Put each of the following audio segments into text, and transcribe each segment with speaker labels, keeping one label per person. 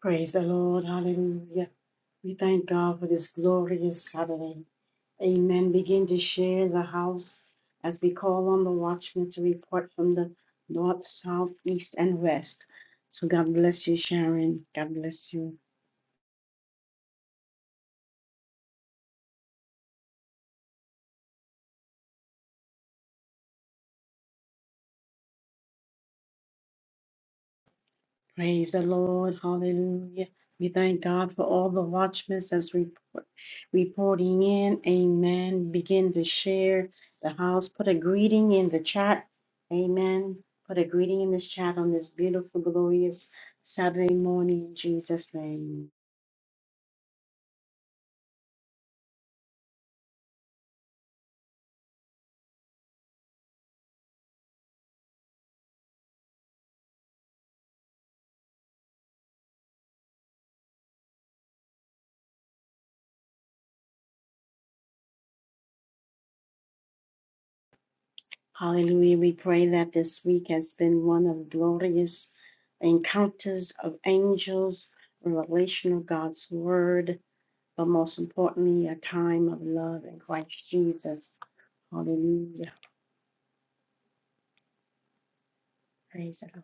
Speaker 1: Praise the Lord. Hallelujah. We thank God for this glorious Saturday. Amen. Begin to share the house as we call on the watchmen to report from the north, south, east, and west. So God bless you, Sharon. God bless you. Praise the Lord. Hallelujah. We thank God for all the watchmen that's report, reporting in. Amen. Begin to share the house. Put a greeting in the chat. Amen. Put a greeting in this chat on this beautiful, glorious Saturday morning in Jesus' name. Hallelujah. We pray that this week has been one of glorious encounters of angels, revelation of God's word but most importantly, a time of love in Christ Jesus. Hallelujah. Praise the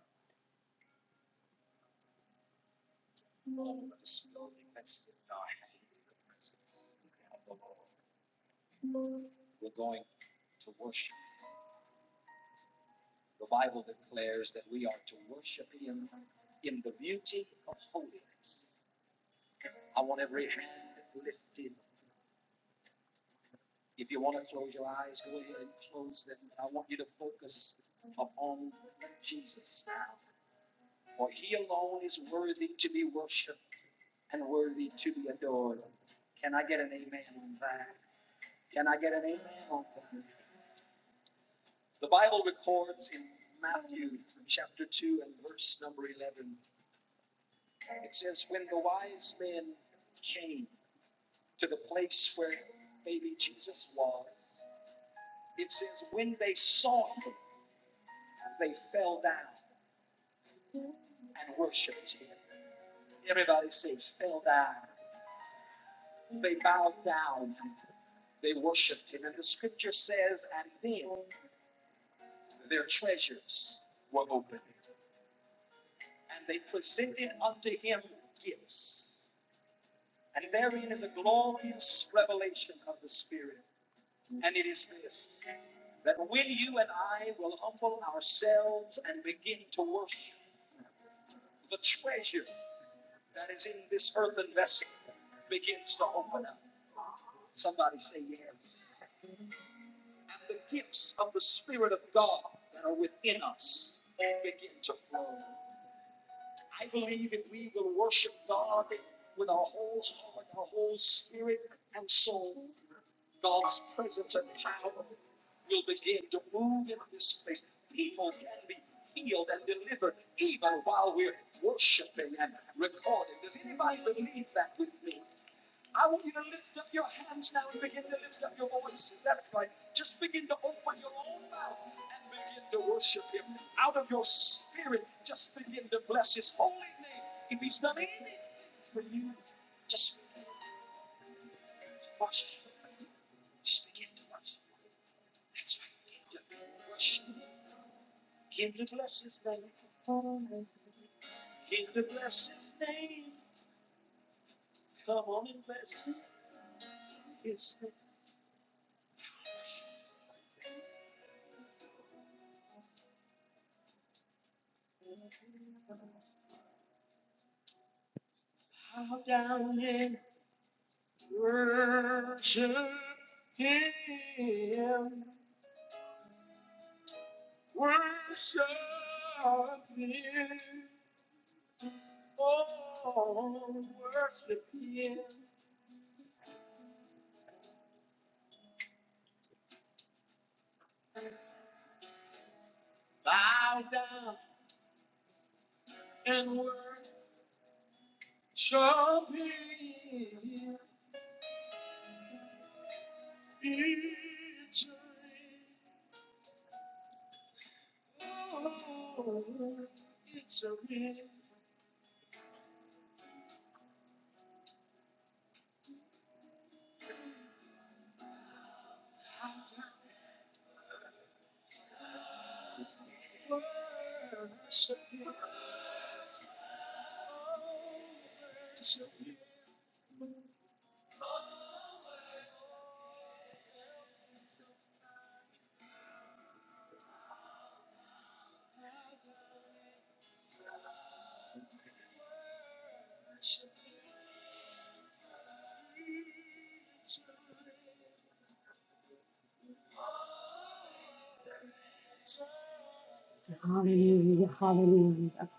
Speaker 1: Lord. Hallelujah. Hallelujah.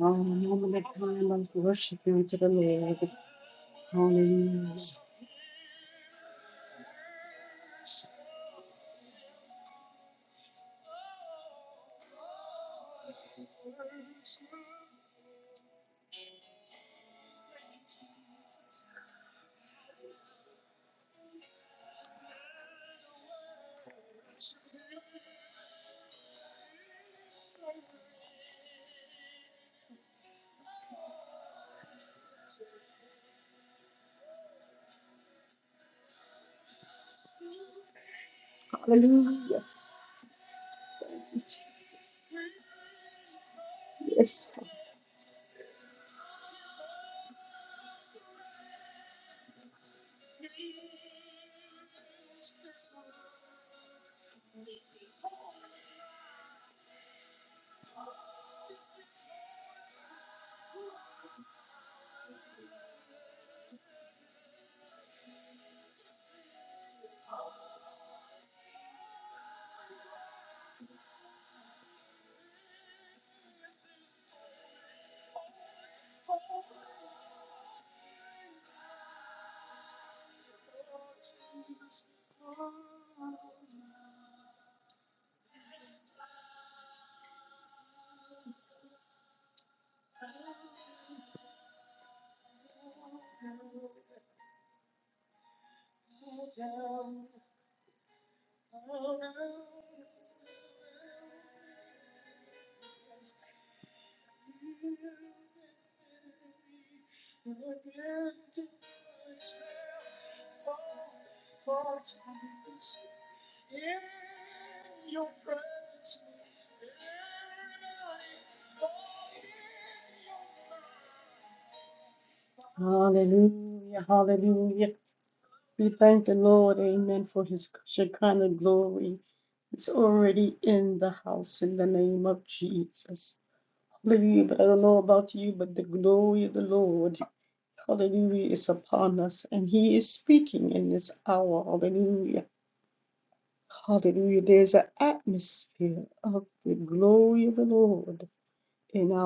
Speaker 1: Oh, moment of time of worship you to the Lord. Hallelujah. Hallelujah. Thank you, Jesus. Yes. Hallelujah. Hallelujah. We thank the Lord. Amen. For his Shekinah glory. It's already in the house in the name of Jesus. Hallelujah. But I don't know about you, but the glory of the Lord. Hallelujah is upon us, and He is speaking in this hour. Hallelujah. Hallelujah. There's an atmosphere of the glory of the Lord in our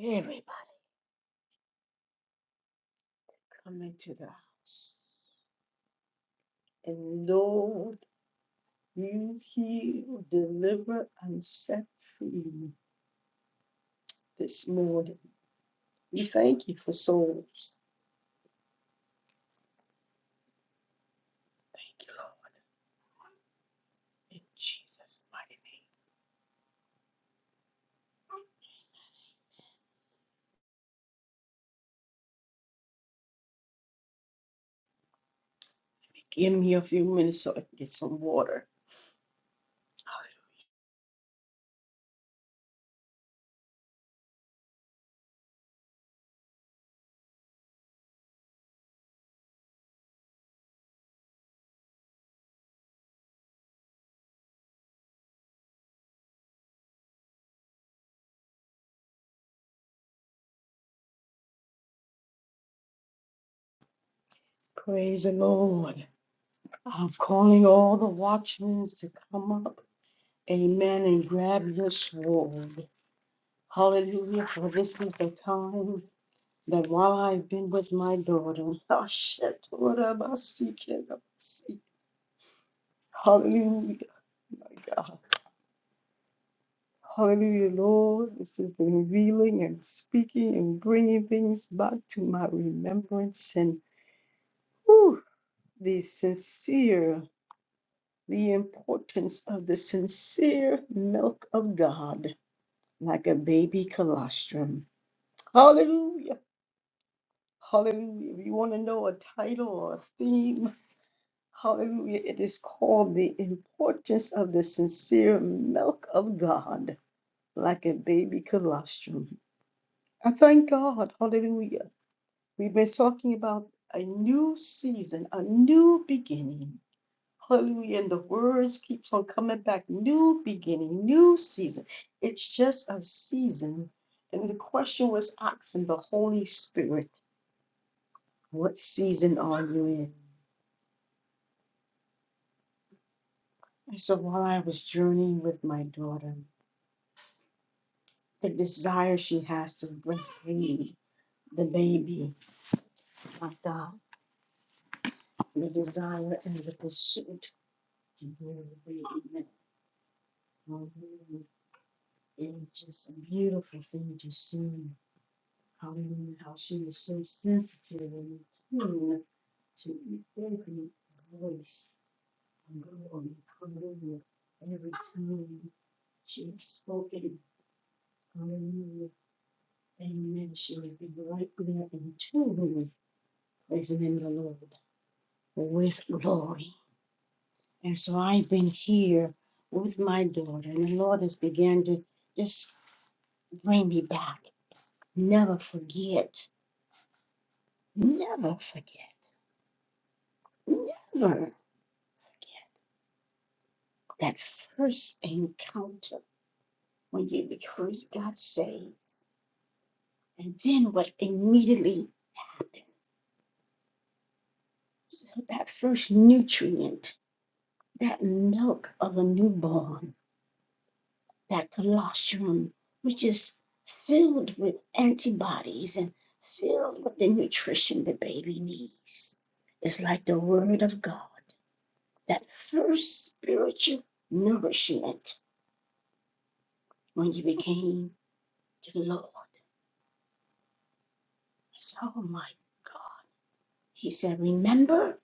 Speaker 1: everybody. And we in Jesus' mighty name. Give me a few minutes so I can get some water. Praise the Lord. I'm calling all the watchmen to come up. Amen. And grab your sword. Hallelujah. For this is the time. that while I've been with my daughter, oh shit, what am I seeking? I'm seeking. Hallelujah, God. Hallelujah, Lord. This has been revealing and speaking and bringing things back to my remembrance and whew, the sincere, the importance of the sincere milk of God, like a baby colostrum. Hallelujah. Hallelujah. If you want to know a title or a theme, Hallelujah. It is called the importance of the sincere milk of God, like a baby colostrum. I thank God. Hallelujah. We've been talking about a new season, a new beginning. Hallelujah. And the words keeps on coming back. New beginning, new season. It's just a season. And the question was asking the Holy Spirit, what season are you in? And so while I was journeying with my daughter, the desire she has to breastfeed the baby, my God, the desire and the pursuit to bear the baby. Hallelujah. And it's just a beautiful thing to see. Hallelujah. How she is so sensitive and keen to every voice and glory. Hallelujah. Every time she has spoken. Hallelujah. Amen. She has been right there and tune with the name of the Lord. with glory. And so I've been here with my daughter, and the Lord has began to just bring me back. Never forget, never forget, never forget that first encounter when you first got saved, and then what immediately happened. So that first nutrient, that milk of a newborn that colostrum, which is filled with antibodies and filled with the nutrition the baby needs, is like the Word of God, that first spiritual nourishment when you became to the Lord. I said, Oh my God. He said, Remember,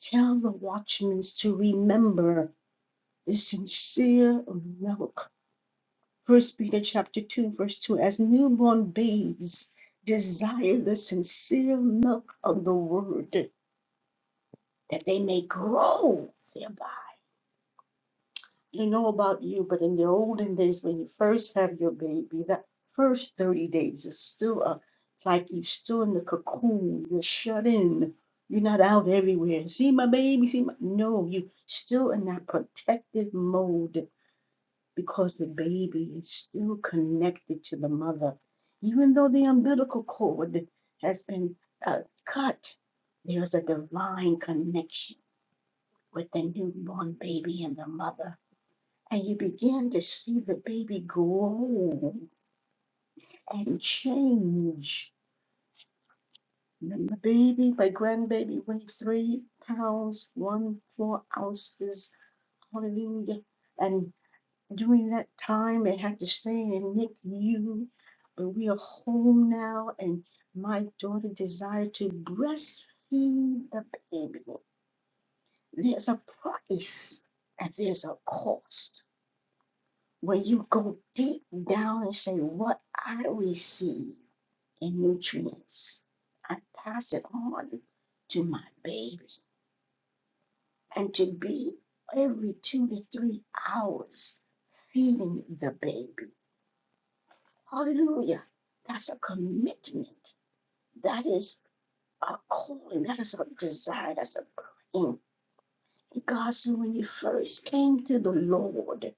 Speaker 1: tell the watchmen to remember the sincere, and First Peter chapter 2, verse 2, as newborn babes desire the sincere milk of the word that they may grow thereby. You know about you, but in the olden days when you first have your baby, that first 30 days is still a it's like you're still in the cocoon, you're shut in, you're not out everywhere. See my baby, see my no, you still in that protective mode because the baby is still connected to the mother. Even though the umbilical cord has been uh, cut, there's a divine connection with the newborn baby and the mother. And you begin to see the baby grow and change. The baby, my grandbaby, weighed three pounds, one, four ounces. Hallelujah. and During that time, they had to stay in NICU, but we are home now, and my daughter desired to breastfeed the baby. There's a price and there's a cost. When you go deep down and say, What I receive in nutrients, I pass it on to my baby. And to be every two to three hours feeding the baby. Hallelujah. That's a commitment. That is a calling. That is a desire. That's a praying. God said, when you first came to the Lord,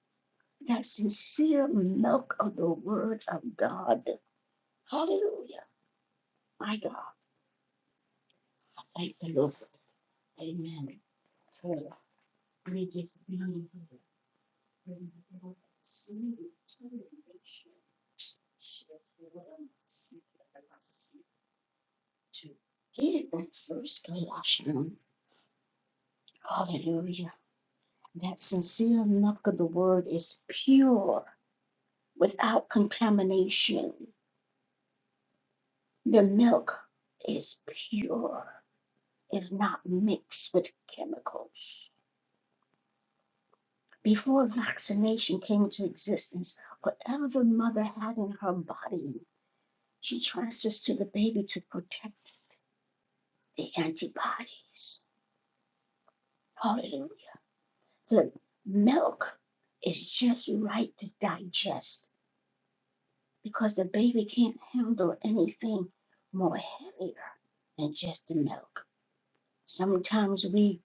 Speaker 1: that sincere milk of the word of God. Hallelujah. My God. Thank the Lord. Amen. So we just being here. See the determination. to give that first Colossians. Hallelujah. That sincere milk of the word is pure without contamination. The milk is pure, is not mixed with chemicals. Before vaccination came into existence, whatever the mother had in her body, she transfers to the baby to protect the antibodies. Hallelujah. The milk is just right to digest because the baby can't handle anything more heavier than just the milk. Sometimes we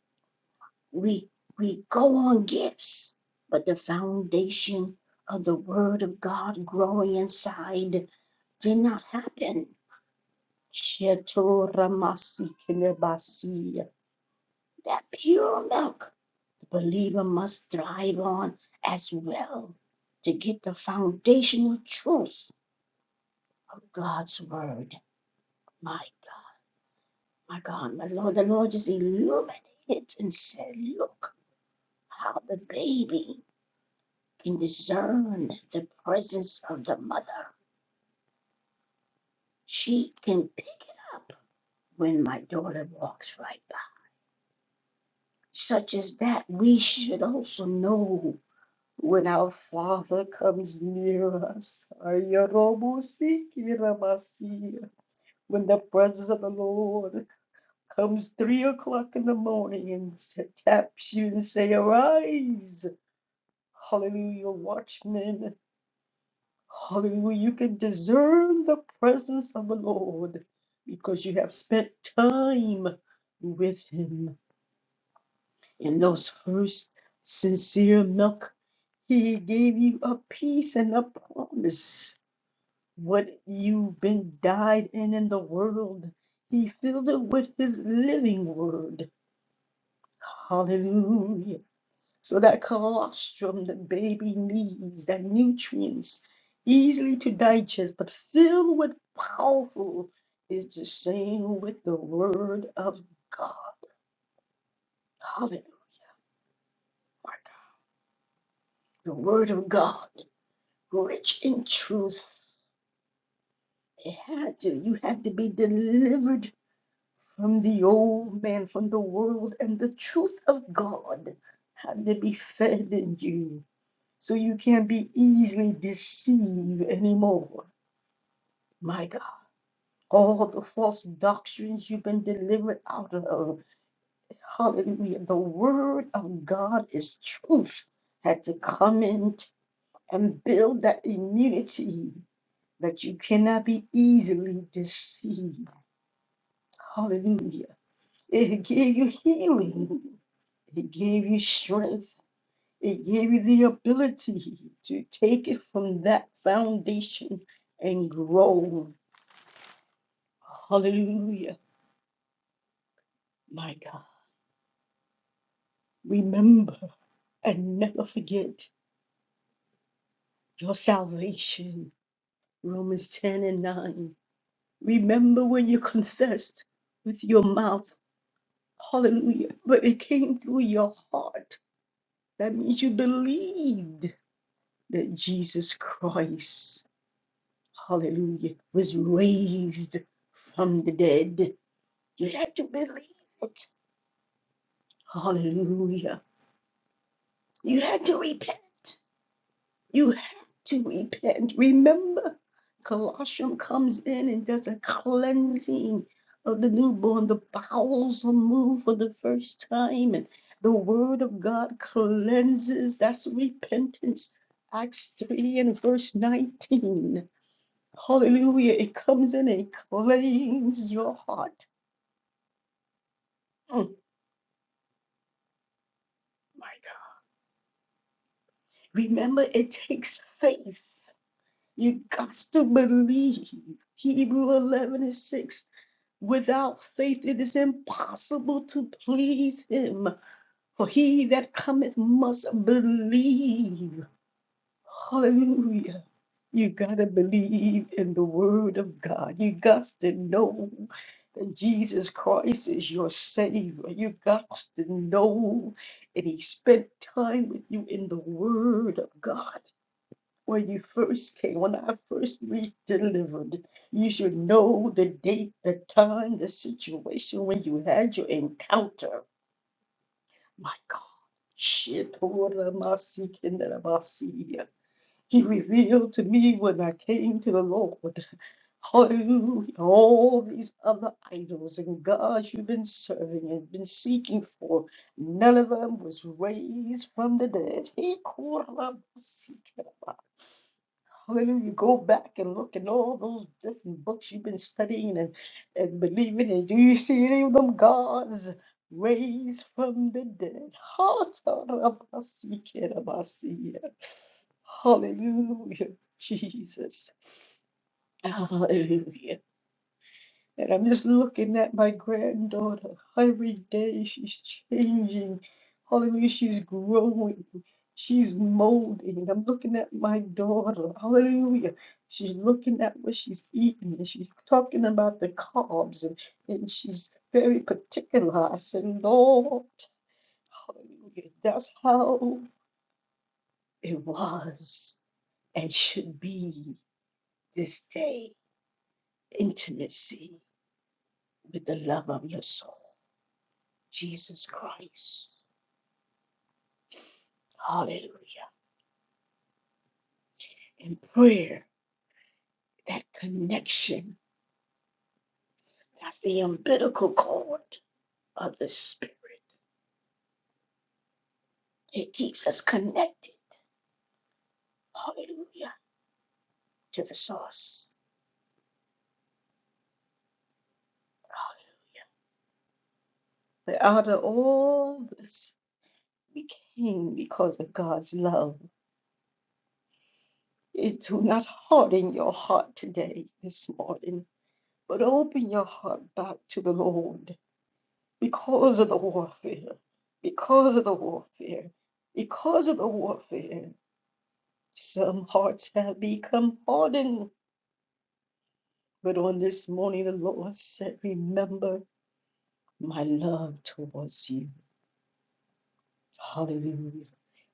Speaker 1: we we go on gifts, but the foundation of the word of God growing inside did not happen. Shetoramasikelebasiya. That pure milk the believer must thrive on as well to get the foundational truth of God's word. My My God, my Lord, the Lord just illuminated it and said, Look how the baby can discern the presence of the mother. She can pick it up when my daughter walks right by. Such as that, we should also know when our Father comes near us. Ayarobosikiramasiya. When the presence of the Lord comes three o'clock in the morning and taps you and say, Arise. Hallelujah, watchmen. Hallelujah. You can discern the presence of the Lord because you have spent time with Him. In those first sincere milk, He gave you a peace and a promise. What you've been died in in the world, He filled it with His living word. Hallelujah. so that colostrum, the baby needs the nutrients easily to digest, but filled with powerful, is the same with the Word of God. Hallelujah. The Word of God, rich in truth. It had to, you had to be delivered from the old man, from the world, and the truth of God had to be fed in you so you can't be easily deceived anymore. My God. all the false doctrines you've been delivered out of. Hallelujah. The word of God is truth. Had to come in and build that immunity that you cannot be easily deceived. Hallelujah. It gave you healing, it gave you strength, it gave you the ability to take it from that foundation and grow. Hallelujah. My God. Remember. and never forget your salvation. Romans 10 and 9. Remember when you confessed with your mouth, hallelujah, but it came through your heart. That means you believed that Jesus Christ, hallelujah, was raised from the dead. You had to believe it. Hallelujah. You had to repent. You have to repent. Remember, Colossians comes in and does a cleansing of the newborn. The bowels are moved for the first time, and the word of God cleanses. That's repentance. Acts 3 and verse 19. Hallelujah. It comes in and cleans your heart. Mm. Remember, it takes faith. You got to believe. Hebrew 11 and 6. Without faith, it is impossible to please him. For he that cometh must believe. Hallelujah. You got to believe in the word of God. You got to know that Jesus Christ is your Savior. You got to know that he spent time with you in the word of God when you first came, when I first re-delivered, you should know the date, the time, the situation when you had your encounter. My God, shit, what am I seeking that am I seeing? He revealed to me when I came to the Lord, hallelujah, all these other idols and gods you've been serving and been seeking for, none of them was raised from the dead. He called Hallelujah. Go back and look at all those different books you've been studying and, and believing in. Do you see any of them gods raised from the dead? Hallelujah. Hallelujah, Jesus. Hallelujah. And I'm just looking at my granddaughter. Every day she's changing. Hallelujah, she's growing. She's molding. And I'm looking at my daughter. Hallelujah. She's looking at what she's eating. And she's talking about the carbs. And, and she's very particular. I said, Lord, hallelujah. That's how it was and should be this day. Intimacy with the love of your soul. Jesus Christ. Hallelujah. In prayer, that connection, that's the umbilical cord of the Spirit. It keeps us connected. Hallelujah. To the source. Hallelujah. But out of all this, we came because of God's love. It do not harden your heart today, this morning, but open your heart back to the Lord. because of the warfare, because of the warfare, because of the warfare, some hearts have become hardened. But on this morning, the Lord said, Remember my love towards you. Hallelujah.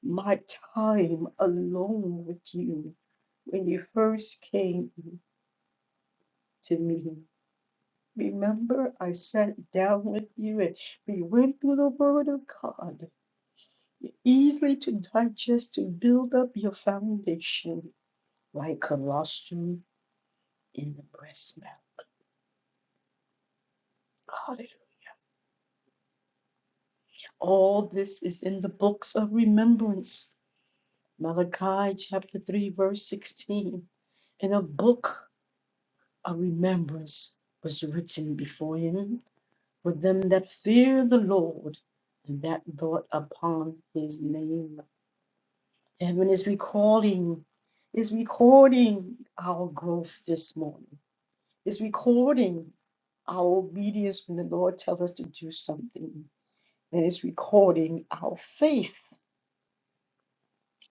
Speaker 1: My time alone with you when you first came to me. Remember, I sat down with you and we went through the Word of God. easily to digest to build up your foundation like colostrum in the breast milk. Hallelujah. All this is in the books of remembrance. Malachi chapter 3, verse 16. And a book of remembrance was written before him for them that fear the Lord and that thought upon his name. Heaven is recalling, is recording our growth this morning It's recording our obedience when the Lord tells us to do something. And it's recording our faith.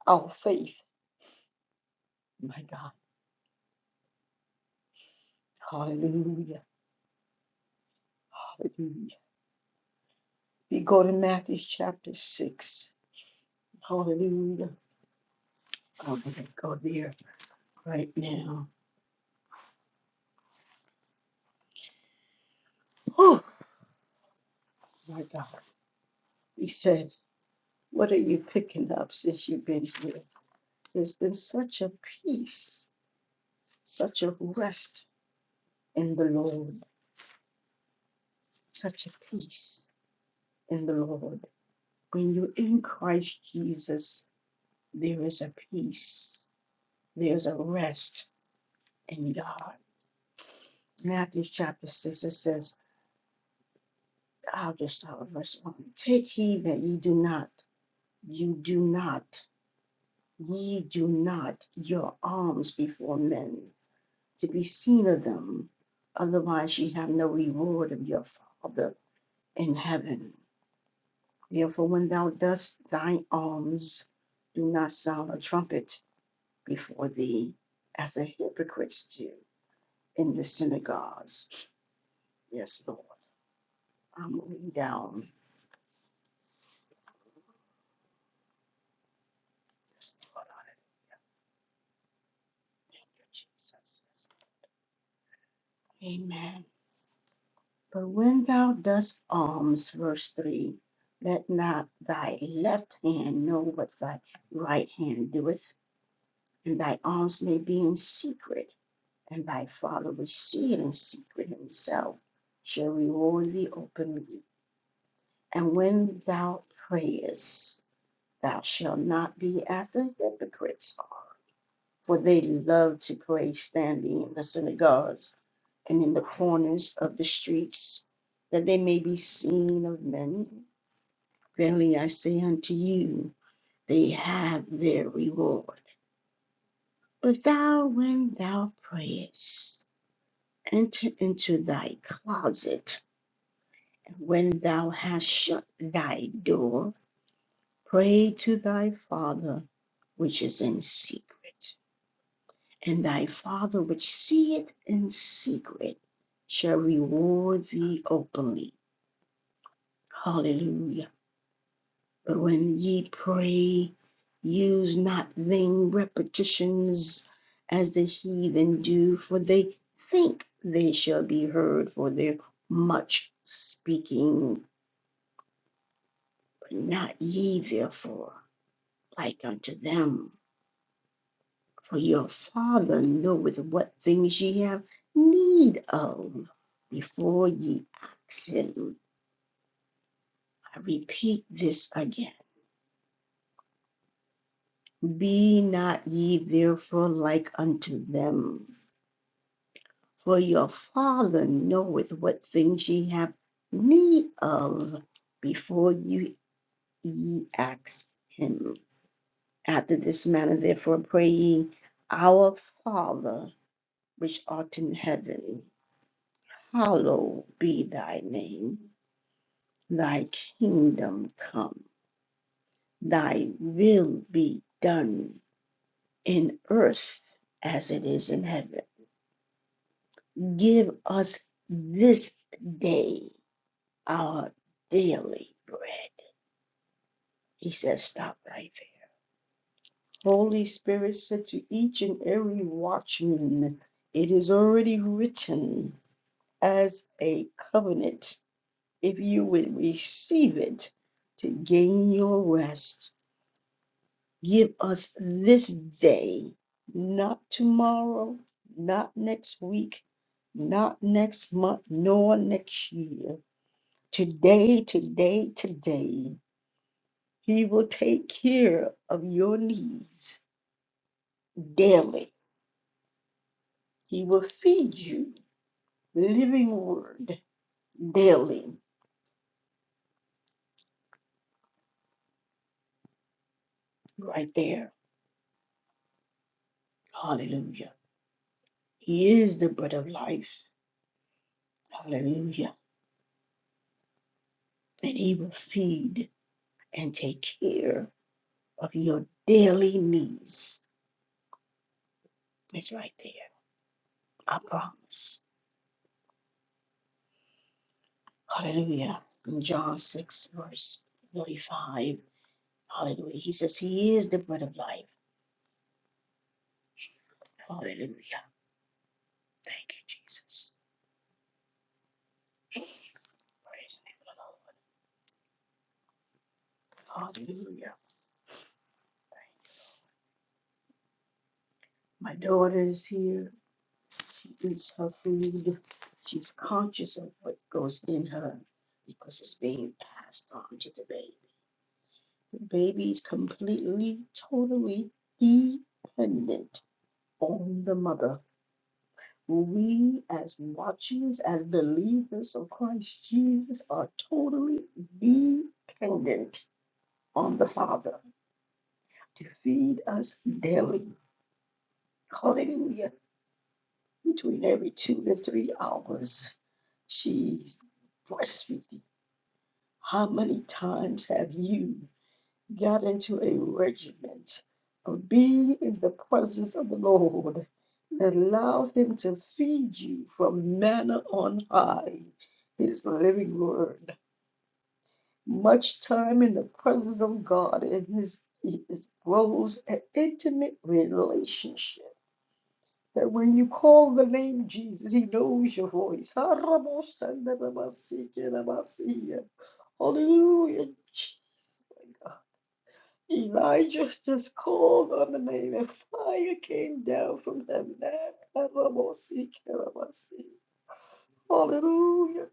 Speaker 1: Our faith. My God. Hallelujah. Hallelujah. We go to Matthew chapter 6. Hallelujah. Oh, I'm going to go there right now. Oh, my God. He said, What are you picking up since you've been here? There's been such a peace, such a rest in the Lord, such a peace in the Lord. When you're in Christ Jesus, there is a peace, there's a rest in God. Matthew chapter 6, it says, I'll just start with verse 1. Take heed that ye do not, you do not, ye do not your alms before men to be seen of them. Otherwise, ye have no reward of your Father in heaven. Therefore, when thou dost thine alms, do not sound a trumpet before thee as the hypocrites do in the synagogues. Yes, Lord. I'm moving down. Yes, Lord. on it. Thank you, Jesus. Yes. Amen. But when thou dost alms, verse 3, let not thy left hand know what thy right hand doeth, and thy alms may be in secret, and thy father which see it in secret himself shall reward thee openly. And when thou prayest, Thou shalt not be as the hypocrites are, for they love to pray standing in the synagogues and in the corners of the streets, that they may be seen of men. Verily I say unto you, they have their reward. But thou, when thou prayest, enter into thy closet, and when thou hast shut thy door, pray to thy Father which is in secret and thy Father which seeth in secret shall reward thee openly. Hallelujah. But when ye pray, use not vain repetitions as the heathen do, for they think they shall be heard for their much speaking. But not ye therefore like unto them. for your Father knoweth what things ye have need of before ye ask him. I repeat this again. Be not ye therefore like unto them, for your Father knoweth what things ye have need of before you ye ask him. After this manner, therefore, pray ye, Our Father, which art in heaven, hallowed be thy name Thy kingdom come, thy will be done in earth as it is in heaven. Give us this day our daily bread. He says, stop right there. Holy Spirit said to each and every watchman, It is already written as a covenant. If you would receive it to gain your rest, Give us this day, not tomorrow, not next week, not next month, nor next year. Today, today, today, He will take care of your needs daily. He will feed you living word daily. Right there. Hallelujah. He is the bread of life. Hallelujah. And He will feed and take care of your daily needs. It's right there. I promise. Hallelujah. In John 6, verse 35. Hallelujah. He says, He is the bread of life. Hallelujah. Thank you, Jesus. Praise the name of the Lord. Hallelujah. My daughter is here. She eats her food. She's conscious of what goes in her because it's being passed on to the baby. The baby is completely, totally dependent on the mother. We, as watchers, as believers of Christ Jesus, are totally dependent on the Father to feed us daily. Hallelujah. Between every two to three hours, she's breastfeeding. How many times have you? got into a regiment of being in the presence of the Lord and allow Him to feed you from manna on high, His living word. Much time in the presence of God and His is grows an intimate relationship. That when you call the name Jesus, He knows your voice. Hallelujah. Jesus. Elijah just called on the name, and fire came down from heaven. Hallelujah,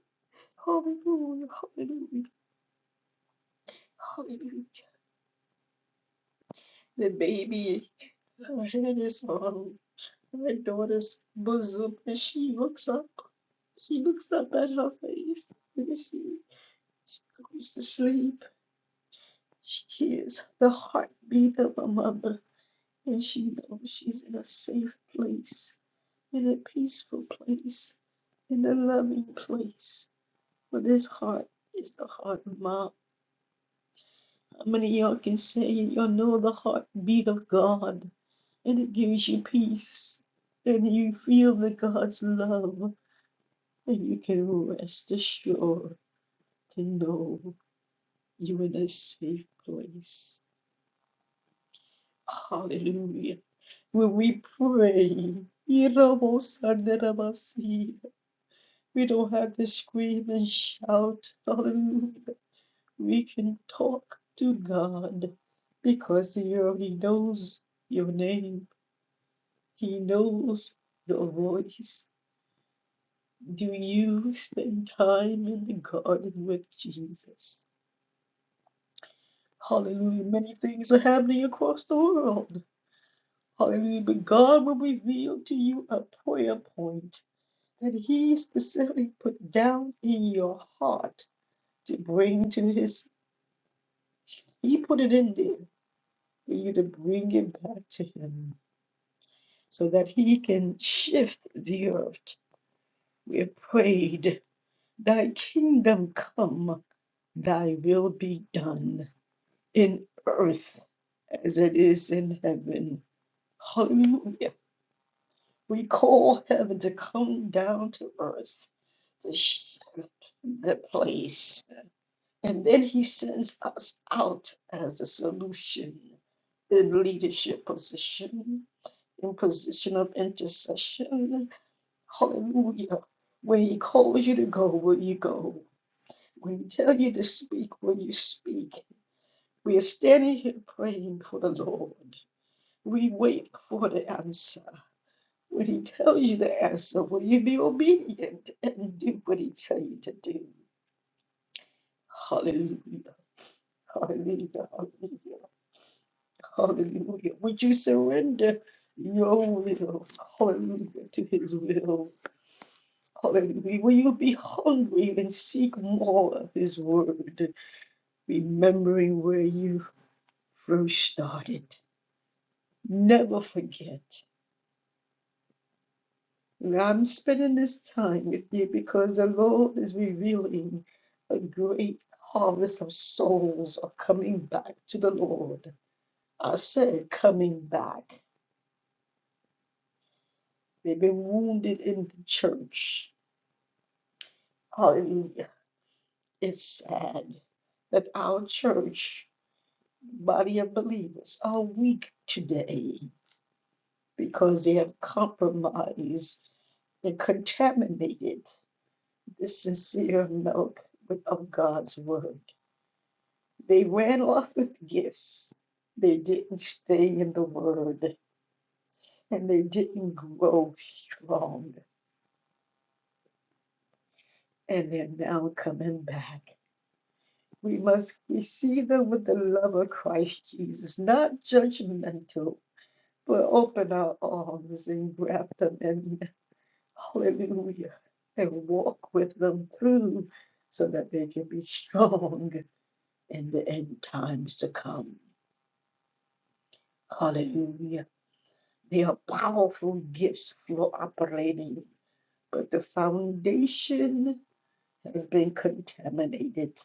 Speaker 1: hallelujah, hallelujah, hallelujah. The baby her head is on my daughter's bosom, and she looks up. She looks up at her face, and she, she goes to sleep. She hears the heartbeat of her mother, and she knows she's in a safe place. in a peaceful place, in a loving place. For this heart is the heart of mom. How many of y'all can say y'all know the heartbeat of God and it gives you peace and you feel the God's love and you can rest assured to know you're in a safe place. Hallelujah. When we pray, 11. We don't have to scream and shout. Hallelujah. We can talk to God because He already knows your name. He knows your voice. Do you spend time in the garden with Jesus? Hallelujah. Many things are happening across the world. Hallelujah. But God will reveal to you a prayer point that He specifically put down in your heart to bring to His He put it in there for you to bring it back to Him so that He can shift the earth. We prayed, Thy kingdom come, Thy will be done in earth as it is in heaven. Hallelujah. We call heaven to come down to earth to shift the place. And then He sends us out as a solution in leadership position in position of intercession. Hallelujah. Where He calls you to go, will you go? When He tells you to speak, will you speak? We are standing here praying for the Lord. We wait for the answer. When He tells you the answer, will you be obedient and do what He tells you to do? Hallelujah. Hallelujah. Hallelujah. Hallelujah. Would you surrender your will, hallelujah, to His will? Hallelujah. Will you be hungry and seek more of His Word, remembering where you first started? Never forget. And I'm spending this time with you because the Lord is revealing a great harvest of souls are coming back to the Lord. I said coming back. They've been wounded in the church. Hallelujah. It's sad that our church body of believers are weak today because they have compromised and contaminated the sincere milk of God's word. They ran off with gifts. They didn't stay in the word and they didn't grow strong. And they're now coming back. We must receive them with the love of Christ Jesus, not judgmental, but open our arms and grab them in. Hallelujah. And walk with them through so that they can be strong in the end times to come. Hallelujah. They are powerful gifts for operating, but the foundation has been contaminated.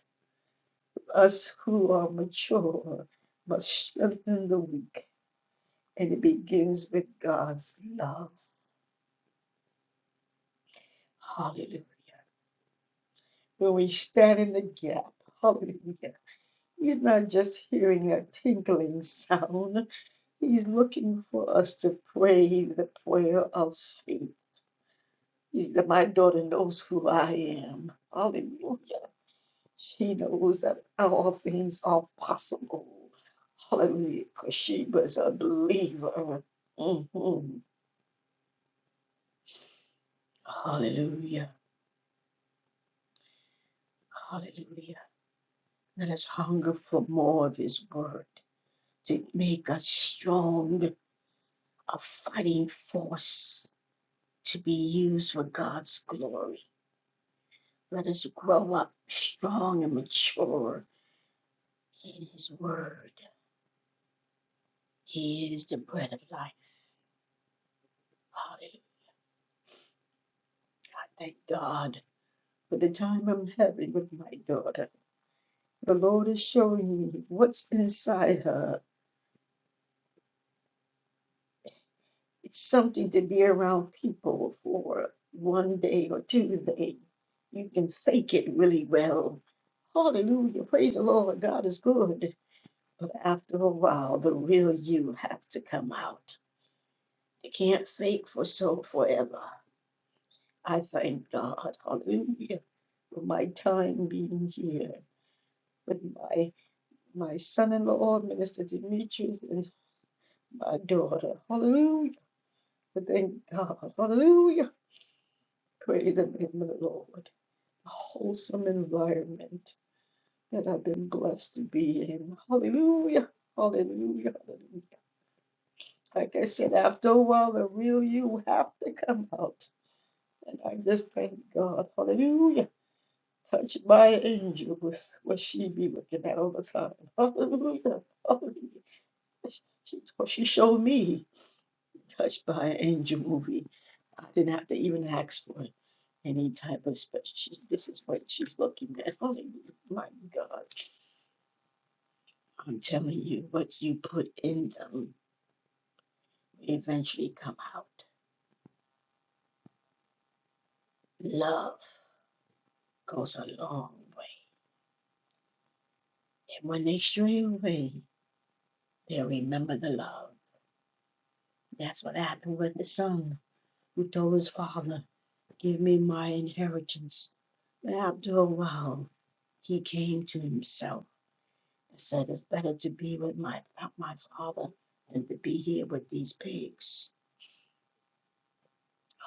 Speaker 1: Us who are mature must strengthen the weak, and it begins with God's love. Hallelujah. When we stand in the gap, hallelujah He's not just hearing a tinkling sound. He's looking for us to pray the prayer of faith. He's that my daughter knows who I am. Hallelujah. She knows that all things are possible. Hallelujah. Because she was a believer. Mhm. Hallelujah. Hallelujah. Let us hunger for more of his word to make us strong, a fighting force to be used for God's glory. Let us grow up strong and mature in His Word. He is the bread of life. Hallelujah. I Thank God for the time I'm having with my daughter. The Lord is showing me what's inside her. It's something to be around people for one day or two days. You can fake it really well. Hallelujah. Praise the Lord. God is good. But after a while, the real you have to come out. You can't fake for so forever. I thank God, hallelujah, for my time being here with my my son-in-law, Minister Demetrius, and my daughter. Hallelujah. I thank God, hallelujah. Praise the name of the Lord. A wholesome environment that I've been blessed to be in. Hallelujah. Hallelujah. Hallelujah. Like I said, after a while, the real you have to come out. And I just thank God. Hallelujah. Touched by an angel was what she be looking at all the time. Hallelujah. Hallelujah. She, told- she showed me Touched by an Angel movie. I didn't have to even ask for it. Any type of special. She, this is what she's looking at. Hallelujah. My God. I'm telling you, what you put in them eventually come out. Love goes a long way. And when they stray away, they'll remember the love. That's what happened with the son who told his father, Give me my inheritance. But after a while, he came to himself and said, It's better to be with my, my father than to be here with these pigs.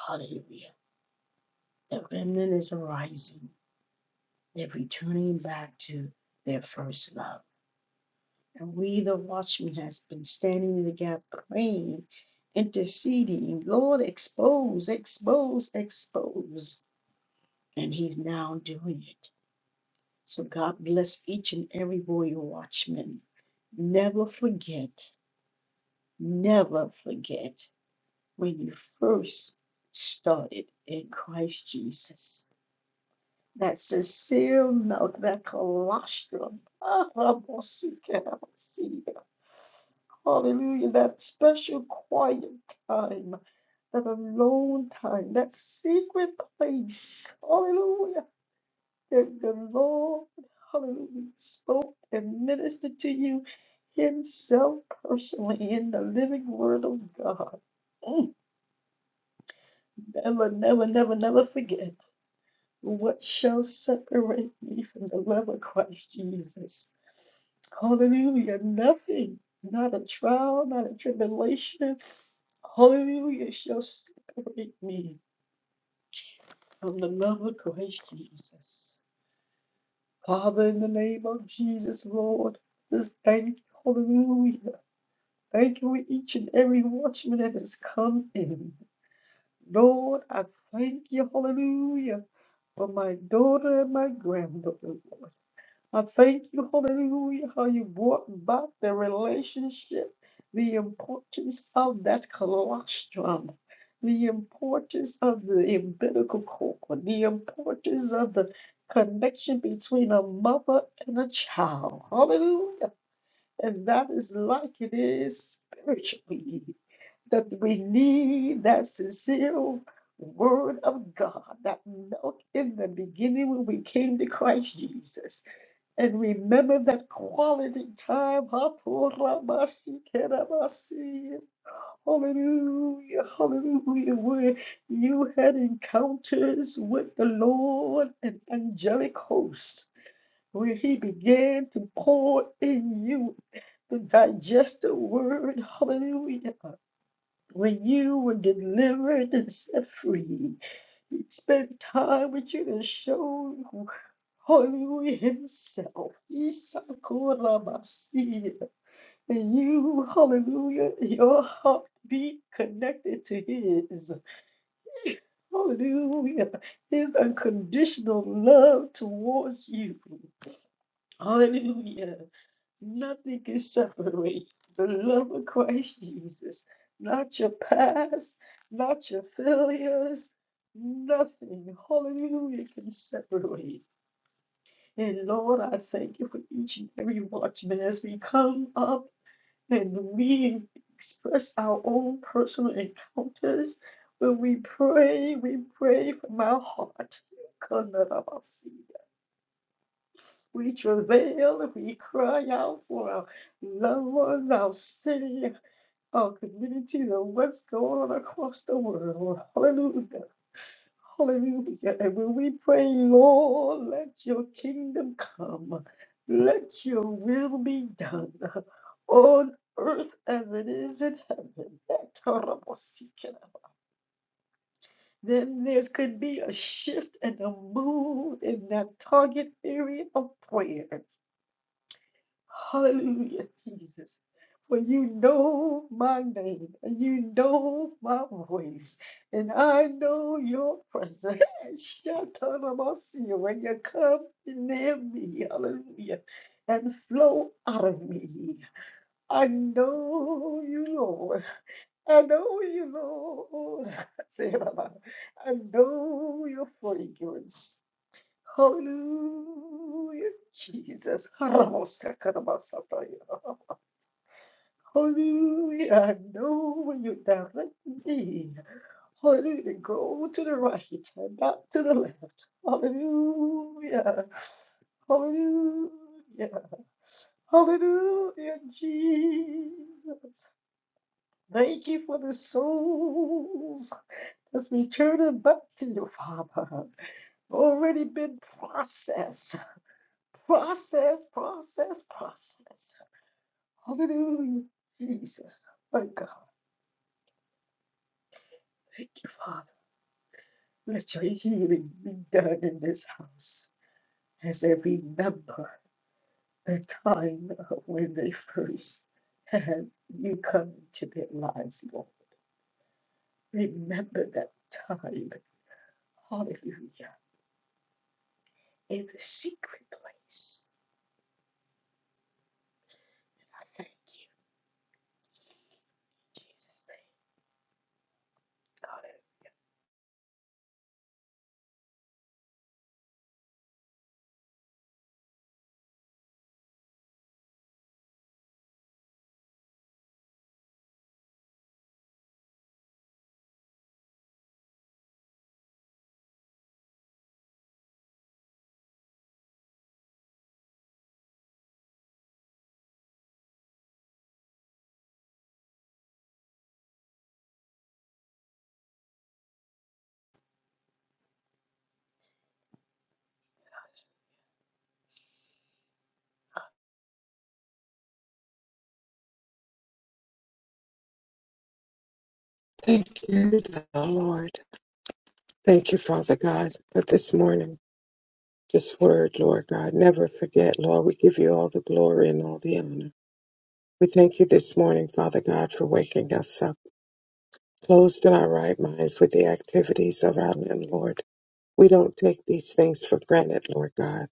Speaker 1: Hallelujah. The remnant is arising. They're returning back to their first love. And we, the watchman, has been standing in the gap, praying, interceding. Lord, expose, expose, expose. And he's now doing it. So God bless each and every royal watchman. Never forget, never forget when you first started in Christ Jesus. that sincere milk, that colostrum. Ah, Rabosikerasia. Hallelujah. That special quiet time, that alone time, that secret place. Hallelujah. That the Lord, hallelujah, spoke and ministered to you himself personally in the living word of God. Mm, Never, never, never, never forget. What shall separate me from the love of Christ Jesus? Hallelujah. Nothing, not a trial, not a tribulation. Hallelujah shall separate me from the love of Christ Jesus. Father, in the name of Jesus, Lord, this thank you, hallelujah. Thank you for each and every watchman that has come in. Lord, I thank you, hallelujah, for my daughter and my granddaughter, Lord. I thank you, hallelujah, how you brought back the relationship, the importance of that colostrum, the importance of the umbilical cord, the importance of the connection between a mother and a child. Hallelujah. And that is like it is spiritually, that we need that sincere word of God that milk in the beginning when we came to Christ Jesus and remember that quality time. Haporabashikerabasi. Hallelujah, hallelujah, where you had encounters with the Lord and angelic hosts, where He began to pour in you the digested word. Hallelujah. When you were delivered and set free, Spend time with you to show you Hallelujah Himself. Isakorabasi. And you, hallelujah, your heart be connected to His. Hallelujah. His unconditional love towards you. Hallelujah. Nothing can separate the love of Christ Jesus. Not your past, not your failures, nothing. Hallelujah can separate. And Lord, I thank you for each and every watchman as we come up and we express our own personal encounters. When we pray, we pray from our heart. We travail we cry out for our loved ones, our city, our communities, and what's going on across the world. Hallelujah. Hallelujah. And when we pray, Lord, let your kingdom come, let your will be done on earth as it is in heaven. Then there could be a shift and a move in that target area of prayer. Hallelujah, Jesus. For you know my name, and you know my voice, and I know your presence. Shatarabasiya, When you come near me, hallelujah, and flow out of me. I know you, Lord. I know you, Lord. Say it, Sarah, I know your fragrance. Hallelujah, Jesus. Haramosakarabasataya. Hallelujah. No, know when you direct me. Hallelujah. Go to the right and not to the left. Hallelujah. Hallelujah. Hallelujah, Jesus. Thank you for the souls that's returning back to you, Father. Already been processed. Process, process, process. Hallelujah, Jesus. My God. Thank you, Father. Let your healing be done in this house as I remember the time of when they first had you come into their lives, Lord. Remember that time. Hallelujah. In the secret place. I thank you in Jesus' name. Hallelujah.
Speaker 2: Thank you, thou Lord. Thank you, Father God, for this morning, this word, Lord God. Never forget, Lord, we give you all the glory and all the honor. We thank you this morning, Father God, for waking us up, closed in our right minds with the activities of our limb, Lord. We don't take these things for granted, Lord God.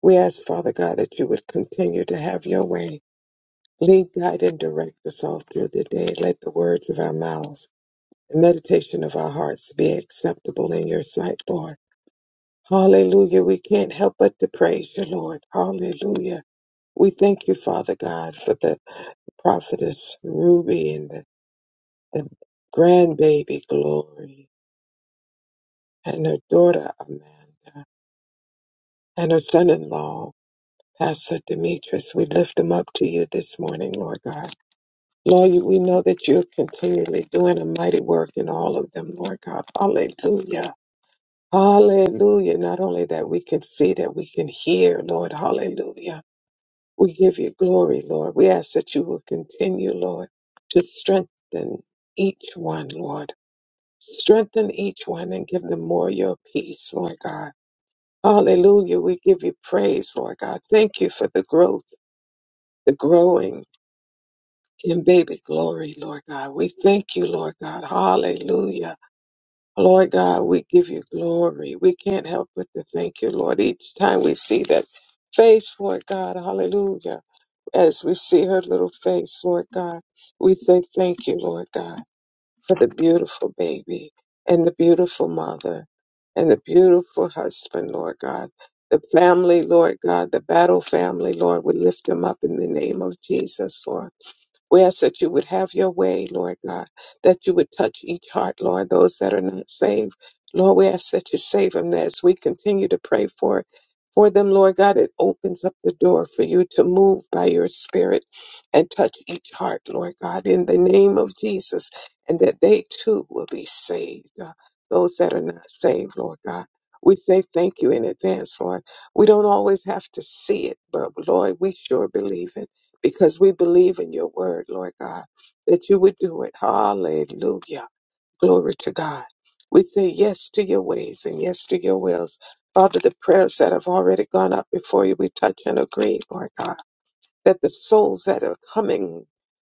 Speaker 2: We ask, Father God, that you would continue to have your way. Lead, guide, and direct us all through the day. Let the words of our mouths, the meditation of our hearts be acceptable in your sight, Lord Hallelujah. We can't help but to praise you, Lord. Hallelujah. We thank you, Father God, for the prophetess Ruby and the, the grandbaby Glory and her daughter Amanda and her son-in-law, Pastor Demetrius. We lift them up to you this morning, Lord God. Lord, you- we know that you're continually doing a mighty work in all of them, Lord God. Hallelujah. Hallelujah. Not only that we can see, that we can hear, Lord. Hallelujah. We give you glory, Lord. We ask that you will continue, Lord, to strengthen each one, Lord. Strengthen each one and give them more of your peace, Lord God. Hallelujah. We give you praise, Lord God. Thank you for the growth, the growing in baby glory, Lord God. We thank you, Lord God. Hallelujah. Lord God, we give you glory. We can't help but to thank you, Lord, each time we see that face, Lord God. Hallelujah as we see her little face, Lord God. We say thank you, Lord God, for the beautiful baby and the beautiful mother and the beautiful husband, Lord God. The family, Lord God, the battle family, Lord, we lift them up in the name of Jesus, Lord. We ask that you would have your way, Lord God, that you would touch each heart, Lord, those that are not saved. Lord, we ask that you save them as we continue to pray for for them, Lord God. It opens up the door for you to move by your spirit and touch each heart, Lord God, in the name of Jesus, and that they too will be saved. uh, Those that are not saved, Lord God. We say thank you in advance, Lord. We don't always have to see it, but Lord, we sure believe it because we believe in your word, Lord God, that you would do it. Hallelujah. Glory to God. We say yes to your ways and yes to your wills. Father, the prayers that have already gone up before you, we touch and agree, Lord God, that the souls that are coming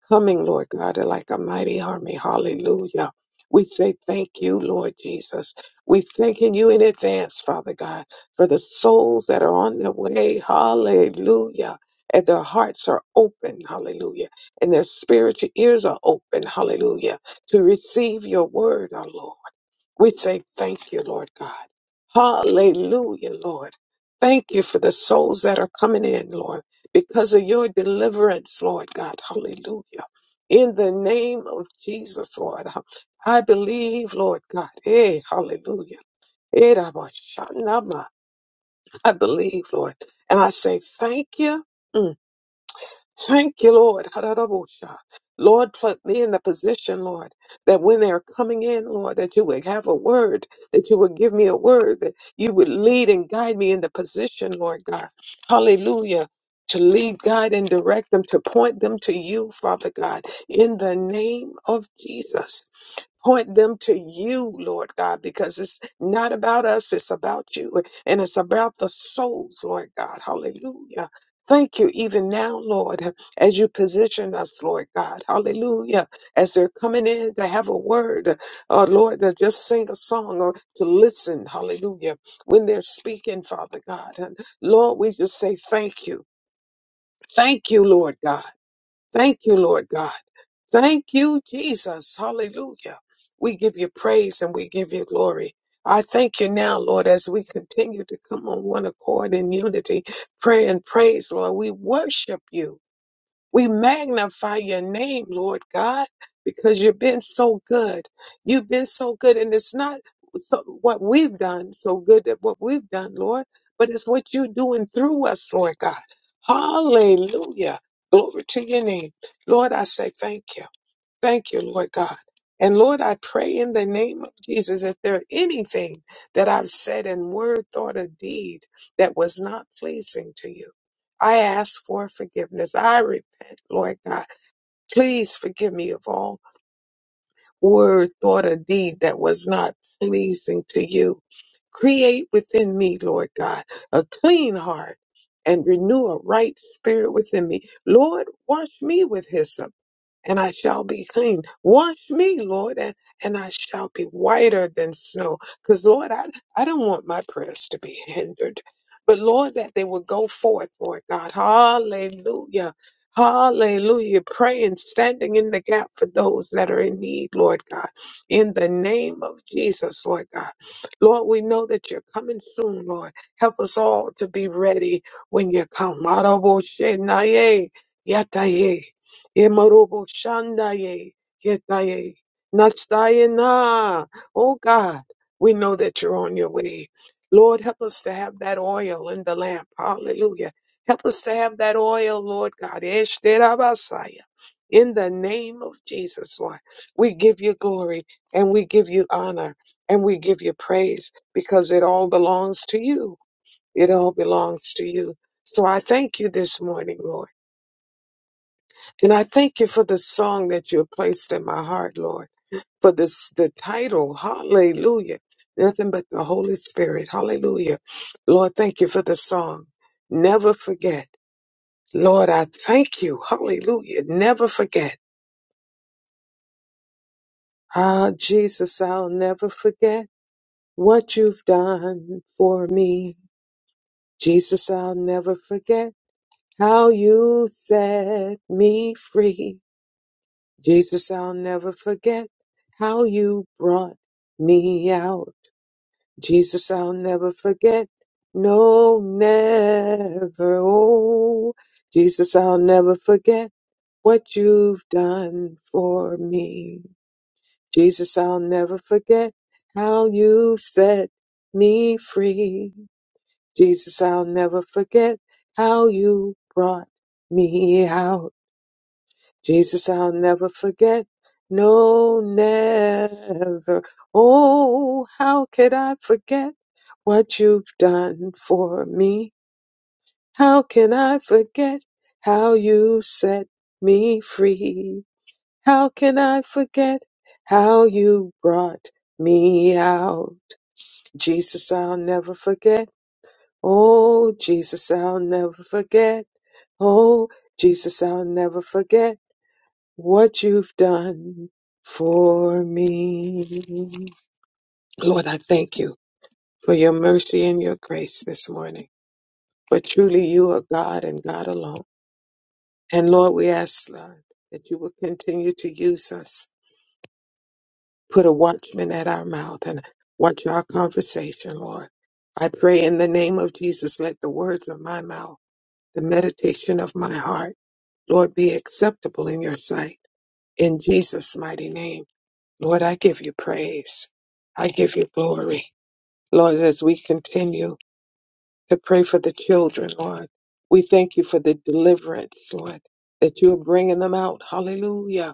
Speaker 2: coming, Lord God, like a mighty army. Hallelujah. We say thank you, Lord Jesus. We thanking you in advance, Father God, for the souls that are on their way. Hallelujah. And their hearts are open, hallelujah. And their spiritual ears are open, hallelujah, to receive your word, our Lord. We say thank you, Lord God. Hallelujah, Lord. Thank you for the souls that are coming in, Lord, because of your deliverance, Lord God. Hallelujah. In the name of Jesus, Lord, I believe, Lord God. Hey, hallelujah. Eh, Rabba Shanama. I believe, Lord. And I say thank you. Mm. Thank you, Lord. Hararabusha. Lord, put me in the position, Lord, that when they're coming in, Lord, that you would have a word, that you would give me a word, that you would lead and guide me in the position, Lord God. Hallelujah. To lead, guide, and direct them, to point them to you, Father God, in the name of Jesus. Point them to you, Lord God, because it's not about us, it's about you. And it's about the souls, Lord God. Hallelujah. Thank you, even now, Lord, as you position us, Lord God. Hallelujah. As they're coming in to have a word, or Lord, to just sing a song or to listen. Hallelujah. When they're speaking, Father God. And Lord, we just say thank you. Thank you, Lord God. Thank you, Lord God. Thank you, Jesus. Hallelujah. We give you praise and we give you glory. I thank you now, Lord, as we continue to come on one accord in unity, pray and praise, Lord. We worship you. We magnify your name, Lord God, because you've been so good. You've been so good. And it's not so, what we've done so good that what we've done, Lord, but it's what you're doing through us, Lord God. Hallelujah. Glory to your name. Lord, I say thank you. Thank you, Lord God. And Lord, I pray in the name of Jesus, if there anything that I've said in word, thought, or deed that was not pleasing to you, I ask for forgiveness. I repent, Lord God. Please forgive me of all word, thought, or deed that was not pleasing to you. Create within me, Lord God, a clean heart and renew a right spirit within me. Lord, wash me with hyssop and I shall be clean. Wash me, Lord, and, and I shall be whiter than snow. Because, Lord, I, I don't want my prayers to be hindered. But, Lord, that they will go forth, Lord God. Hallelujah. Hallelujah. Praying, standing in the gap for those that are in need, Lord God. In the name of Jesus, Lord God. Lord, we know that you're coming soon, Lord. Help us all to be ready when you come. Yataye. Yemarobo Shandaye, Yetaye, Nastaye na. Oh God, we know that you're on your way. Lord, help us to have that oil in the lamp. Hallelujah. Help us to have that oil, Lord God. Eshterabasaya. In the name of Jesus, Lord, we give you glory and we give you honor and we give you praise because it all belongs to you. It all belongs to you. So I thank you this morning, Lord. And I thank you for the song that you have placed in my heart, Lord, for this the title, Hallelujah. Nothing but the Holy Spirit. Hallelujah. Lord, thank you for the song. Never forget. Lord, I thank you. Hallelujah. Never forget. Ah, Jesus, I'll never forget what you've done for me. Jesus, I'll never forget how you set me free. Jesus, I'll never forget how you brought me out. Jesus, I'll never forget. No, never. Oh, Jesus, I'll never forget what you've done for me. Jesus, I'll never forget how you set me free. Jesus, I'll never forget how you brought me out. Jesus, I'll never forget. No, never. Oh, how could I forget what you've done for me? How can I forget how you set me free? How can I forget how you brought me out? Jesus, I'll never forget. Oh, Jesus, I'll never forget. Oh, Jesus, I'll never forget what you've done for me. Lord, I thank you for your mercy and your grace this morning. For truly you are God and God alone. And Lord, we ask, Lord, that you will continue to use us. Put a watchman at our mouth and watch our conversation, Lord. I pray in the name of Jesus, let the words of my mouth, the meditation of my heart, Lord, be acceptable in your sight. In Jesus' mighty name. Lord, I give you praise. I give you glory. Lord, as we continue to pray for the children, Lord, we thank you for the deliverance, Lord, that you are bringing them out. Hallelujah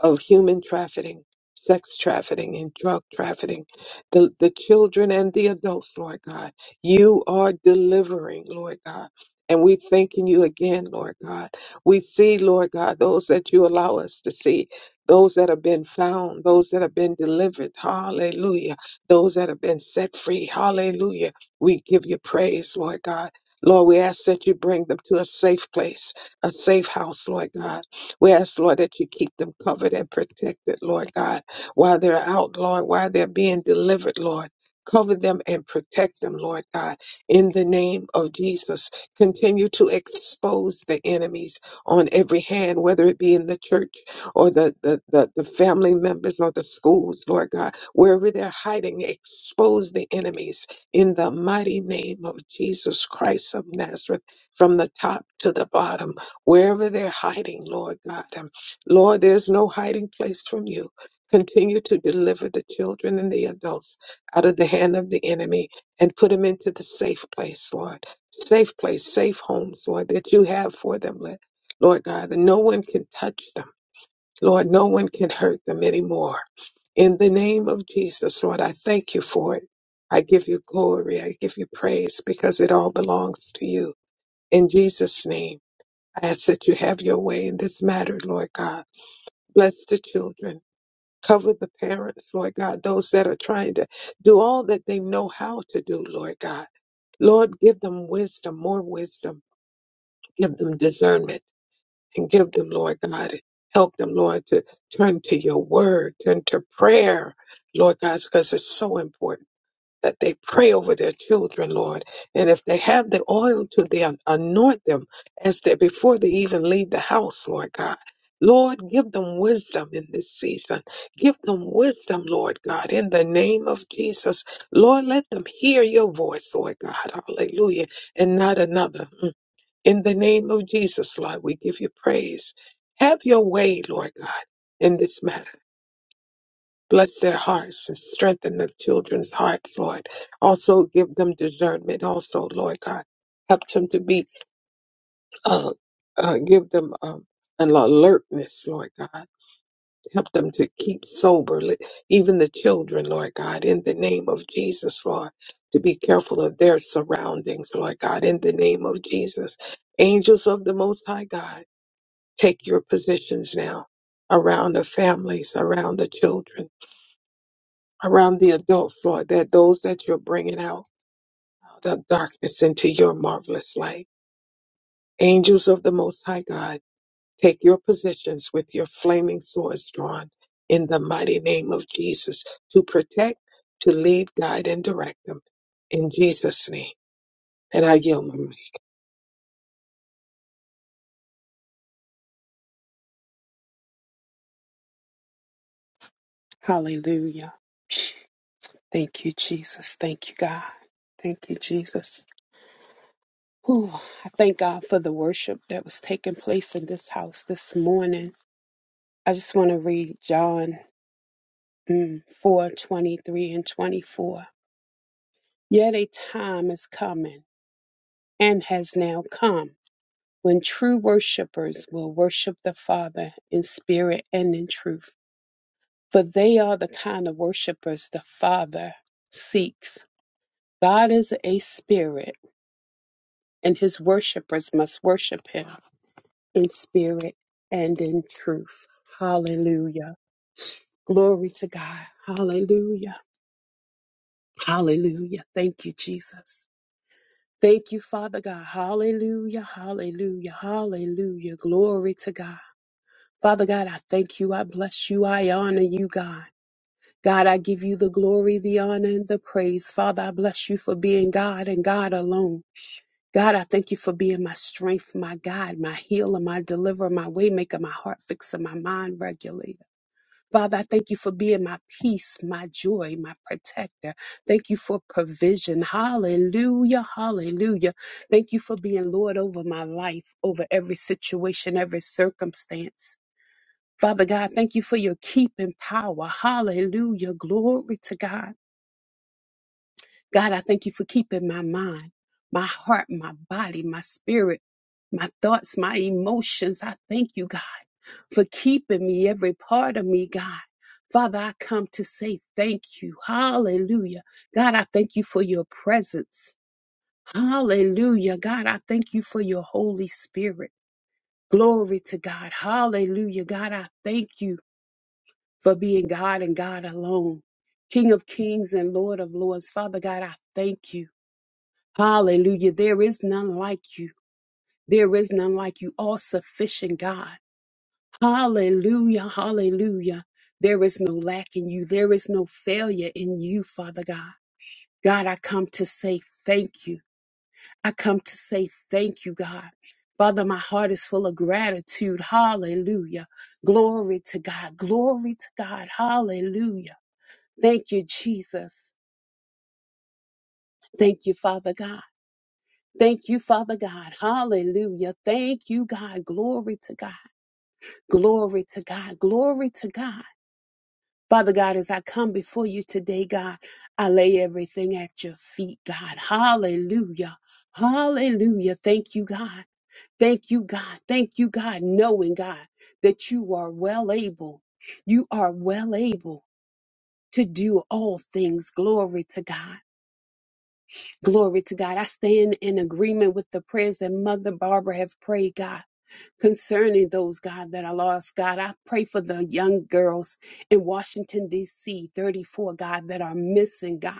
Speaker 2: of human trafficking, sex trafficking, and drug trafficking, the, the children and the adults, Lord God. You are delivering, Lord God. And we thanking you again, Lord God. We see, Lord God, those that you allow us to see, those that have been found, those that have been delivered, hallelujah. Those that have been set free, hallelujah. We give you praise, Lord God. Lord, we ask that you bring them to a safe place, a safe house, Lord God we ask, Lord, that you keep them covered and protected, Lord God, while they're out, Lord, while they're being delivered, Lord. Cover them and protect them, Lord God, in the name of Jesus. Continue to expose the enemies on every hand, whether it be in the church or the, the, the, the family members or the schools, Lord God, wherever they're hiding, expose the enemies in the mighty name of Jesus Christ of Nazareth from the top to the bottom wherever they're hiding, Lord God. Um, Lord, there's no hiding place from you. Continue to deliver the children and the adults out of the hand of the enemy and put them into the safe place, Lord. Safe place, safe homes, Lord, that you have for them, Lord Lord God, that no one can touch them. Lord, no one can hurt them anymore. In the name of Jesus, Lord, I thank you for it. I give you glory. I give you praise because it all belongs to you. In Jesus' name. I ask that you have your way in this matter, Lord God. Bless the children. Cover the parents, Lord God, those that are trying to do all that they know how to do, Lord God. Lord, give them wisdom, more wisdom. Give them discernment and give them, Lord God, help them, Lord, to turn to your word, turn to prayer, Lord God, because it's so important that they pray over their children, Lord. And if they have the oil to them, anoint them as they before they even leave the house, Lord God. Lord, give them wisdom in this season. Give them wisdom, Lord God, in the name of Jesus. Lord, let them hear your voice, Lord God. Hallelujah. And not another. Mm. In the name of Jesus, Lord, we give you praise. Have your way, Lord God, in this matter. Bless their hearts and strengthen the children's hearts, Lord. Also give them discernment, also, Lord God. Help them to be, uh, uh, give them um, an alertness, Lord God. Help them to keep sober, li- even the children, Lord God, in the name of Jesus, Lord. To be careful of their surroundings, Lord God, in the name of Jesus. Angels of the Most High God, take your positions now around the families, around the children around the adults, Lord, that those that you're bringing out out of darkness into your marvelous light. Angels of the Most High God, take your positions with your flaming swords drawn in the mighty name of Jesus to protect, to lead, guide, and direct them in Jesus' name. And I yield my mic.
Speaker 3: Hallelujah. Thank you, Jesus. Thank you, God. Thank you, Jesus. Whew. I thank God for the worship that was taking place in this house this morning. I just want to read John mm, 4 twenty-three and 24. Yet a time is coming and has now come when true worshipers will worship the Father in spirit and in truth. For they are the kind of worshipers the Father seeks. God is a spirit and his worshipers must worship him in spirit and in truth. Hallelujah. Glory to God. Hallelujah. Hallelujah. Thank you, Jesus. Thank you, Father God. Hallelujah. Hallelujah. Hallelujah. Glory to God. Father God, I thank you. I bless you. I honor you, God. God, I give you the glory, the honor, and the praise. Father, I bless you for being God and God alone. God, I thank you for being my strength, my God, my healer, my deliverer, my waymaker, my heart fixer, my mind regulator. Father, I thank you for being my peace, my joy, my protector. Thank you for provision. Hallelujah, hallelujah. Thank you for being Lord over my life, over every situation, every circumstance. Father God, thank you for your keeping power. Hallelujah. Glory to God. God, I thank you for keeping my mind, my heart, my body, my spirit, my thoughts, my emotions. I thank you, God, for keeping me, every part of me, God. Father, I come to say thank you. Hallelujah. God, I thank you for your presence. Hallelujah. God, I thank you for your Holy Spirit. Glory to God. Hallelujah. God, I thank you for being God and God alone. King of kings and Lord of lords. Father God, I thank you. Hallelujah. There is none like you. There is none like you, all sufficient God. Hallelujah. Hallelujah. There is no lack in you. There is no failure in you, Father God. God, I come to say thank you. I come to say thank you, God. Father, my heart is full of gratitude. Hallelujah. Glory to God. Glory to God. Hallelujah. Thank you, Jesus. Thank you, Father God. Thank you, Father God. Hallelujah. Thank you, God. Glory to God. Glory to God. Glory to God. Father God, as I come before you today, God, I lay everything at your feet, God. Hallelujah. Hallelujah. Thank you, God. Thank you, God. Thank you, God, knowing, God, that you are well able. You are well able to do all things. Glory to God. Glory to God. I stand in agreement with the prayers that Mother Barbara have prayed, God, concerning those, God, that are lost. God, I pray for the young girls in Washington, D.C., 34, God, that are missing, God.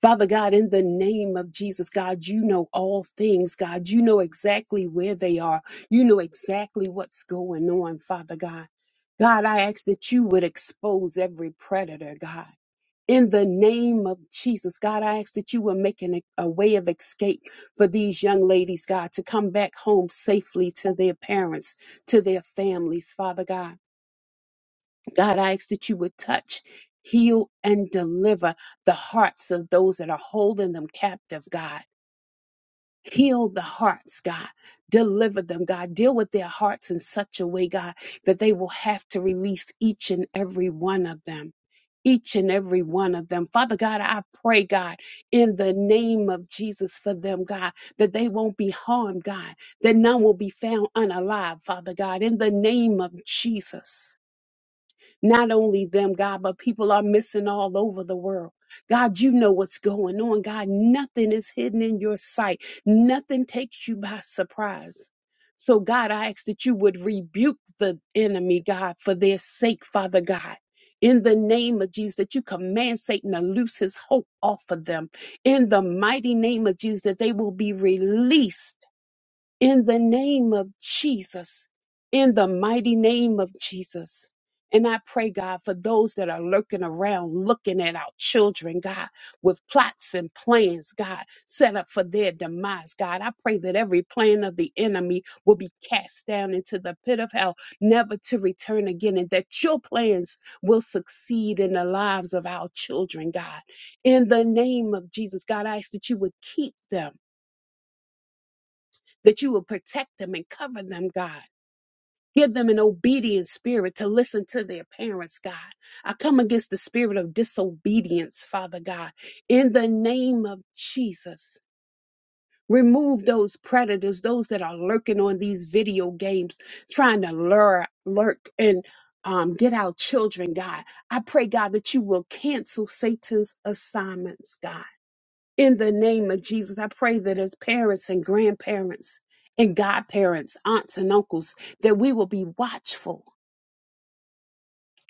Speaker 3: Father God, in the name of Jesus, God, you know all things, God. You know exactly where they are. You know exactly what's going on, Father God. God, I ask that you would expose every predator, God. In the name of Jesus, God, I ask that you will make an, a way of escape for these young ladies, God, to come back home safely to their parents, to their families, Father God. God, I ask that you would touch, heal, and deliver the hearts of those that are holding them captive, God. Heal the hearts, God. Deliver them, God. Deal with their hearts in such a way, God, that they will have to release each and every one of them each and every one of them. Father God, I pray, God, in the name of Jesus for them, God, that they won't be harmed, God, that none will be found unalive, Father God, in the name of Jesus. Not only them, God, but people are missing all over the world. God, you know what's going on. God, nothing is hidden in your sight, nothing takes you by surprise. So, God, I ask that you would rebuke the enemy, God, for their sake, Father God. In the name of Jesus, that you command Satan to loose his hope off of them. In the mighty name of Jesus, that they will be released in the name of Jesus, in the mighty name of Jesus. And I pray, God, for those that are lurking around looking at our children, God, with plots and plans, God, set up for their demise, God. I pray that every plan of the enemy will be cast down into the pit of hell, never to return again, and that your plans will succeed in the lives of our children, God. In the name of Jesus, God, I ask that you would keep them that you will protect them and cover them, God. Give them an obedient spirit to listen to their parents, God. I come against the spirit of disobedience, Father God, in the name of Jesus. Remove those predators, those that are lurking on these video games, trying to lure, lurk, and um, get our children, God. I pray, God, that you will cancel Satan's assignments, God. In the name of Jesus, I pray that as parents and grandparents and godparents, aunts and uncles, that we will be watchful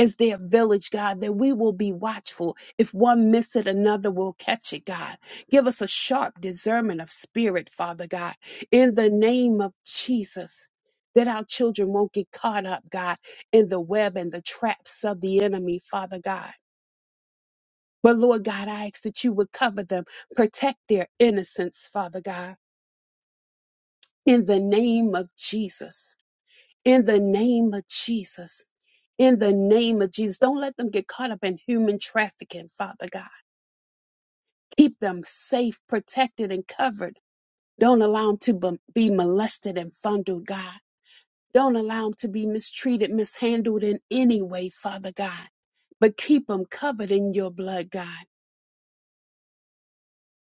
Speaker 3: as their village, God, that we will be watchful. If one miss it, another will catch it, God. Give us a sharp discernment of spirit, Father God, in the name of Jesus. That our children won't get caught up, God, in the web and the traps of the enemy, Father God. But Lord God, I ask that you would cover them, protect their innocence, Father God In the name of Jesus. In the name of Jesus. In the name of Jesus. Don't let them get caught up in human trafficking, Father God. Keep them safe, protected, and covered. Don't allow them to bum- be molested and fondled, God. Don't allow them to be mistreated, mishandled in any way, Father God. But keep them covered in your blood, God.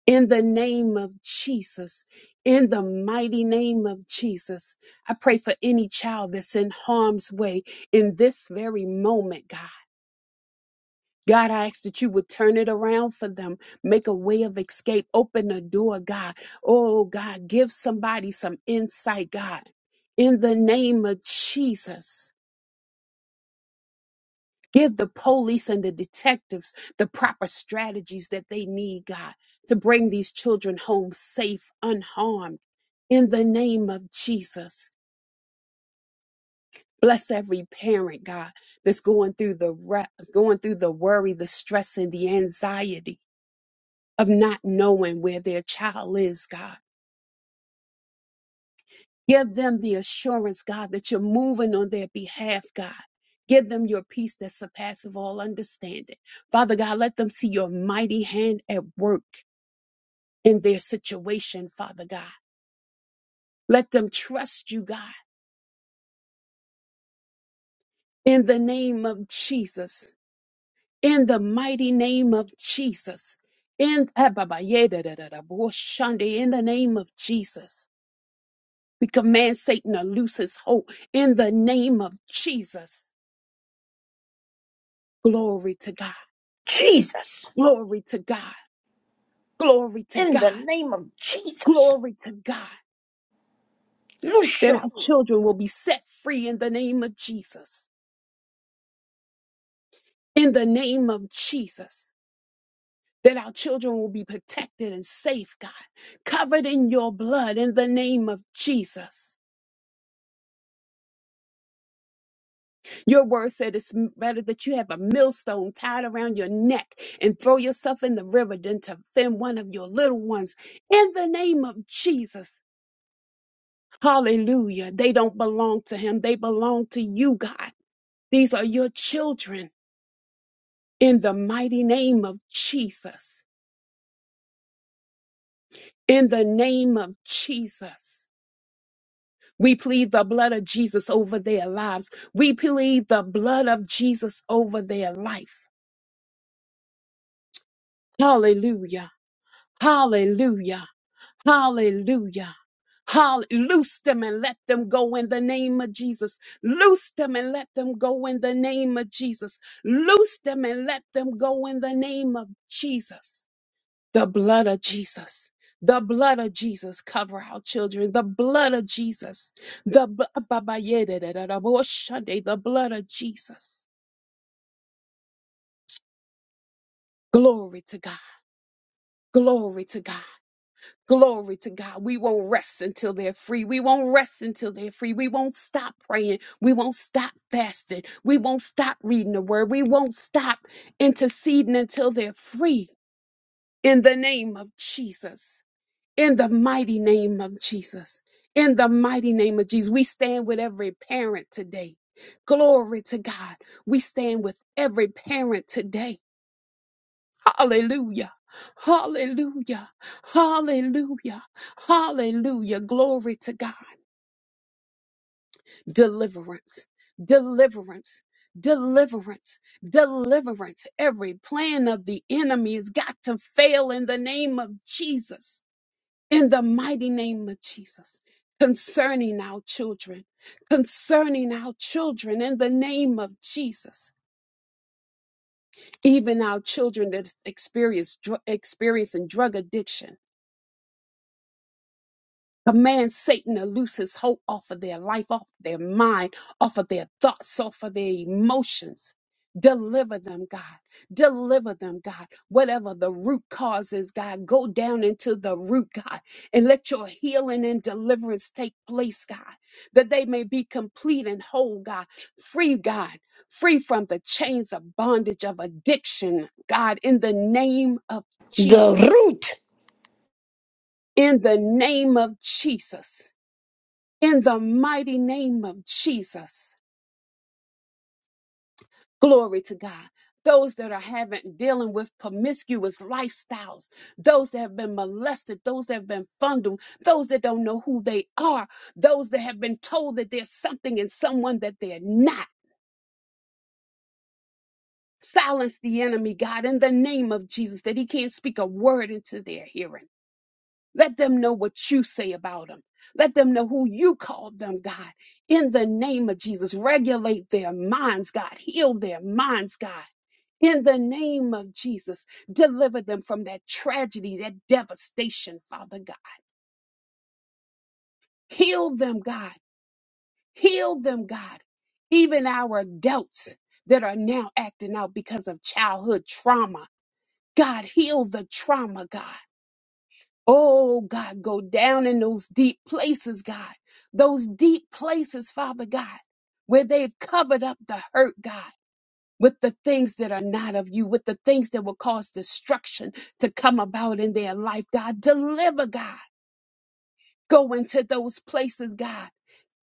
Speaker 3: in the name of Jesus, in the mighty name of Jesus. I pray for any child that's in harm's way in this very moment, God. God, I ask that you would turn it around for them, make a way of escape, open a door, God. Oh, God, give somebody some insight, God, in the name of Jesus. Give the police and the detectives the proper strategies that they need, God, to bring these children home safe, unharmed. In the name of Jesus, bless every parent, God, that's going through the re- going through the worry, the stress, and the anxiety of not knowing where their child is, God. Give them the assurance, God, that you're moving on their behalf, God. Give them your peace that surpasses all understanding. Father God, let them see your mighty hand at work in their situation, Father God. Let them trust you, God, in the name of Jesus, in the mighty name of Jesus, in, ah, ba, ba, yeah, da, da, da, da, bo, shande, in the name of Jesus. We command Satan to loose his hold in the name of Jesus. Glory to God.
Speaker 1: Jesus,
Speaker 3: Glory to God. Glory to
Speaker 1: in the
Speaker 3: God.
Speaker 1: name of Jesus,
Speaker 3: Glory to God. That
Speaker 1: show
Speaker 3: our children will be set free in the name of Jesus. In the name of Jesus. That our children will be protected and safe, God, covered in your blood in the name of Jesus. Your word said it's better that you have a millstone tied around your neck and throw yourself in the river than to offend one of your little ones in the name of Jesus. Hallelujah. They don't belong to him. They belong to you, God. These are your children in the mighty name of Jesus. In the name of Jesus. We plead the blood of Jesus over their lives. We plead the blood of Jesus over their life. Hallelujah. Hallelujah. Hallelujah. Hall- loose them and let them go in the name of Jesus. Loose them and let them go in the name of Jesus. Loose them and let them go in the name of Jesus. The blood of Jesus. The blood of Jesus cover our children. The blood of Jesus. The, bl- Ababayedadadadaboshande. the blood of Jesus. Glory to God. Glory to God. Glory to God. We won't rest until they're free. We won't rest until they're free. We won't stop praying. We won't stop fasting. We won't stop reading the word. We won't stop interceding until they're free. In the name of Jesus. In the mighty name of Jesus. In the mighty name of Jesus. We stand with every parent today. Glory to God. We stand with every parent today. Hallelujah. Hallelujah. Hallelujah. Hallelujah. Glory to God. Deliverance. Deliverance. Deliverance, deliverance. Every plan of the enemy has got to fail in the name of Jesus. in the mighty name of Jesus concerning our children, concerning our children in the name of Jesus, even our children that experience dr- experiencing drug addiction. Command Satan to loose his hold off of their life, off their mind, off of their thoughts, off of their emotions. Deliver them, God. Deliver them, God. Whatever the root cause is, God, go down into the root, God, and let your healing and deliverance take place, God, that they may be complete and whole, God. Free, God. Free from the chains of bondage of addiction, God, in the name of
Speaker 1: the
Speaker 3: Jesus.
Speaker 1: root,
Speaker 3: In the name of Jesus in the mighty name of Jesus. Glory to God. Those that are having dealing with promiscuous lifestyles, those that have been molested, those that have been fondled, those that don't know who they are, those that have been told that there's something in someone that they're not. Silence the enemy, God, in the name of Jesus, that he can't speak a word into their hearing. Let them know what you say about them. Let them know who you called them, God. In the name of Jesus, regulate their minds, God. Heal their minds, God. In the name of Jesus, deliver them from that tragedy, that devastation, Father God. Heal them, God. Heal them, God. Even our adults that are now acting out because of childhood trauma. God, heal the trauma, God. Oh, God, go down in those deep places, God. Those deep places, Father God, where they've covered up the hurt, God, with the things that are not of you, with the things that will cause destruction to come about in their life, God. Deliver, God. Go into those places, God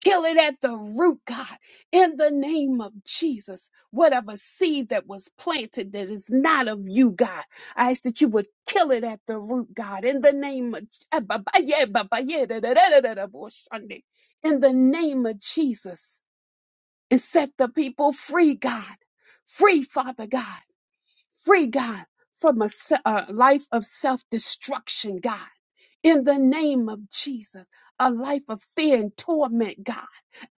Speaker 3: Kill it at the root, God, in the name of Jesus. Whatever seed that was planted that is not of you, God, I ask that you would kill it at the root, God, in the name of Ah, ba, ba, yeah, ba, ba, yeah, da, da, da, da, da, da, bo- shande. in the name of Jesus, and set the people free, God. Free, Father God. Free God from a se- a life of self destruction, God. In the name of Jesus, a life of fear and torment, God.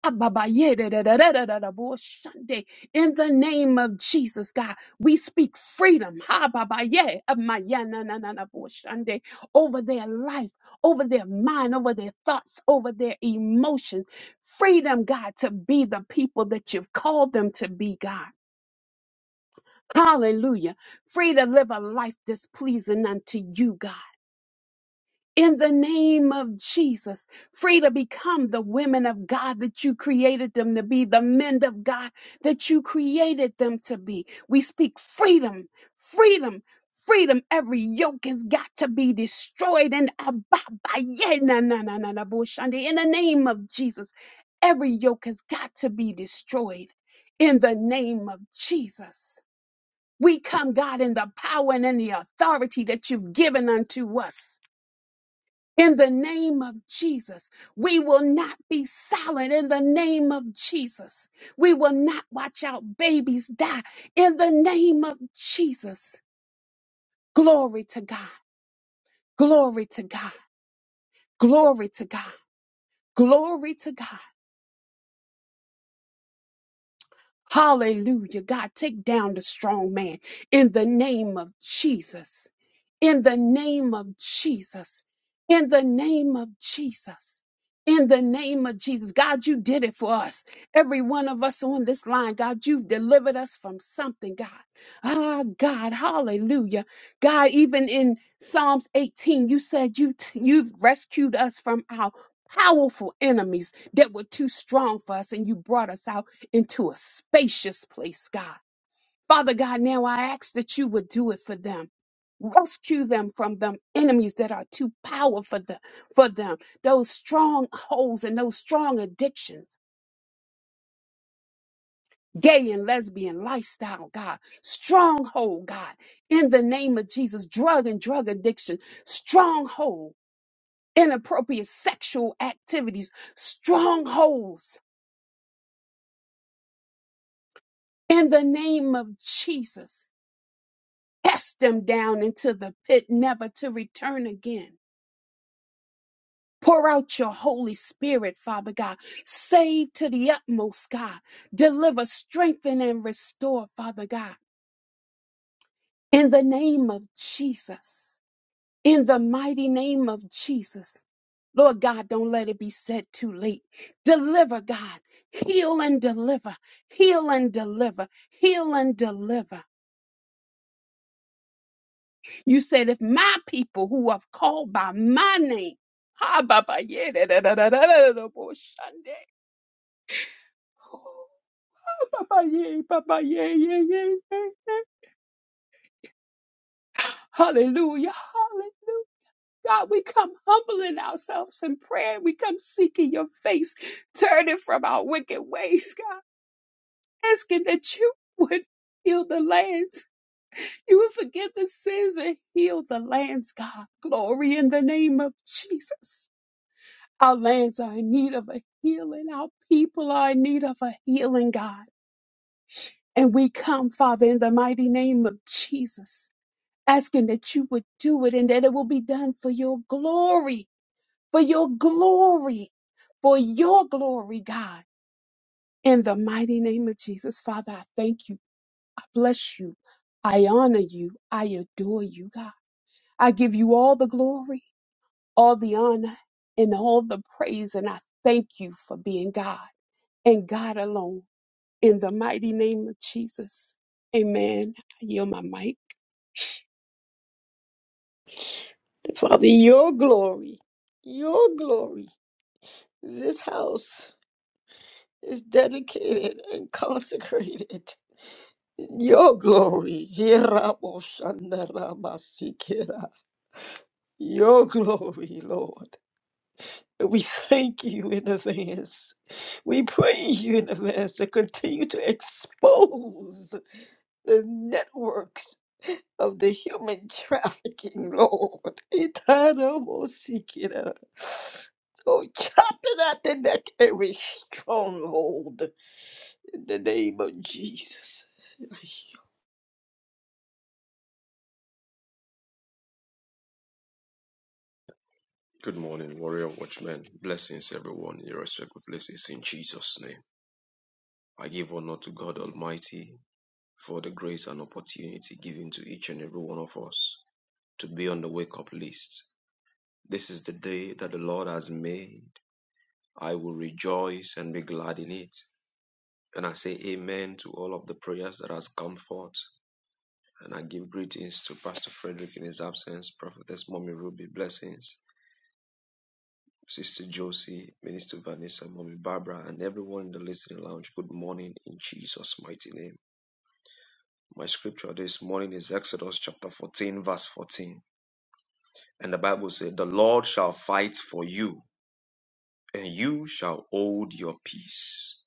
Speaker 3: Ababayedadadadadadabuoshande. In the name of Jesus, God, we speak freedom hababaye, amayanananabuoshande, over their life, over their mind, over their thoughts, over their emotions. Freedom, God, to be the people that you've called them to be, God. Hallelujah. Free to live a life displeasing unto you, God. In the name of Jesus, free to become the women of God that you created them to be, the men of God that you created them to be. We speak freedom, freedom, freedom. Every yoke has got to be destroyed and ababa- yeah, na- na- na- na- na- bushandi. in the name of Jesus. Every yoke has got to be destroyed in the name of Jesus. We come, God, in the power and in the authority that you've given unto us. In the name of Jesus, we will not be silent. In the name of Jesus, we will not watch out babies die. In the name of Jesus, glory to God, glory to God, glory to God, glory to God. Hallelujah. God, take down the strong man in the name of Jesus. In the name of Jesus. In the name of Jesus. In the name of Jesus. God, you did it for us. Every one of us on this line, God, you've delivered us from something, God. Ah, God, hallelujah. God, even in Psalms 18, you said you t- you've rescued us from our powerful enemies that were too strong for us and you brought us out into a spacious place, God. Father God, now I ask that you would do it for them. Rescue them from them enemies that are too powerful for them, for them. Those strongholds and those strong addictions, gay and lesbian lifestyle, God. Stronghold, God. In the name of Jesus, drug and drug addiction, stronghold, inappropriate sexual activities, strongholds. In the name of Jesus. cast them down into the pit, never to return again. Pour out your Holy Spirit, Father God. Save to the utmost, God. Deliver, strengthen, and restore, Father God. In the name of Jesus. In the mighty name of Jesus. Lord God, don't let it be said too late. Deliver, God. Heal and deliver. Heal and deliver. Heal and deliver. You said, if my people who are called by my name, ha, Baba, yeah, da, da, da, da, da, da, da, bo- shande. Baba, yeah, Baba, yeah, yeah, yeah, yeah, yeah. Hallelujah, hallelujah. God, we come humbling ourselves in prayer. We come seeking your face, turning from our wicked ways, God, asking that you would heal the lands. You would forgive the sins and heal the lands, God. Glory in the name of Jesus. Our lands are in need of a healing. Our people are in need of a healing, God. And we come, Father, in the mighty name of Jesus, asking that you would do it and that it will be done for your glory, for your glory, for your glory, God. In the mighty name of Jesus, Father, I thank you. I bless you. I honor you. I adore you, God. I give you all the glory, all the honor, and all the praise. And I thank you for being God. and God alone. In the mighty name of Jesus. Amen. I yield my mic.
Speaker 1: Father, your glory, your glory, this house. is dedicated and consecrated in your glory. Hiraboshandarabasikira. Your glory, Lord. We thank you in advance. We praise you in advance to continue to expose the networks of the human trafficking, Lord. Itadabosikira. Oh, chop it at the neck, every stronghold in the name of Jesus.
Speaker 4: Good morning, warrior watchmen. Blessings, everyone, irrespective of places, in Jesus' name. I give honor to God Almighty for the grace and opportunity given to each and every one of us to be on the wake up list. This is the day that the Lord has made. I will rejoice and be glad in it. And I say amen to all of the prayers that has come forth. And I give greetings to Pastor Frederick in his absence, Prophetess Mommy Ruby, blessings. Sister Josie, Minister Vanessa, Mommy Barbara, and everyone in the listening lounge. Good morning in Jesus' mighty name. My scripture this morning is Exodus chapter 14, verse 14. And the Bible said, The Lord shall fight for you, and you shall hold your peace.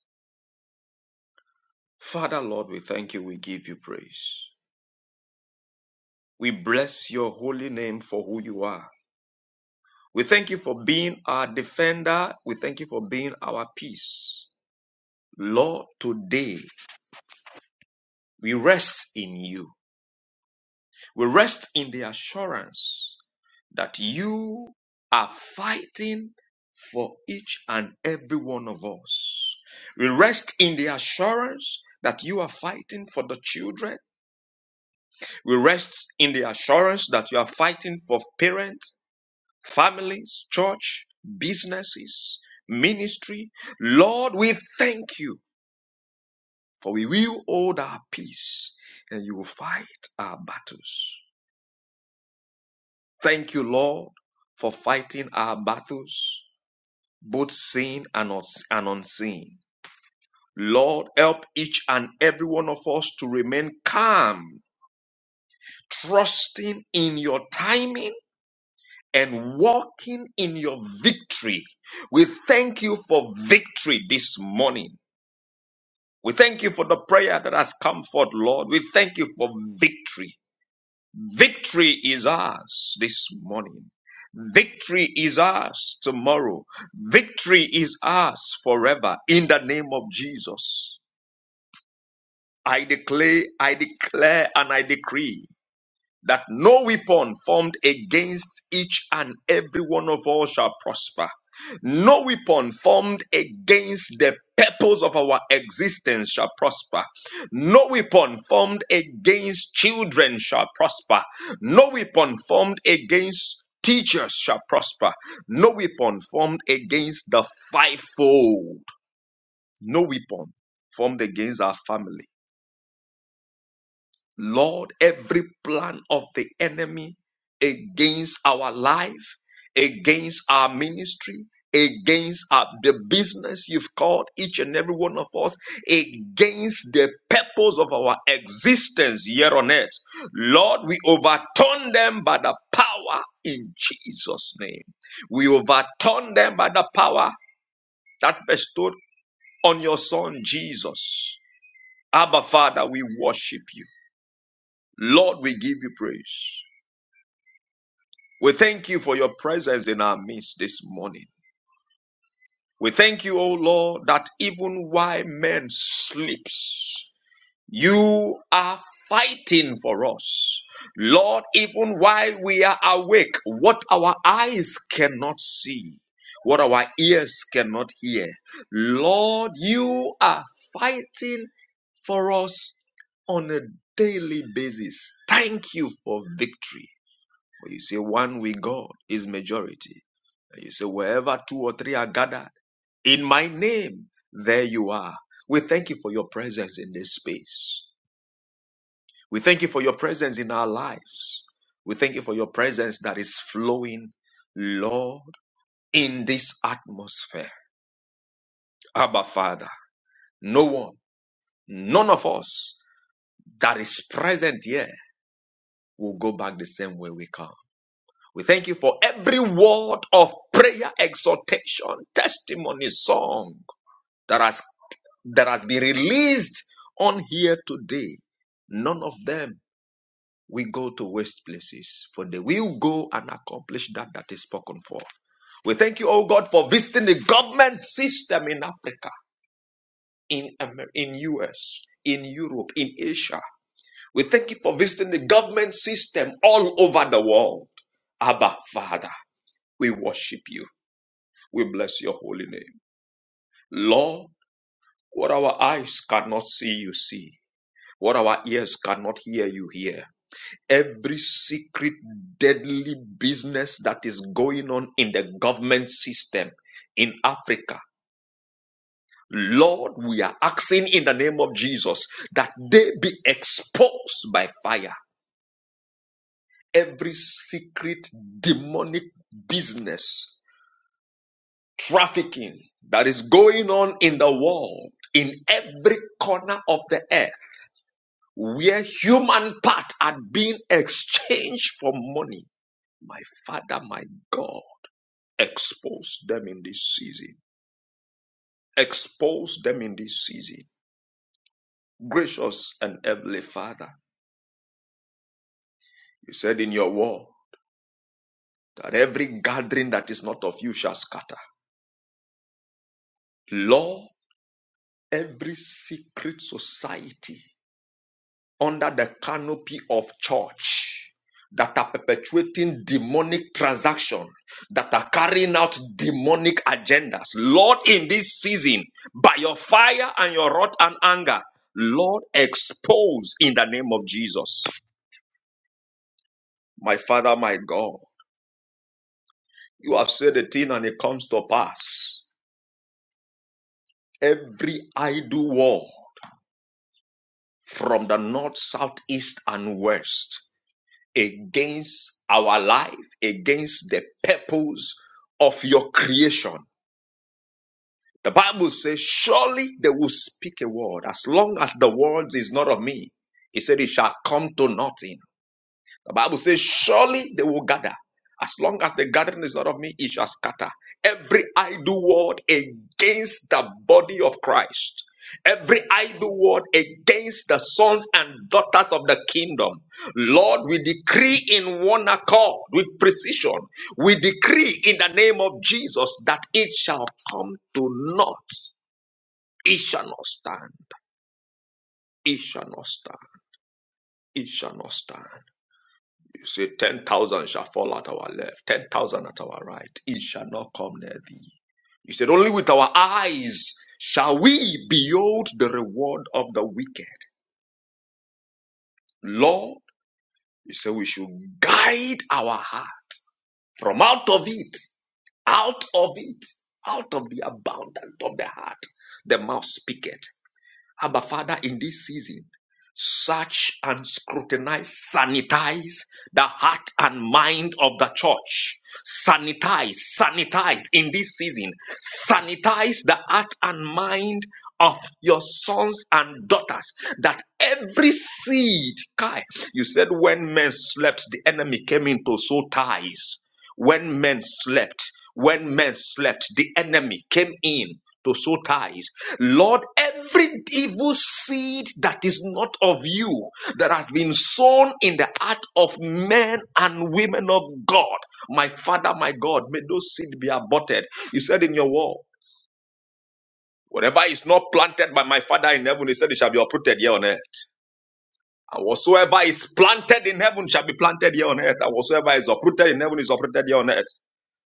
Speaker 4: Father, Lord, we thank you. We give you praise. We bless your holy name for who you are. We thank you for being our defender. We thank you for being our peace. Lord, today we rest in you. We rest in the assurance that you are fighting for each and every one of us. We rest in the assurance that you are fighting for the children. We rest in the assurance that you are fighting for parents, families, church, businesses, ministry. Lord, we thank you for we will hold our peace and you will fight our battles. Thank you, Lord, for fighting our battles, both seen and, uns- and unseen. Lord, help each and every one of us to remain calm, trusting in your timing and walking in your victory. We thank you for victory this morning. We thank you for the prayer that has come forth, Lord. We thank you for victory. Victory is ours this morning. Victory is ours tomorrow. Victory is ours forever in the name of Jesus. I declare, I declare, and I decree that no weapon formed against each and every one of us shall prosper. No weapon formed against the purpose of our existence shall prosper. No weapon formed against children shall prosper. No weapon formed against teachers shall prosper. No weapon formed against the fivefold. No weapon formed against our family Lord, every plan of the enemy against our life, against our ministry, against our, the business you've called each and every one of us, against the purpose of our existence here on earth. Lord, we overturn them by the power in Jesus' name. We overturn them by the power that bestowed on your son Jesus. Abba Father, we worship you. Lord, we give you praise. We thank you for your presence in our midst this morning. We thank you, O Lord, that even while men sleeps, you are fighting for us. Lord, even while we are awake, what our eyes cannot see, what our ears cannot hear, Lord, you are fighting for us on a daily basis. Thank you for victory. But you say one with God is majority. And you say wherever two or three are gathered in my name, there you are. We thank you for your presence in this space. We thank you for your presence in our lives. We thank you for your presence that is flowing, Lord, in this atmosphere. Abba Father, no one, none of us that is present here will go back the same way we come. We thank you for every word of prayer, exhortation, testimony, song that has that has been released on here today. None of them will go to waste places, for they will go and accomplish that that is spoken for. We thank you, oh God, for visiting the government system in Africa, in Amer- in US, in Europe, in Asia. We thank you for visiting the government system all over the world. Abba, Father, we worship you. We bless your holy name. Lord, what our eyes cannot see, you see. What our ears cannot hear, you hear. Every secret, deadly business that is going on in the government system in Africa. Lord, we are asking in the name of Jesus that they be exposed by fire. Every secret demonic business, trafficking that is going on in the world, in every corner of the earth. where human parts are being exchanged for money. My Father, my God, expose them in this season. Expose them in this season. Gracious and heavenly Father, you said in your word that every gathering that is not of you shall scatter. Lord, every secret society under the canopy of church that are perpetuating demonic transaction that are carrying out demonic agendas lord in this season by your fire and your wrath and anger lord expose in the name of jesus my father my god you have said a thing and it comes to pass every idle word from the north south east and west against our life, against the purpose of your creation. The Bible says, Surely they will speak a word as long as the word is not of me. He said, It shall come to nothing. The Bible says, Surely they will gather. As long as the gathering is not of me, it shall scatter. Every idle word against the body of Christ. Every idle word against the sons and daughters of the kingdom. Lord, we decree in one accord with precision. We decree in the name of Jesus that it shall come to naught. It shall not stand. It shall not stand. It shall not stand. You say, 10,000 shall fall at our left, 10,000 at our right. It shall not come near thee. You said, Only with our eyes shall we behold the reward of the wicked. Lord, you say, We should guide our heart from out of it, out of it, out of the abundance of the heart. The mouth speaketh. Abba Father, in this season, search and scrutinize, sanitize the heart and mind of the church. Sanitize, sanitize in this season. Sanitize the heart and mind of your sons and daughters. That every seed, Kai, you said when men slept, the enemy came in to sow ties. When men slept, when men slept, the enemy came in to sow ties. Lord, every evil seed that is not of you that has been sown in the heart of men and women of God, my Father, my God, may those seed be aborted. You said in your word, whatever is not planted by my Father in heaven, he said it shall be uprooted here on earth. And whatsoever is planted in heaven shall be planted here on earth. And whatsoever is uprooted in heaven is uprooted here on earth.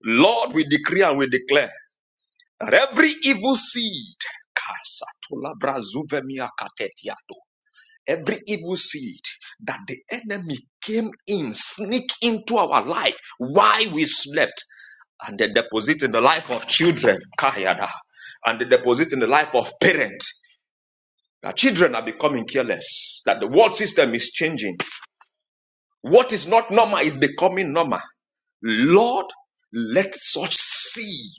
Speaker 4: Lord, we decree and we declare that every evil seed, every evil seed that the enemy came in, sneak into our life while we slept, and they deposit in the life of children, and they deposit in the life of parents. Now, children are becoming careless, that the world system is changing. What is not normal is becoming normal. Lord, let such seed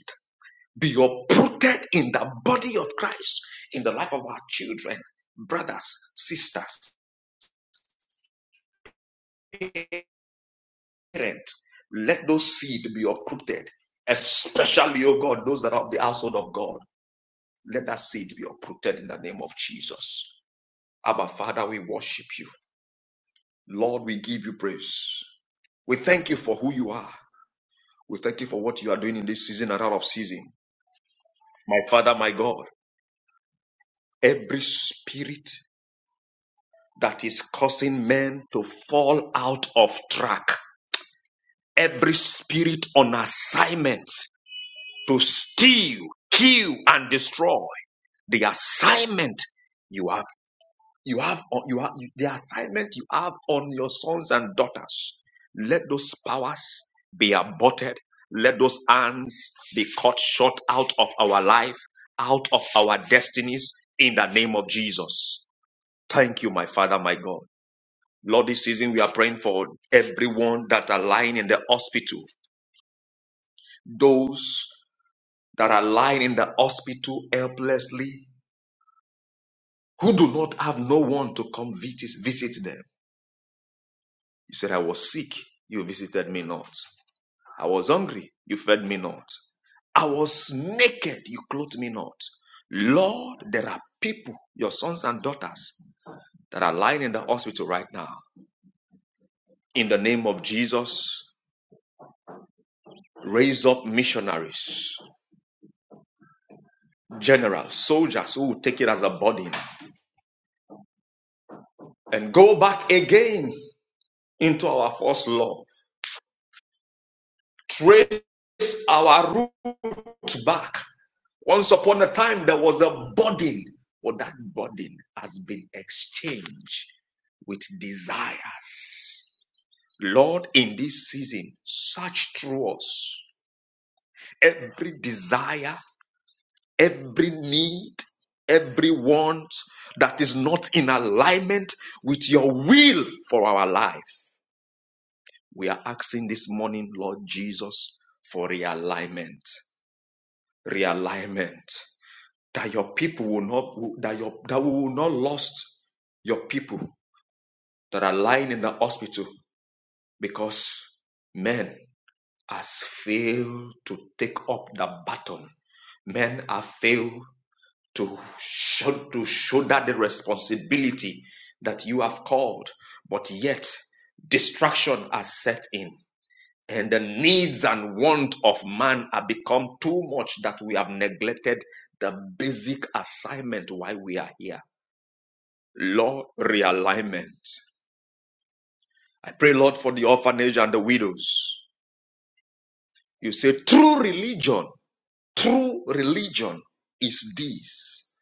Speaker 4: be uprooted in the body of Christ, in the life of our children, brothers, sisters, parents. Let those seed be uprooted, especially, oh God, those that are of the household of God. Let that seed be uprooted in the name of Jesus. Abba, Father, we worship you. Lord, we give you praise. We thank you for who you are. We thank you for what you are doing in this season and out of season. My Father, my God, every spirit that is causing men to fall out of track. Every spirit on assignment to steal, kill, and destroy the assignment you have, you have, you have the assignment you have on your sons and daughters. Let those powers be aborted. Let those hands be cut short out of our life, out of our destinies, in the name of Jesus. Thank you, my Father, my God. Lord, this season we are praying for everyone that are lying in the hospital, those that are lying in the hospital helplessly, who do not have no one to come visit, visit them. You said, I was sick, you visited me not. I was hungry, you fed me not. I was naked, you clothed me not. Lord, there are people, your sons and daughters, that are lying in the hospital right now. In the name of Jesus, raise up missionaries. general, soldiers who will take it as a burden and go back again into our first love. Trace our root back. Once upon a time, there was a burden, but that burden has been exchanged with desires. Lord, in this season, search through us every desire, every need, every want that is not in alignment with your will for our life. We are asking this morning, Lord Jesus, for realignment. Realignment. That your people will not that your that we will not lost your people that are lying in the hospital because men has failed to take up the baton. Men have failed to show, to shoulder the responsibility that you have called, but yet distraction has set in and the needs and want of man have become too much that we have neglected the basic assignment why we are here. Lord, realignment. I pray, Lord, for the orphanage and the widows. You say, true religion, true religion is this,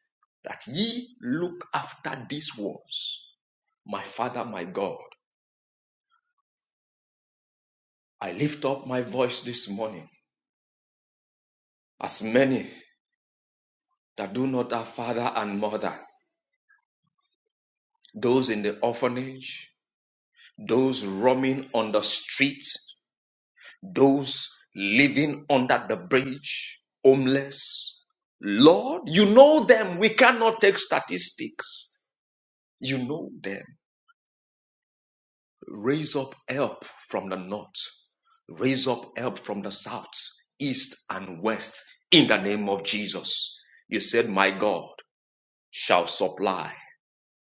Speaker 4: that ye look after these ones. My Father, my God, I lift up my voice this morning. As many that do not have father and mother, those in the orphanage, those roaming on the street, those living under the bridge, homeless. Lord, you know them. We cannot take statistics. You know them. Raise up help from the north. Raise up help from the south, east, and west in the name of Jesus. You said, My God shall supply.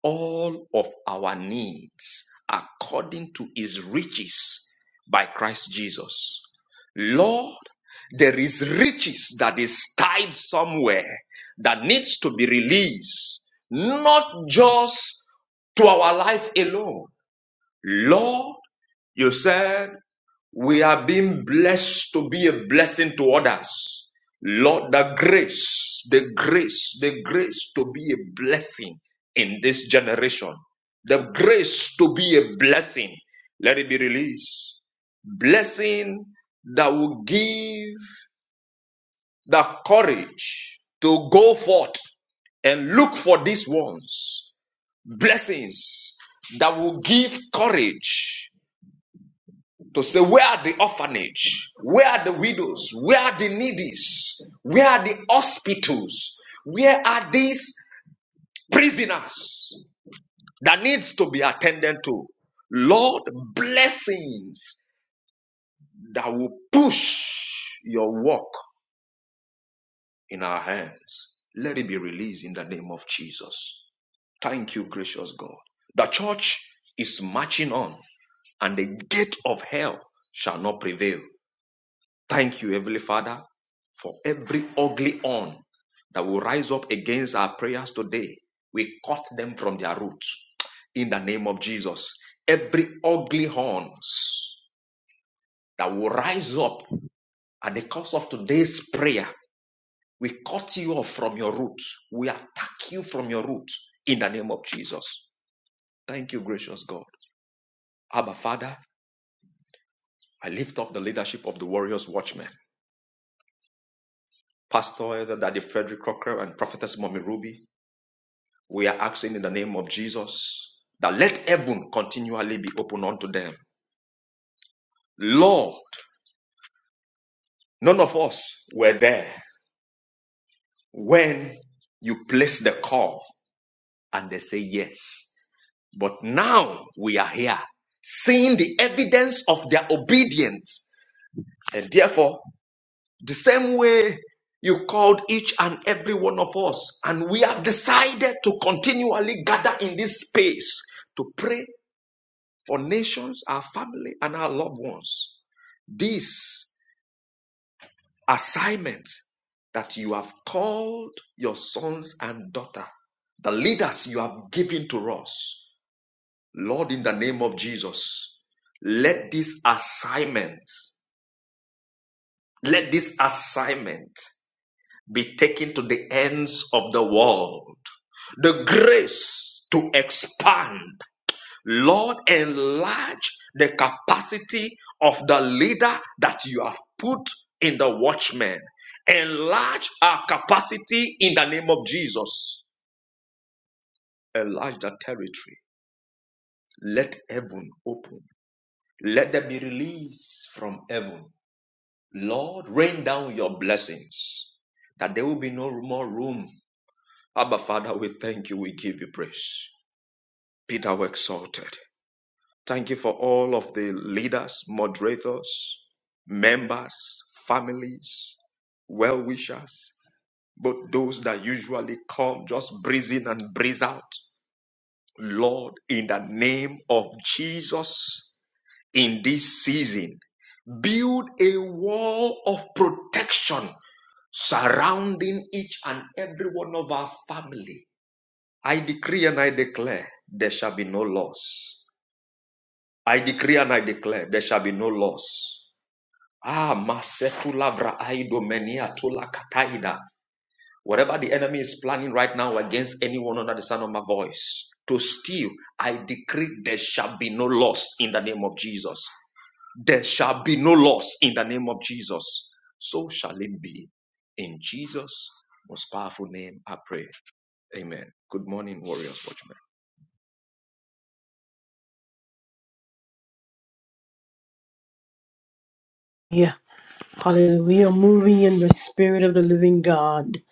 Speaker 4: all of our needs according to his riches by Christ Jesus. Lord, there is riches that is tied somewhere that needs to be released, not just to our life alone. Lord, you said we are being blessed to be a blessing to others. Lord, the grace, the grace, the grace to be a blessing in this generation. The grace to be a blessing. Let it be released. Blessing that will give the courage to go forth and look for these ones. Blessings that will give courage to say, Where are the orphanage? Where are the widows? Where are the needies? Where are the hospitals? Where are these prisoners that needs to be attended to? Lord, blessings that will push your work in our hands. Let it be released in the name of Jesus. Thank you, gracious God. The church is marching on, and the gate of hell shall not prevail Thank you, Heavenly Father, for every ugly horn that will rise up against our prayers today. We cut them from their roots in the name of Jesus. Every ugly horns that will rise up at the cost of today's prayer, we cut you off from your roots. We attack you from your roots in the name of Jesus. Thank you, gracious God. Abba, Father, I lift up the leadership of the Warriors Watchmen. Pastor Elder Daddy Frederick Crocker and Prophetess Mommy Ruby We are asking in the name of Jesus that let heaven continually be open unto them. Lord, none of us were there when you placed the call and they say yes. But now we are here seeing the evidence of their obedience. And therefore, the same way you called each and every one of us, and we have decided to continually gather in this space to pray for nations, our family, and our loved ones. This assignment that you have called your sons and daughter, the leaders you have given to us, Lord, in the name of Jesus, let this assignment, let this assignment be taken to the ends of the world. The grace to expand Lord, enlarge the capacity of the leader that you have put in the watchman. Enlarge our capacity in the name of Jesus. Enlarge the territory. Let heaven open. Let there be release from heaven. Lord, rain down your blessings that there will be no more room. Abba, Father, we thank you. We give you praise. Peter, we exalted. Thank you for all of the leaders, moderators, members, families, well wishers, but those that usually come just breeze in and breeze out. Lord, in the name of Jesus, in this season, build a wall of protection surrounding each and every one of our family. I decree and I declare there shall be no loss. I decree and I declare there shall be no loss. Ah, masetu labra aido menia tula kataida. Whatever the enemy is planning right now against anyone under the sound of my voice, to steal, I decree there shall be no loss in the name of Jesus. There shall be no loss in the name of Jesus. So shall it be. In Jesus' most powerful name, I pray. Amen. Good morning, Warriors Watchmen.
Speaker 1: Yeah, hallelujah. We are moving in the spirit of the living God.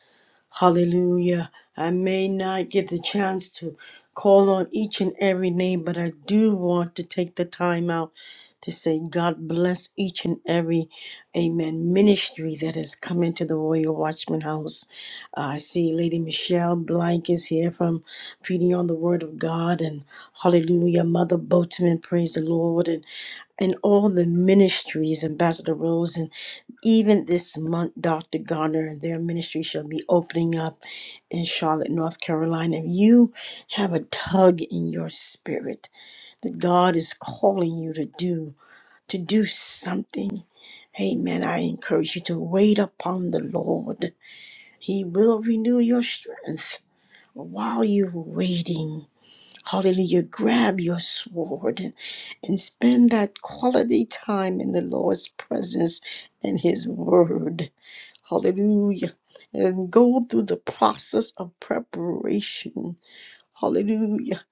Speaker 1: Hallelujah. I may not get the chance to call on each and every name, but I do want to take the time out to say, God bless each and every, amen, ministry that has come into the Royal Watchman House. Uh, I see Lady Michelle Blank is here from Feeding on the Word of God, and hallelujah, Mother Boatman, praise the Lord, and. and all the ministries, Ambassador Rose, and even this month, Dr. Garner and their ministry shall be opening up in Charlotte, North Carolina. If you have a tug in your spirit that God is calling you to do, to do something, amen, I encourage you to wait upon the Lord. He will renew your strength while you're waiting. Hallelujah. Grab your sword and spend that quality time in the Lord's presence and His Word. Hallelujah. And go through the process of preparation. Hallelujah.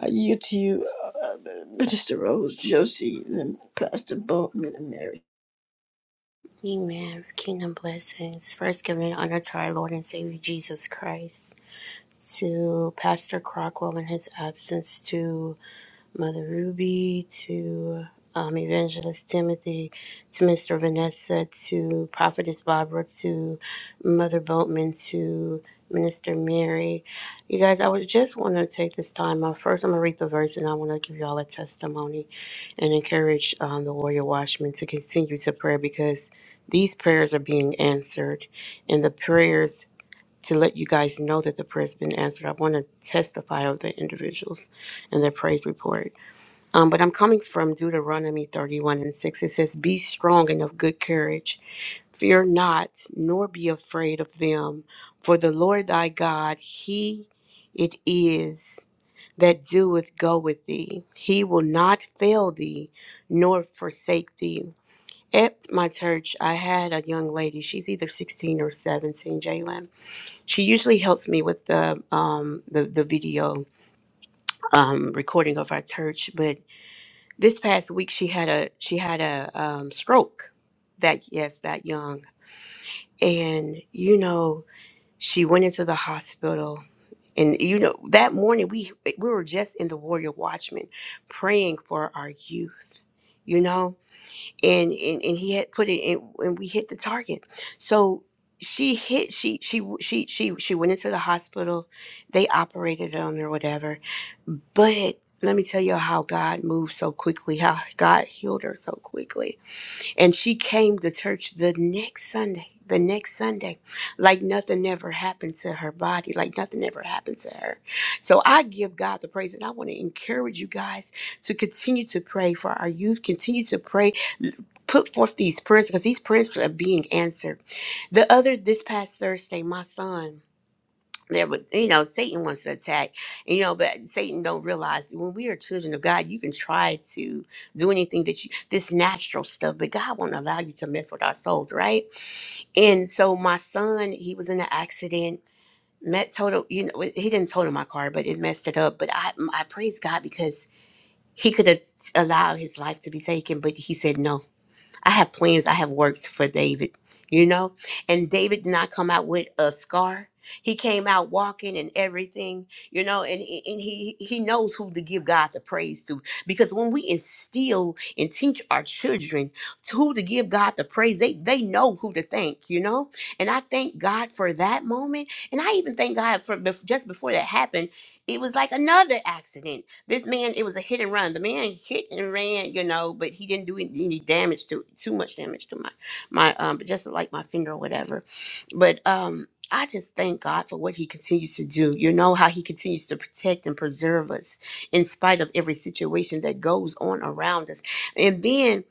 Speaker 1: I yield to you, uh, Minister Rose, Josie, and Pastor Boatman and Mary.
Speaker 5: Amen. Kingdom blessings. First, giving honor to our Lord and Savior Jesus Christ, to Pastor Crockwell in his absence, to Mother Ruby, to um, Evangelist Timothy, to Mr. Vanessa, to Prophetess Barbara, to Mother Boatman, to Minister Mary. You guys, I would just want to take this time. Uh, first, I'm going to read the verse and I want to give you all a testimony and encourage um, the Warrior Watchmen to continue to pray because these prayers are being answered and the prayers. To let you guys know that the prayer's been answered, I want to testify of the individuals and their praise report. Um, but I'm coming from Deuteronomy 31 and 6. It says, Be strong and of good courage. Fear not, nor be afraid of them. For the Lord thy God, he it is that doeth go with thee. He will not fail thee, nor forsake thee. At my church, I had a young lady. She's either 16 or 17, Jalen. She usually helps me with the um, the, the video um, recording of our church, but this past week, she had a she had a um, stroke. That yes, that young, and you know, she went into the hospital. And you know, that morning we we were just in the Warrior Watchman praying for our youth. You know, and and, and he had put it in and we hit the target so she hit she she she she she went into the hospital they operated on her whatever but let me tell you how god moved so quickly how god healed her so quickly and she came to church the next sunday the next sunday like nothing ever happened to her body like nothing ever happened to her so i give god the praise and i want to encourage you guys to continue to pray for our youth continue to pray put forth these prayers because these prayers are being answered. The other this past Thursday, my son there was you know Satan wants to attack you know but Satan don't realize when we are children of God you can try to do anything that you this natural stuff but God won't allow you to mess with our souls right and so my son he was in an accident met total you know he didn't total my car but it messed it up but I I praise God because he could have allowed his life to be taken but he said no I have plans, I have works for David, you know? And David did not come out with a scar. He came out walking and everything, you know, and, and he he knows who to give God the praise to. Because when we instill and teach our children to who to give God the praise, they they know who to thank, you know. And I thank God for that moment, and I even thank God for bef- just before that happened, it was like another accident. This man, it was a hit and run. The man hit and ran, you know, but he didn't do any any damage to too much damage to my my um, but just like my finger or whatever. But um, I just thank God for what He continues to do. You know how He continues to protect and preserve us in spite of every situation that goes on around us, and then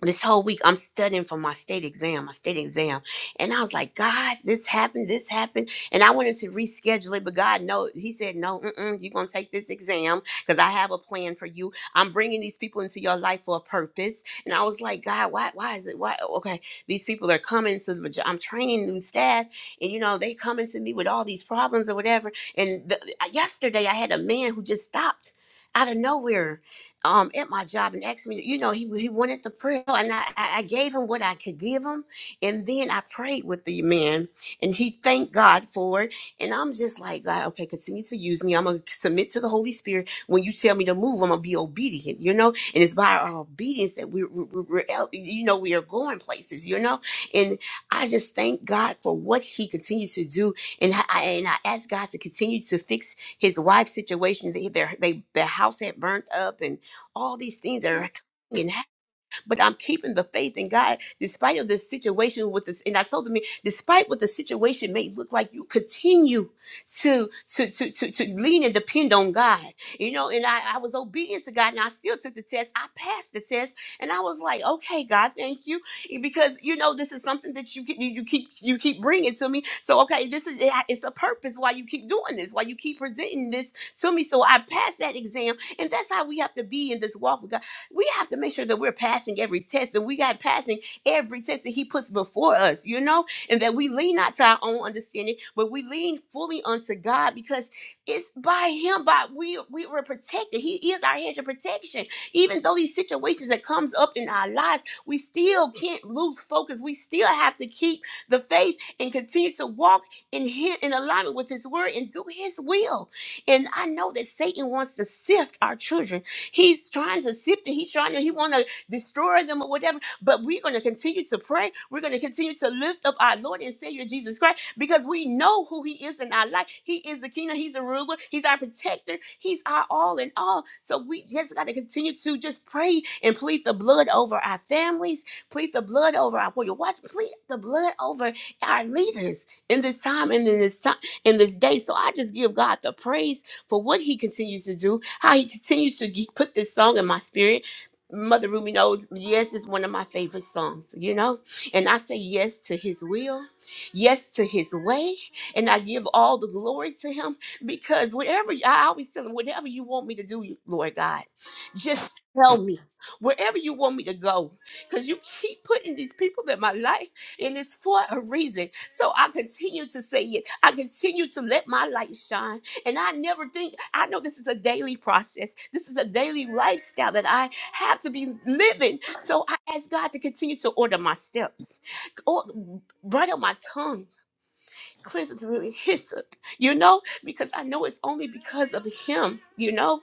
Speaker 5: this whole week I'm studying for my state exam, my state exam. And I was like, God, this happened, this happened. And I wanted to reschedule it, but God, no, He said, no, mm-mm, you're going to take this exam because I have a plan for you. I'm bringing these people into your life for a purpose. And I was like, God, why, why is it, why? Okay, these people are coming to the, I'm training new staff and you know, they coming to me with all these problems or whatever. And the, yesterday I had a man who just stopped out of nowhere um, at my job and asked me, you know, he, he wanted the prayer and I, I I gave him what I could give him. And then I prayed with the man and he thanked God for it. And I'm just like, God, okay, continue to use me. I'm going to submit to the Holy Spirit. When you tell me to move, I'm going to be obedient, you know? And it's by our obedience that we, we, we- we're, el- you know, we are going places, you know? And I just thank God for what he continues to do. And I, and I ask God to continue to fix his wife's situation. They, their, they, their house had burnt up and all these things that are coming in but I'm keeping the faith in God despite of this situation with this. And I told him, despite what the situation may look like, you continue to to to to, to lean and depend on God. You know, and I, I was obedient to God, and I still took the test. I passed the test, and I was like, okay, God, thank you, eh, because you know this is something that you can- you, you keep you keep bringing to me. So okay, this is it's a purpose why you keep doing this, why you keep presenting this to me. So I passed that exam, and that's how we have to be in this walk with God we have to make sure that we're passing every test and we got passing every test that he puts before us, you know, and that we lean not to our own understanding, but we lean fully unto God because it's by him, by we we were protected. He is our hedge of protection. Even though these situations that comes up in our lives, we still can't lose focus. We still have to keep the faith and continue to walk in him in alignment with his word and do his will. And I know that Satan wants to sift our children He's trying to sift it. He's trying to, he want to destroy them or whatever. But we're going to continue to pray. We're going to continue to lift up our Lord and Savior Jesus Christ because we know who he is in our life. He is the king. He's a ruler. He's our protector. He's our all in all. So we just got to continue to just pray and plead the blood over our families, plead the blood over our warrior. Watch, plead the blood over our leaders in this time and in this time in this day. So I just give God the praise for what he continues to do, how he continues to ge- put this song in my spirit. Mother Ruby knows, yes, it's one of my favorite songs, you know? And I say yes to his will, yes to his way, and I give all the glory to him because whatever, I always tell him, whatever you want me to do, Lord God, just tell me wherever you want me to go because you keep putting these people in my life and it's for a reason. So I continue to say it. I continue to let my light shine and I never think, I know this is a daily process. This is a daily lifestyle that I have to be living. So I ask God to continue to order my steps, or bridle my tongue, cleanse it with hyssop, you know, because I know it's only because of Him, you know.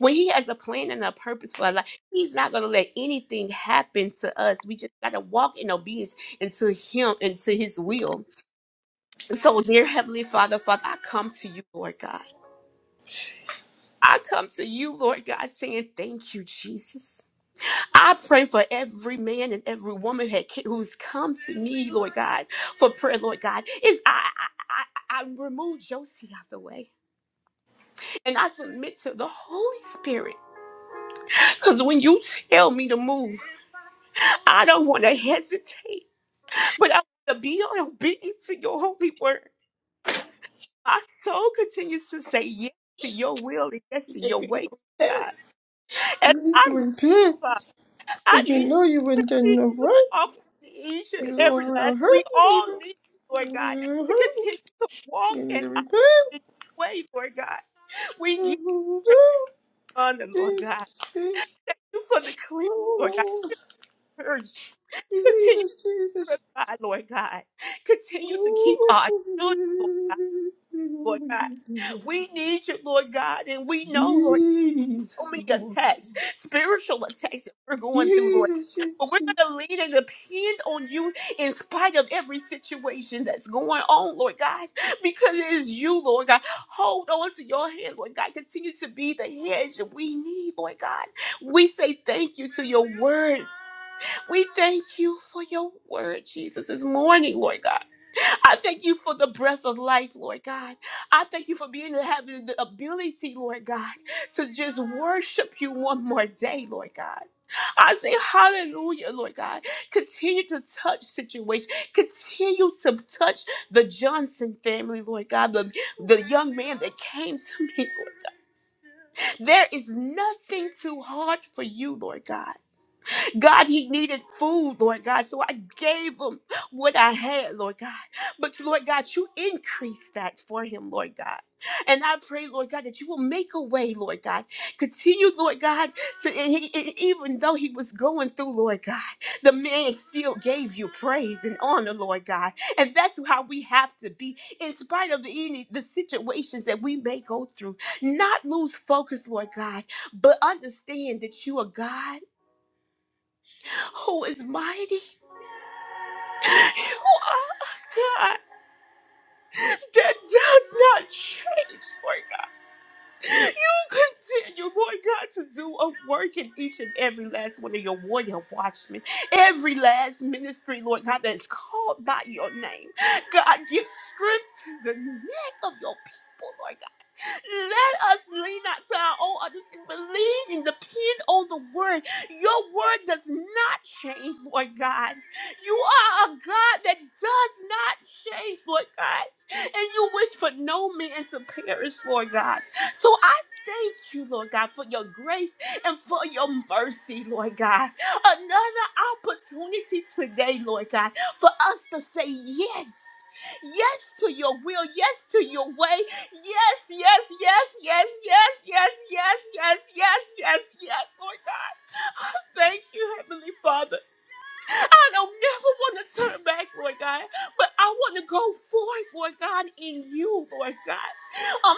Speaker 5: When He has a plan and a purpose for our life, He's not going to let anything happen to us. We just got to walk in obedience into Him, into His will. So, dear Heavenly Father, Father, I come to you, Lord God. I come to you, Lord God, saying thank you, Jesus. I pray for every man and every woman had- who's come to me, Lord God, for prayer, Lord God. Is I, I I I remove Josie out the way, and I submit to the Holy Spirit. Cause when you tell me to move, I don't want to hesitate, but I want to be obedient to your holy word. My soul continues to say yes to your will and yes to your
Speaker 1: If you
Speaker 5: way,
Speaker 1: repent,
Speaker 5: God. And
Speaker 1: you need
Speaker 5: I,
Speaker 1: to repent
Speaker 5: I
Speaker 1: because you
Speaker 5: need
Speaker 1: know you weren't
Speaker 5: you.
Speaker 1: doing no right.
Speaker 5: all each and
Speaker 1: You're going
Speaker 5: every last.
Speaker 1: around
Speaker 5: We
Speaker 1: hurting
Speaker 5: all
Speaker 1: people.
Speaker 5: need, you, Lord God,
Speaker 1: You're
Speaker 5: to
Speaker 1: hurting.
Speaker 5: continue to walk
Speaker 1: You need
Speaker 5: in
Speaker 1: to
Speaker 5: our
Speaker 1: repent.
Speaker 5: in your way, Lord God. We give
Speaker 1: Jesus,
Speaker 5: praise and honor, Lord God.
Speaker 1: Jesus.
Speaker 5: You for the clean, Lord God.
Speaker 1: oh Lord,
Speaker 5: Purge. Continue
Speaker 1: Jesus,
Speaker 5: to
Speaker 1: Jesus,
Speaker 5: purify, Lord God. Continue to keep our
Speaker 1: oh,
Speaker 5: children, Lord God. Lord God. We need you, Lord God, and we know, Lord. so
Speaker 1: Jesus,
Speaker 5: many
Speaker 1: Lord.
Speaker 5: attacks, spiritual attacks that we're going through, Lord.
Speaker 1: Jesus,
Speaker 5: But we're
Speaker 1: Jesus.
Speaker 5: going to lean and depend on you in spite of every situation that's going on, Lord God, because it is you, Lord God. Hold on to your hand, Lord God. Continue to be the hedge that we need, Lord God. We say thank you to your word. We thank you for your word, Jesus, this morning, Lord God. I thank you for the breath of life, Lord God. I thank you for being having the ability, Lord God, to just worship you one more day, Lord God. I say hallelujah, Lord God. Continue to touch situations. Continue to touch the Johnson family, Lord God. The, the young man that came to me, Lord God. There is nothing too hard for you, Lord God. God, he needed food, Lord God. So I gave him what I had, Lord God. But Lord God, you increase that for him, Lord God. And I pray, Lord God, that you will make a way, Lord God. Continue, Lord God, to and he, and even though he was going through, Lord God, the man still gave you praise and honor, Lord God. And that's how we have to be, in spite of any the situations that we may go through. Not lose focus, Lord God, but understand that you are God who is mighty, you are a God that does not change, Lord God. You continue, Lord God, to do a work in each and every last one of your warrior watchmen, every last ministry, Lord God, that is called by your name. God, give strength to the neck of your people, Lord let us lean not to our own understanding, but lean and depend on the word. Your word does not change, Lord God. You are a God that does not change, Lord God. And you wish for no man to perish, Lord God. So I thank you, Lord God, for your grace and for your mercy, Lord God. Another opportunity today, Lord God, for us to say yes yes to your will, yes to your way, yes, yes, yes, yes, yes, yes, yes, yes, yes, yes, yes, Lord God. Thank you, Heavenly Father. I don't never want to turn back, Lord God, but I want to go forth, Lord God, in you, Lord God. I'm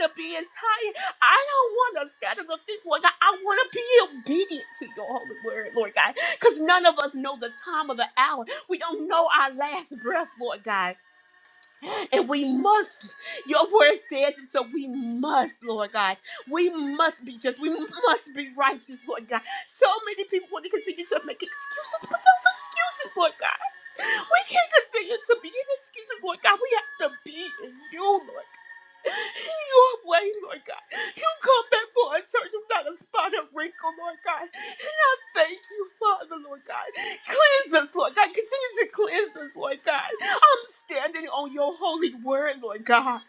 Speaker 5: tired of being tired. I don't want to scatter the fist, Lord God. I want to be obedient to your holy word, Lord God, because none of us know the time of the hour. We don't know our last breath, Lord God. And we must, your word says it, so we must, Lord God. We must be just. We must be righteous, Lord God. So many people want to continue to make excuses, but those excuses, Lord God. We can't continue to be in excuses, Lord God. We have to be in you, Lord God. In Your way, Lord God. You come back for a church without a spot or wrinkle, Lord God. Thank you, Father, Lord God. Cleanse us, Lord God. Continue to cleanse us, Lord God. I'm standing on your holy word, Lord God.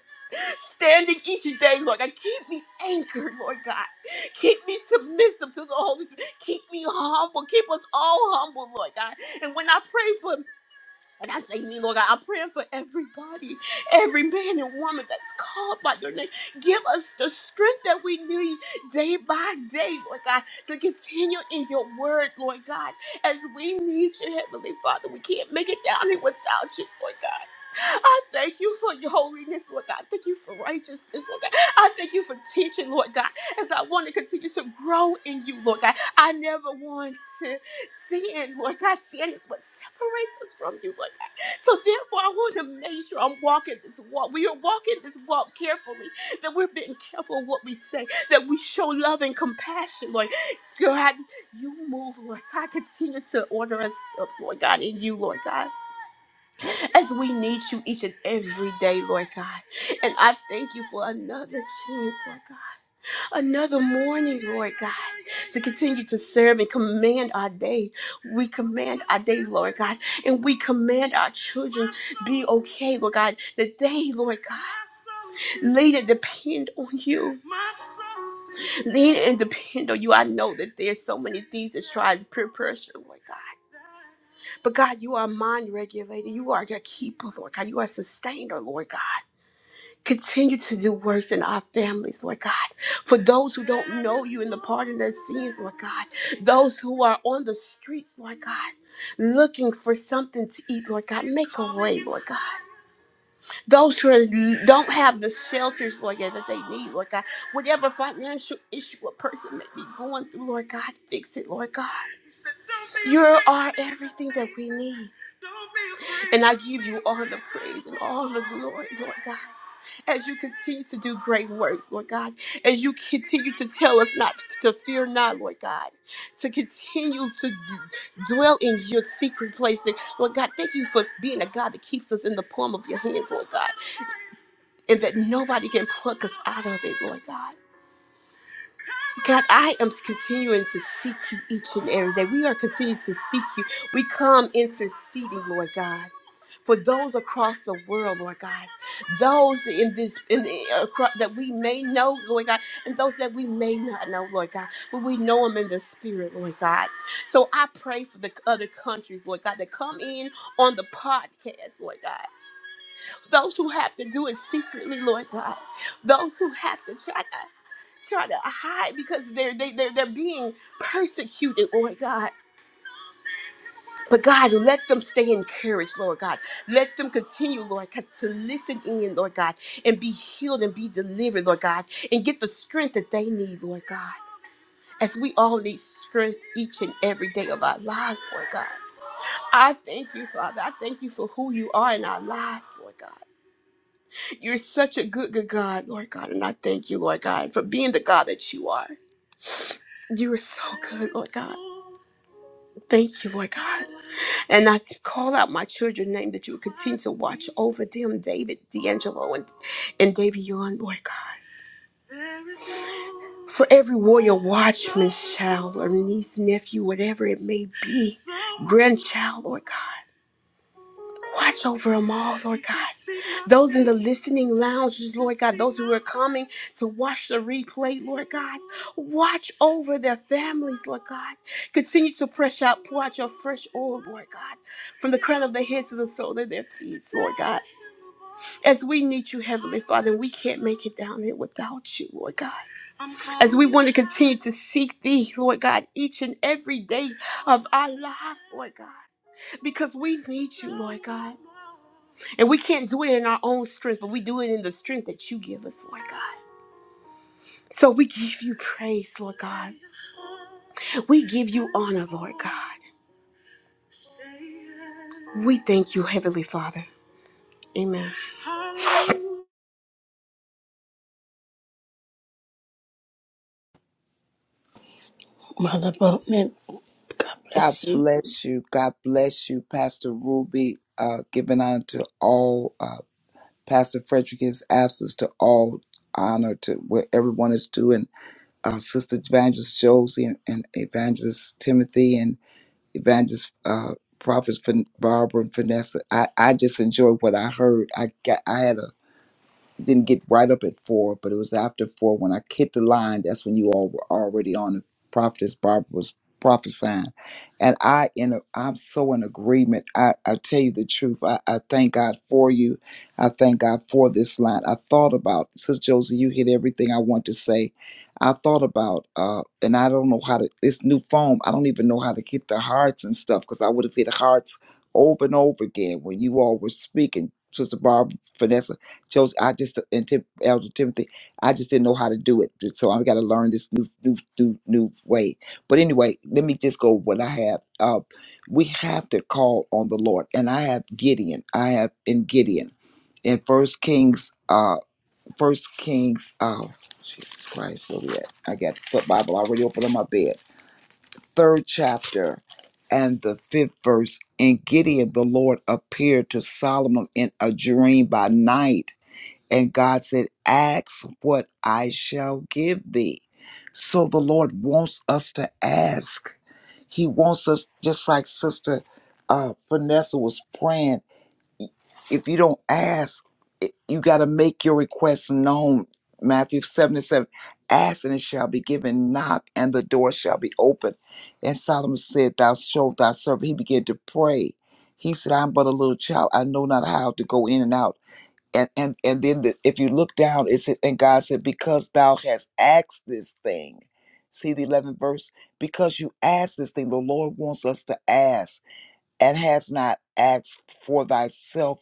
Speaker 5: Standing each day, Lord God. Keep me anchored, Lord God. Keep me submissive to the Holy Spirit. Keep me humble. Keep us all humble, Lord God. And when I pray for and I say, me, Lord God, I'm praying for everybody, every man and woman that's called by your name. Give us the strength that we need day by day, Lord God, to continue in your word, Lord God, as we need you, Heavenly Father. We can't make it down here without you, Lord God. I thank you for your holiness, Lord God. Thank you for righteousness, Lord God. I thank you for teaching, Lord God, as I want to continue to grow in you, Lord God. I never want to. Sin, Lord God, sin is what separates us from you, Lord God. So therefore, I want to make sure I'm walking this walk. We are walking this walk carefully, that we're being careful of what we say, that we show love and compassion, Lord God. You move, Lord God. Continue to order us up, Lord God, in you, Lord God as we need you each and every day, Lord God. And I thank you for another chance, Lord God another morning, Lord God, to continue to serve and command our day. We command our day, Lord God, and we command our children be okay, Lord God, that they, Lord God, lean and depend on you. Lean and depend on you. I know that there's so many things that tries to peer pressure, Lord God. But God, you are mind regulator. You are your keeper, Lord God. You are sustainer, Lord God. Continue to do works in our families, Lord God. For those who don't know you and the pardon their sins, Lord God. Those who are on the streets, Lord God, looking for something to eat, Lord God. Make a way, Lord God. Those who are, don't have the shelters, Lord God, that they need, Lord God. Whatever financial issue a person may be going through, Lord God, fix it, Lord God. You are everything that we need. And I give you all the praise and all the glory, Lord God as you continue to do great works, Lord God, as you continue to tell us not to fear not, Lord God, to continue to dwell in your secret place. And Lord God, thank you for being a God that keeps us in the palm of your hands, Lord God, and that nobody can pluck us out of it, Lord God. God, I am continuing to seek you each and every day. We are continuing to seek you. We come interceding, Lord God. For those across the world, Lord God, those in this in the, across, that we may know, Lord God, and those that we may not know, Lord God, but we know them in the spirit, Lord God. So I pray for the other countries, Lord God, that come in on the podcast, Lord God. Those who have to do it secretly, Lord God. Those who have to try trying to hide because they're they, they're they're being persecuted, Lord God. But God, let them stay encouraged, Lord God. Let them continue, Lord God, to listen in, Lord God, and be healed and be delivered, Lord God, and get the strength that they need, Lord God. As we all need strength each and every day of our lives, Lord God. I thank you, Father. I thank you for who you are in our lives, Lord God. You're such a good, good God, Lord God. And I thank you, Lord God, for being the God that you are. You are so good, Lord God. Thank you, Lord God. And I call out my children's name that you would continue to watch over them, David, D'Angelo, and, and David Young, Lord God. For every warrior, watchman's child, or niece, nephew, whatever it may be, grandchild, Lord God. Watch over them all, Lord God. Those in the listening lounges, Lord God, those who are coming to watch the replay, Lord God. Watch over their families, Lord God. Continue to press out, pour out your fresh oil, Lord God, from the crown of their heads to the sole of their feet, Lord God. As we need you, Heavenly Father, and we can't make it down here without you, Lord God. As we want to continue to seek thee, Lord God, each and every day of our lives, Lord God because we need you, Lord God. And we can't do it in our own strength, but we do it in the strength that you give us, Lord God. So we give you praise, Lord God. We give you honor, Lord God. We thank you, Heavenly Father. Amen.
Speaker 1: Mother Boatman, God
Speaker 6: God
Speaker 1: bless you.
Speaker 6: bless you. God bless you, Pastor Ruby. Uh, giving honor to all, uh, Pastor Frederick, his absence to all honor to where everyone is due, and uh, Sister Evangelist Josie and, and Evangelist Timothy and Evangelist uh, Prophets Fin- Barbara and Vanessa. I, I just enjoyed what I heard. I got I had a didn't get right up at four, but it was after four when I hit the line. That's when you all were already on. Prophetess Barbara was prophesying, and I in a, I'm so in agreement. I I tell you the truth. I, I thank God for you. I thank God for this line. I thought about Sister Josie. You hit everything I want to say. I thought about, uh, and I don't know how to. This new phone, I don't even know how to hit the hearts and stuff because I would have hit hearts over and over again when you all were speaking, Sister Barbara Vanessa. Joseph, I just and Tim, Elder Timothy, I just didn't know how to do it, so I've got to learn this new, new, new, new way. But anyway, let me just go with what I have. Uh, we have to call on the Lord, and I have Gideon. I have in Gideon, in First Kings, uh, First Kings. Oh, Jesus Christ, where we at? I got the Bible already open on my bed. Third chapter. And the fifth verse, In Gideon the Lord appeared to Solomon in a dream by night and God said, Ask what I shall give thee. So the Lord wants us to ask. He wants us, just like Sister uh, Vanessa was praying, if you don't ask, it- you got to make your request known. Matthew 7 and 7 Ask and it shall be given, knock and the door shall be opened." And Solomon said, Thou shalt thy servant. He began to pray. He said, I'm but a little child. I know not how to go in and out and and and then the, if you look down, it said, and God said, because thou hast asked this thing. See the eleventh verse. Because you asked this thing, the Lord wants us to ask, and has not asked for thyself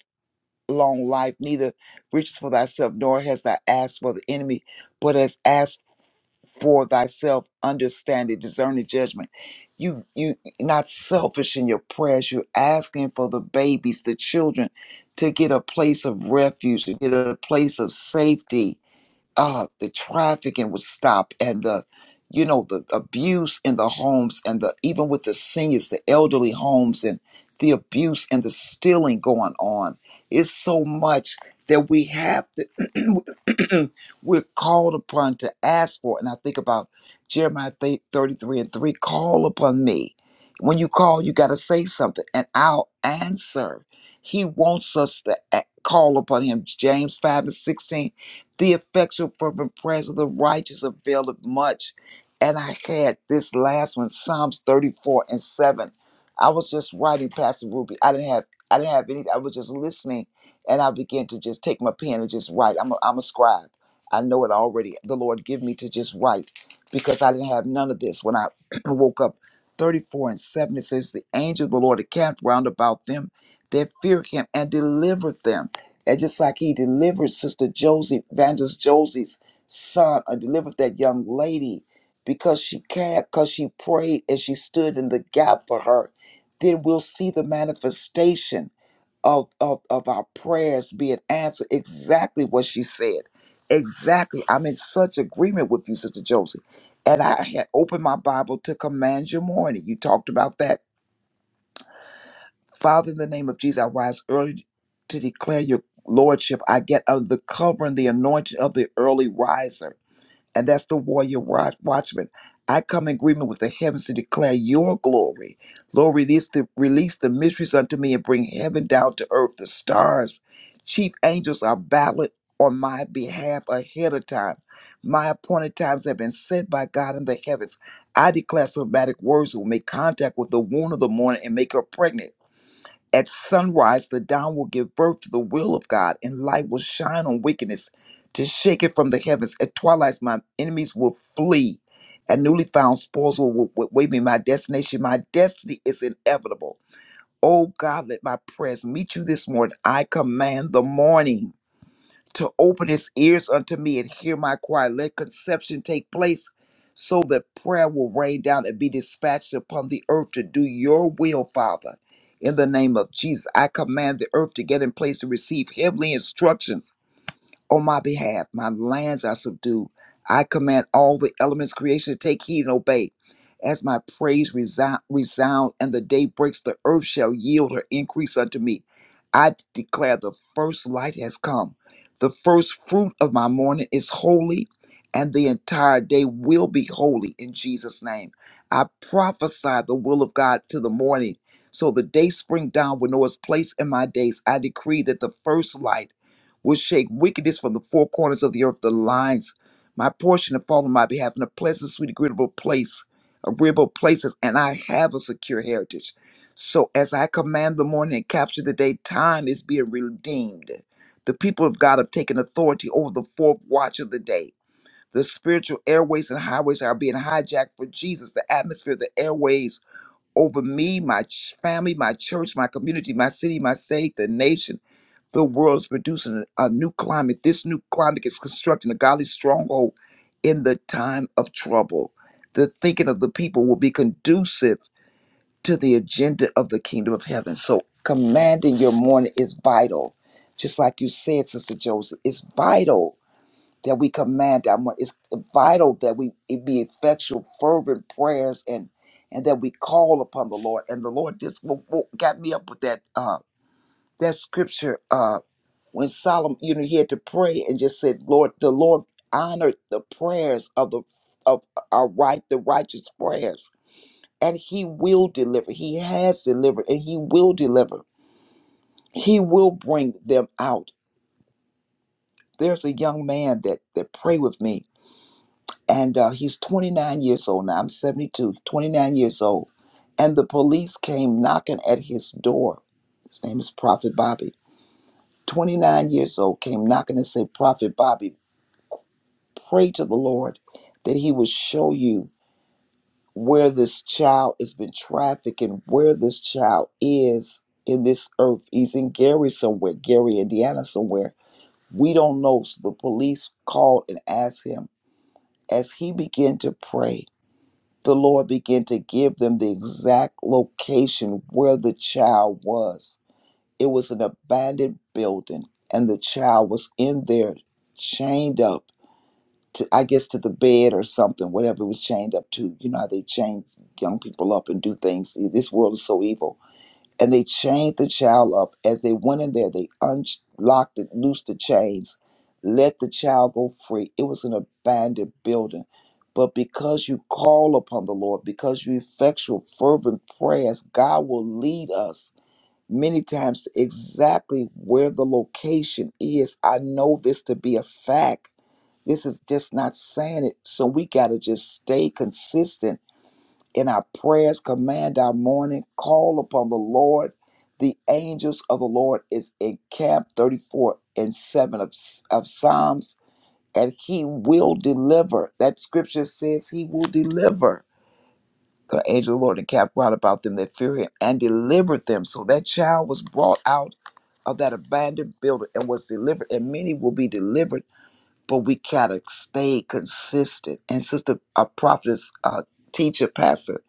Speaker 6: long life, neither riches for thyself, nor has thou asked for the enemy, but has asked for thyself understanding discerning judgment you you not selfish in your prayers you're asking for the babies the children to get a place of refuge to get a place of safety uh, the trafficking would stop and the you know the abuse in the homes and the even with the seniors the elderly homes and the abuse and the stealing going on it's so much that we have to we're called upon to ask for and i think about jeremiah thi- 33 and 3 call upon me when you call you got to say something and i'll answer he wants us to a- call upon him james 5 and 16 the effectual fervent prayers of the righteous availeth much. And I had this last one, Psalms 34 and 7. I was just writing Pastor Ruby. I didn't have I didn't have any I was just listening and I began to just take my pen and just write. I'm a, I'm a scribe. I know it already. The Lord give me to just write because I didn't have none of this when I woke up. 34 and 7 it says the angel of the Lord encamped round about them that fear him and delivered them. And just like he delivered Sister Josie, Evangelist Josie's son, or delivered that young lady because she cared, because she prayed and she stood in the gap for her, then we'll see the manifestation of, of, of our prayers being answered exactly what she said. Exactly. I'm in such agreement with you, Sister Josie. And I had opened my Bible to command your morning. You talked about that Father, in the name of Jesus, I rise early to declare your lordship. I get under the cover and the anointing of the early riser, and that's the warrior watch- watchman. I come in agreement with the heavens to declare your glory. Lord, release the, release the mysteries unto me and bring heaven down to earth. The stars, chief angels are battled on my behalf ahead of time. My appointed times have been set by God in the heavens. I declare somatic words that will make contact with the womb of the morning and make her pregnant. At sunrise, the dawn will give birth to the will of God, and light will shine on wickedness to shake it from the heavens. At twilight, my enemies will flee, and newly found spoils will, will, will wait me. My destination, my destiny is inevitable. Oh God, let my prayers meet you this morning. I command the morning to open his ears unto me and hear my cry. Let conception take place so that prayer will rain down and be dispatched upon the earth to do your will, Father. In the name of Jesus, I command the earth to get in place to receive heavenly instructions on my behalf. My lands are subdued. I command all the elements creation to take heed and obey. As my praise resound, resound and the day breaks, the earth shall yield her increase unto me. I declare the first light has come. The first fruit of my morning is holy, and the entire day will be holy in Jesus' name. I prophesy the will of God to the morning. So the day spring down will know its place in my days. I decree that the first light will shake wickedness from the four corners of the earth. The lines, my portion, have fallen on my behalf in a pleasant, sweet, agreeable place, agreeable places, and I have a secure heritage. So as I command the morning and capture the day, time is being redeemed. The people of God have taken authority over the fourth watch of the day. The spiritual airways and highways are being hijacked for Jesus. The atmosphere, the airways over me, my ch- family, my church, my community, my city, my state, the nation the world is producing a new climate. This new climate is constructing a godly stronghold in the time of trouble. The thinking of the people will be conducive to the agenda of the kingdom of heaven. So, commanding your morning is vital. Just like you said, Sister Joseph, it's vital that we command our morning. It's vital that we it be effectual, fervent prayers and and that we call upon the Lord. And the Lord just wo- wo- got me up with that uh, that scripture. uh, when Solomon, you know, he had to pray and just said, Lord, the Lord honored the prayers of the of our right, the righteous prayers. And he will deliver. He has delivered and he will deliver. He will bring them out. There's a young man that that prayed with me, and uh, he's 29 years old now. I'm 29 years old. And the police came knocking at his door. His name is Prophet Bobby. 29 years old, came knocking and said, Prophet Bobby. pray to the Lord that He would show you where this child has been trafficked and where this child is in this earth. He's in Gary somewhere, Gary, Indiana somewhere. We don't know. So the police called and asked him. As he began to pray, the Lord began to give them the exact location where the child was. It was an abandoned building, and the child was in there, chained up to I guess to the bed or something, whatever it was chained up to. You know how they chain young people up and do things. This world is so evil. And they chained the child up. As they went in there, they unlocked it, loosed the chains, let the child go free. It was an abandoned building. But because you call upon the Lord, because you effectual fervent prayers, God will lead us many times to exactly where the location is. I know this to be a fact this is just not saying it. So we got to just stay consistent in our prayers, command our morning, call upon the Lord. The angels of the Lord is in camp 34 and 7 of, of Psalms, and he will deliver. That scripture says he will deliver. The angel of the Lord encamped round about them that fear him and delivered them. So that child was brought out of that abandoned building and was delivered, and many will be delivered but we gotta stay consistent. And sister, a prophetess, uh teacher, pastor,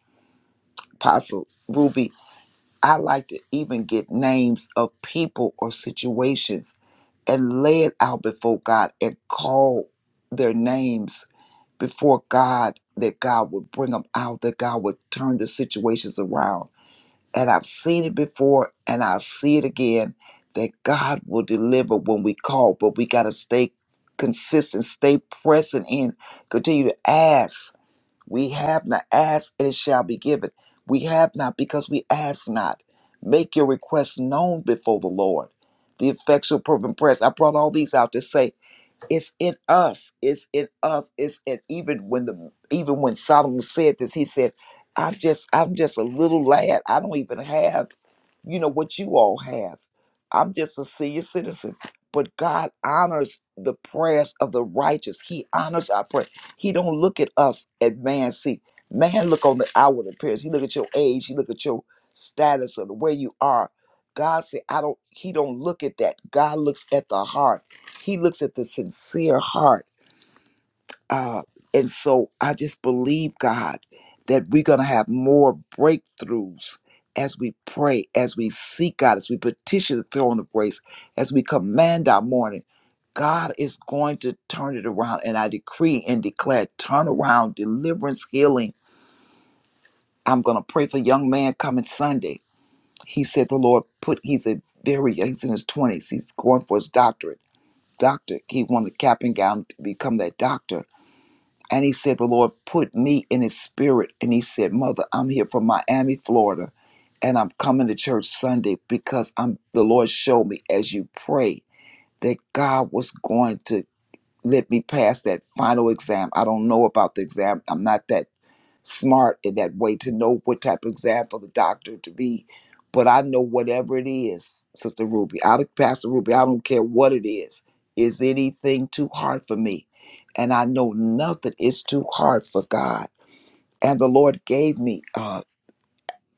Speaker 6: apostle Ruby, I like to even get names of people or situations and lay it out before God and call their names before God that God would bring them out, that God would turn the situations around and I've seen it before and I'll see it again that God will deliver when we call, but we got to stay consistent, stay present in, continue to ask. We have not asked and it shall be given. We have not because we ask not. Make your requests known before the Lord. The effectual, fervent prayers. I brought all these out to say it's in us. It's in us. It's in even when the even when Solomon said this, he said, "I'm just I'm just a little lad. I don't even have." you know what you all have. I'm just a senior citizen. But God honors the prayers of the righteous. He honors our prayer. He don't look at us at man. See, man look on the outward appearance. He look at your age. He look at your status or the way you are. God said, I don't, he don't look at that. God looks at the heart. He looks at the sincere heart uh, and so I just believe, God, that we're going to have more breakthroughs as we pray, as we seek God, as we petition the throne of grace, as we command our morning. God is going to turn it around. And I decree and declare turnaround, deliverance, healing. I'm going to pray for a young man coming Sunday. He said the Lord put, he's a very, he's in his 20s. He's going for his doctorate. Doctor, he wanted cap and gown to become that doctor and he said, The Lord put me in his spirit. And he said, Mother, I'm here from Miami, Florida, and I'm coming to church Sunday because I'm the Lord showed me as you pray that God was going to let me pass that final exam. I don't know about the exam. I'm not that smart in that way to know what type of exam for the doctor to be. But I know whatever it is, Sister Ruby, I Pastor Ruby, I don't care what it is. Is anything too hard for me? And I know nothing is too hard for God. And the Lord gave me uh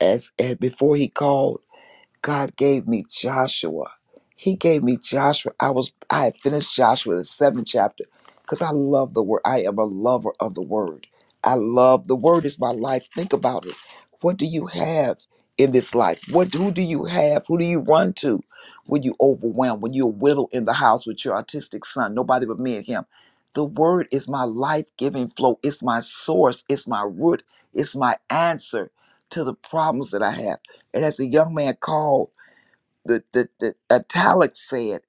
Speaker 6: as, as before He called. God gave me Joshua. He gave me Joshua. I was I had finished Joshua the seventh chapter because I love the word. I am a lover of the word. I love the word is my life. Think about it. What do you have in this life? What who do you have? Who do you run to when you overwhelmed? When you're a widow in the house with your autistic son, nobody but me and him. The word is my life-giving flow. It's my source. It's my root. It's my answer to the problems that I have. And as a young man called, the, the, the italic said,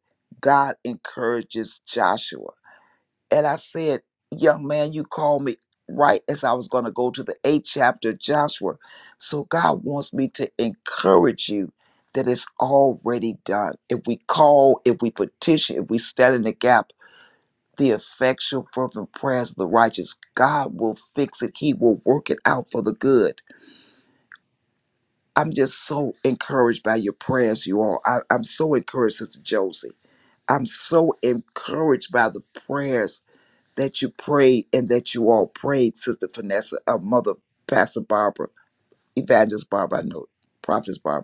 Speaker 6: God encourages Joshua. And I said, Young man, you called me right as I was going to go to the eighth chapter of Joshua. So God wants me to encourage you that it's already done. If we call, if we petition, if we stand in the gap, the effectual, fervent prayers of the righteous, God will fix it. He will work it out for the good. I'm just so encouraged by your prayers, you all. I, I'm so encouraged, Sister Josie. I'm so encouraged by the prayers that you prayed and that you all prayed, Sister Vanessa, uh, Mother Pastor Barbara, Evangelist Barbara, I know, Prophetess Barbara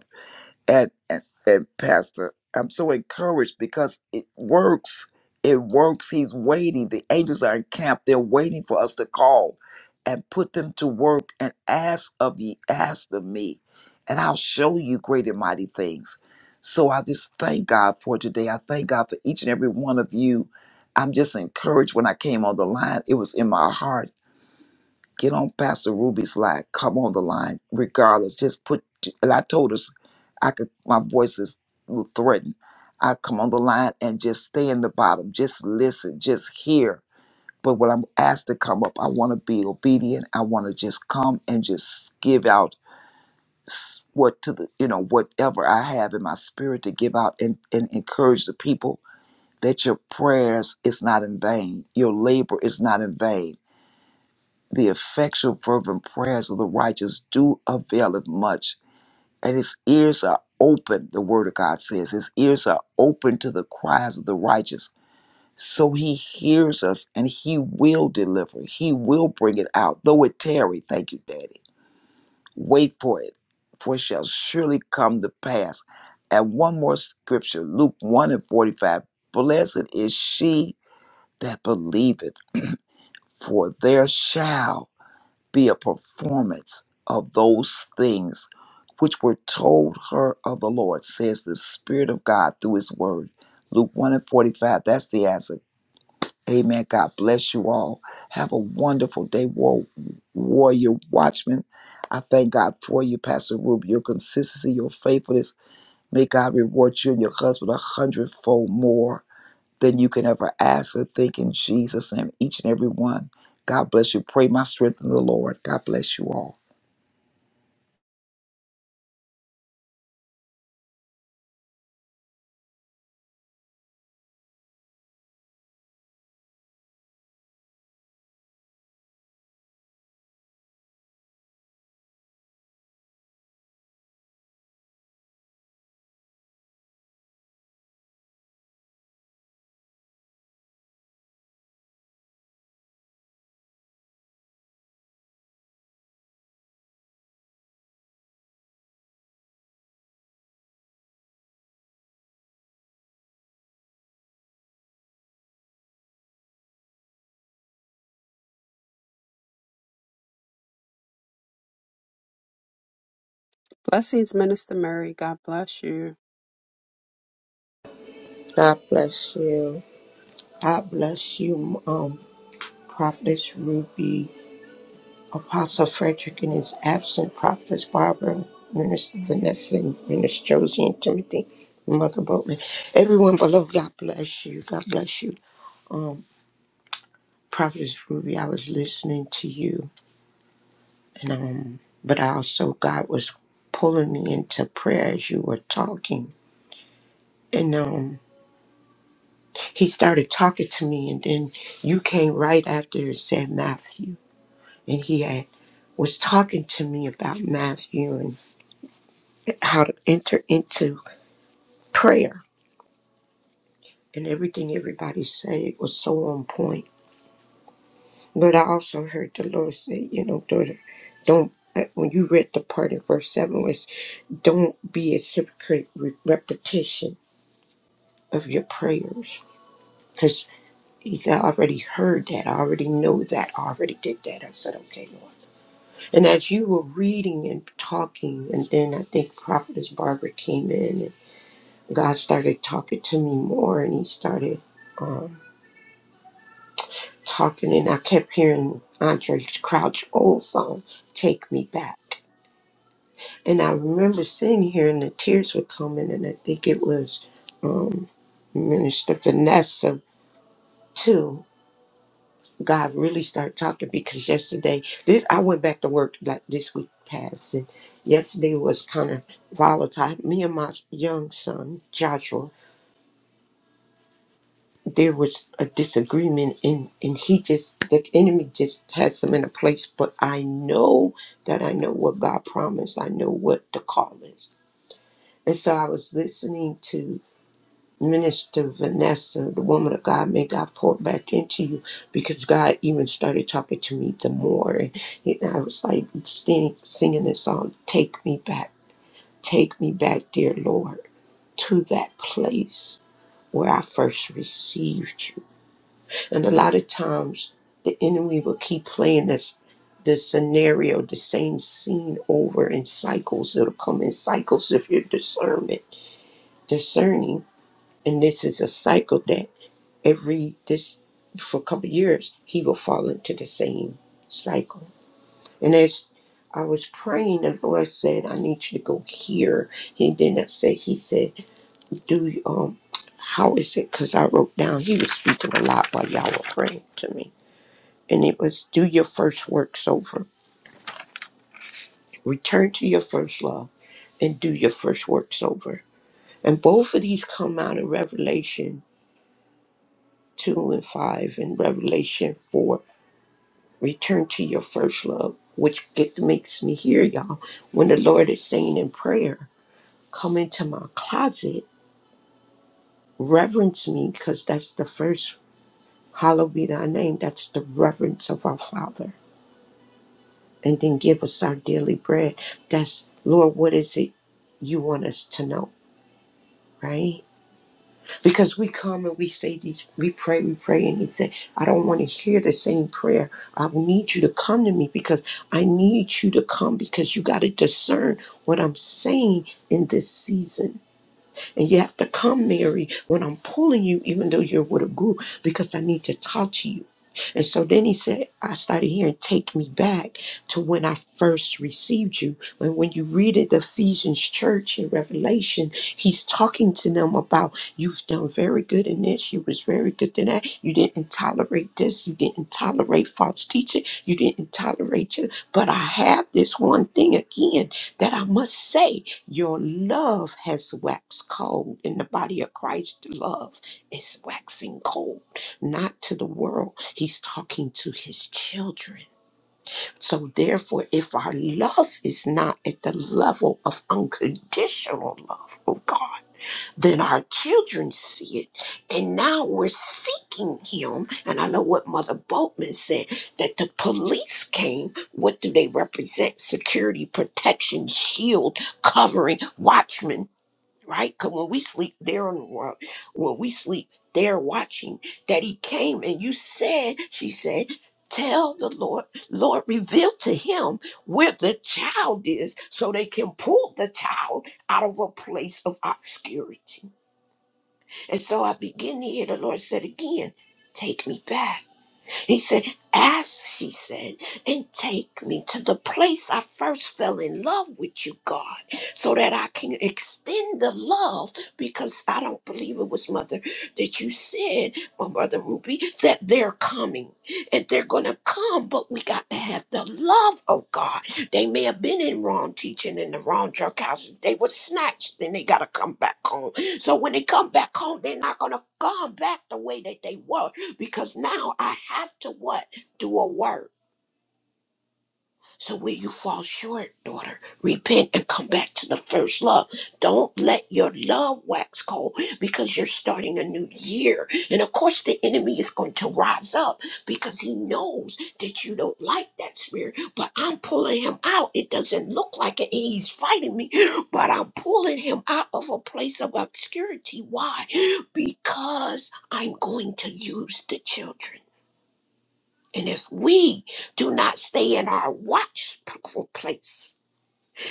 Speaker 6: and and, and pastor i'm so encouraged because it works it works he's waiting the angels are in camp they're waiting for us to call and put them to work and ask of ye ask of me and i'll show you great and mighty things so i just thank god for today i thank god for each and every one of you i'm just encouraged when i came on the line it was in my heart Get on Pastor Ruby's line. Come on the line, regardless. Just put. And I told us, I could. My voice is threatened. I come on the line and just stay in the bottom. Just listen. Just hear. But when I'm asked to come up, I want to be obedient. I want to just come and just give out s- what to the you know whatever I have in my spirit to give out and, and encourage the people that your prayers is not in vain. Your labor is not in vain the effectual fervent prayers of the righteous do availeth much. And his ears are open, the word of God says. His ears are open to the cries of the righteous. So he hears us and he will deliver. He will bring it out, though it tarry. Thank you, Daddy. Wait for it, for it shall surely come to pass. And one more scripture, Luke 1 and 45. Blessed is she that believeth, for there shall be a performance of those things which were told her of the Lord, says the Spirit of God through His Word. Luke 1 and 45, that's the answer. Amen. God bless you all. Have a wonderful day, war, warrior watchman. I thank God for you, Pastor Ruby, your consistency, your faithfulness. May God reward you and your husband a hundredfold more than you can ever ask or think in Jesus' name, each and every one. God bless you. Pray my strength in the Lord. God bless you all.
Speaker 3: Blessings, Minister Mary. God bless you.
Speaker 7: God bless you. God bless you, um, Prophetess Ruby, Apostle Frederick and his absent Prophetess Barbara, Minister Vanessa, and Minister Josie and Timothy, and Mother Boatman. Everyone below, God bless you. God bless you. Um, Prophetess Ruby, I was listening to you, and um, but I also God was pulling me into prayer as you were talking. And um, he started talking to me, and then you came right after and said, Matthew. and he had, was talking to me about Matthew and how to enter into prayer. And everything everybody said was so on point. But I also heard the Lord say, you know, daughter, don't, uh, when you read the part in verse 7 was, don't be a hypocrite with repetition of your prayers. Because he said, I already heard that. I already know that. I already did that. I said, okay, Lord. And as you were reading and talking, and then I think Prophetess Barbara came in God started talking to me more, and He started um, talking, and I kept hearing Andre Crouch old song, "Take Me Back," and I remember sitting here, and the tears were coming, and I think it was um, Minister Vanessa too. God really started talking because yesterday, this, I went back to work like this week passed, and yesterday was kind of volatile. Me and my young son Joshua there was a disagreement and and he just the enemy just has him in a place but i know that i know what god promised i know what the call is and so i was listening to minister vanessa the woman of god may god pour back into you because god even started talking to me the more and, and i was like singing, singing this song take me back take me back dear lord to that place where i first received you And a lot of times the enemy will keep playing this this scenario, the same scene over in cycles. It'll come in cycles if you're discernment discerning. And this is a cycle that every this for a couple years he will fall into the same cycle. And as I was praying, the Lord said, I need you to go here. He did not say, He said, Do um how is it? Because I wrote down, he was speaking a lot while y'all were praying to me and it was do your first works over. Return to your first love and do your first works over. And both of these come out of Revelation 2 and 5 and Revelation 4. Return to your first love, which get, makes me hear y'all when the Lord is saying in prayer, come into my closet, reverence me, because that's the first, hallowed be thy name. That's the reverence of our Father. And then give us our daily bread. That's, Lord, what is it you want us to know? right? Because we come and we say these, we pray, we pray, and he said, I don't want to hear the same prayer. I need you to come to me because I need you to come because you got to discern what I'm saying in this season and you have to come, Mary, when I'm pulling you, even though you're with a group, because I need to talk to you. And so then he said, I started hearing, take me back to when I first received you. And when you read it, the Ephesians church in Revelation, he's talking to them about you've done very good in this, you was very good in that, you didn't tolerate this, you didn't tolerate false teaching, you didn't tolerate you. But I have this one thing again that I must say. Your love has waxed cold. In the body of Christ, love is waxing cold, not to the world. He's talking to his children. So, therefore, if our love is not at the level of unconditional love of God, then our children see it. And now we're seeking him. And I know what Mother Boatman said that the police came. What do they represent? Security, protection, shield, covering, watchmen right? Because when we sleep, they're on the world. When we sleep, they're watching. That he came and you said, she said, tell the Lord, Lord, reveal to him where the child is so they can pull the child out of a place of obscurity. And so I begin to hear the Lord said again, take me back. He said, Ask, she said, and take me to the place I first fell in love with you, God, so that I can extend the love because I don't believe it was Mother that you said, my Mother Ruby, that they're coming and they're going to come, but we got to have the love of God. They may have been in wrong teaching in the wrong drug houses. They were snatched then they got to come back home. So when they come back home, they're not going to come back the way that they were because now I have to what? Do a work. So when you fall short, daughter, repent and come back to the first love. Don't let your love wax cold because you're starting a new year. And of course the enemy is going to rise up because he knows that you don't like that spirit. But I'm pulling him out. It doesn't look like it and he's fighting me, but I'm pulling him out of a place of obscurity. Why? Because I'm going to use the children. And if we do not stay in our watchful place,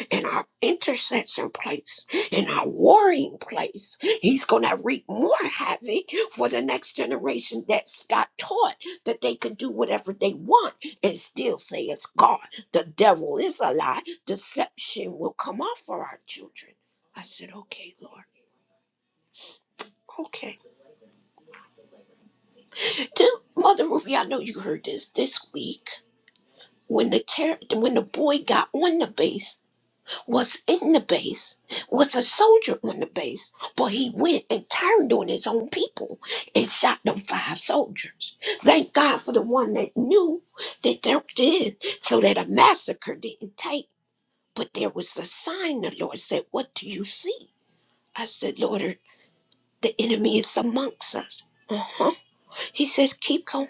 Speaker 7: in our intercession place, in our warring place, he's going to wreak more havoc for the next generation that's got taught that they can do whatever they want and still say it's God. The devil is a lie. Deception will come off for our children. I said, okay, Lord. Okay. Then, Mother Ruby, I know you heard this this week when the ter- when the boy got on the base was in the base, was a soldier on the base, but he went and turned on his own people and shot them five soldiers. Thank God for the one that knew that they did so that a massacre didn't take. But there was a sign the Lord said, What do you see? I said, Lord, the enemy is amongst us. Uh-huh. He says, Keep going.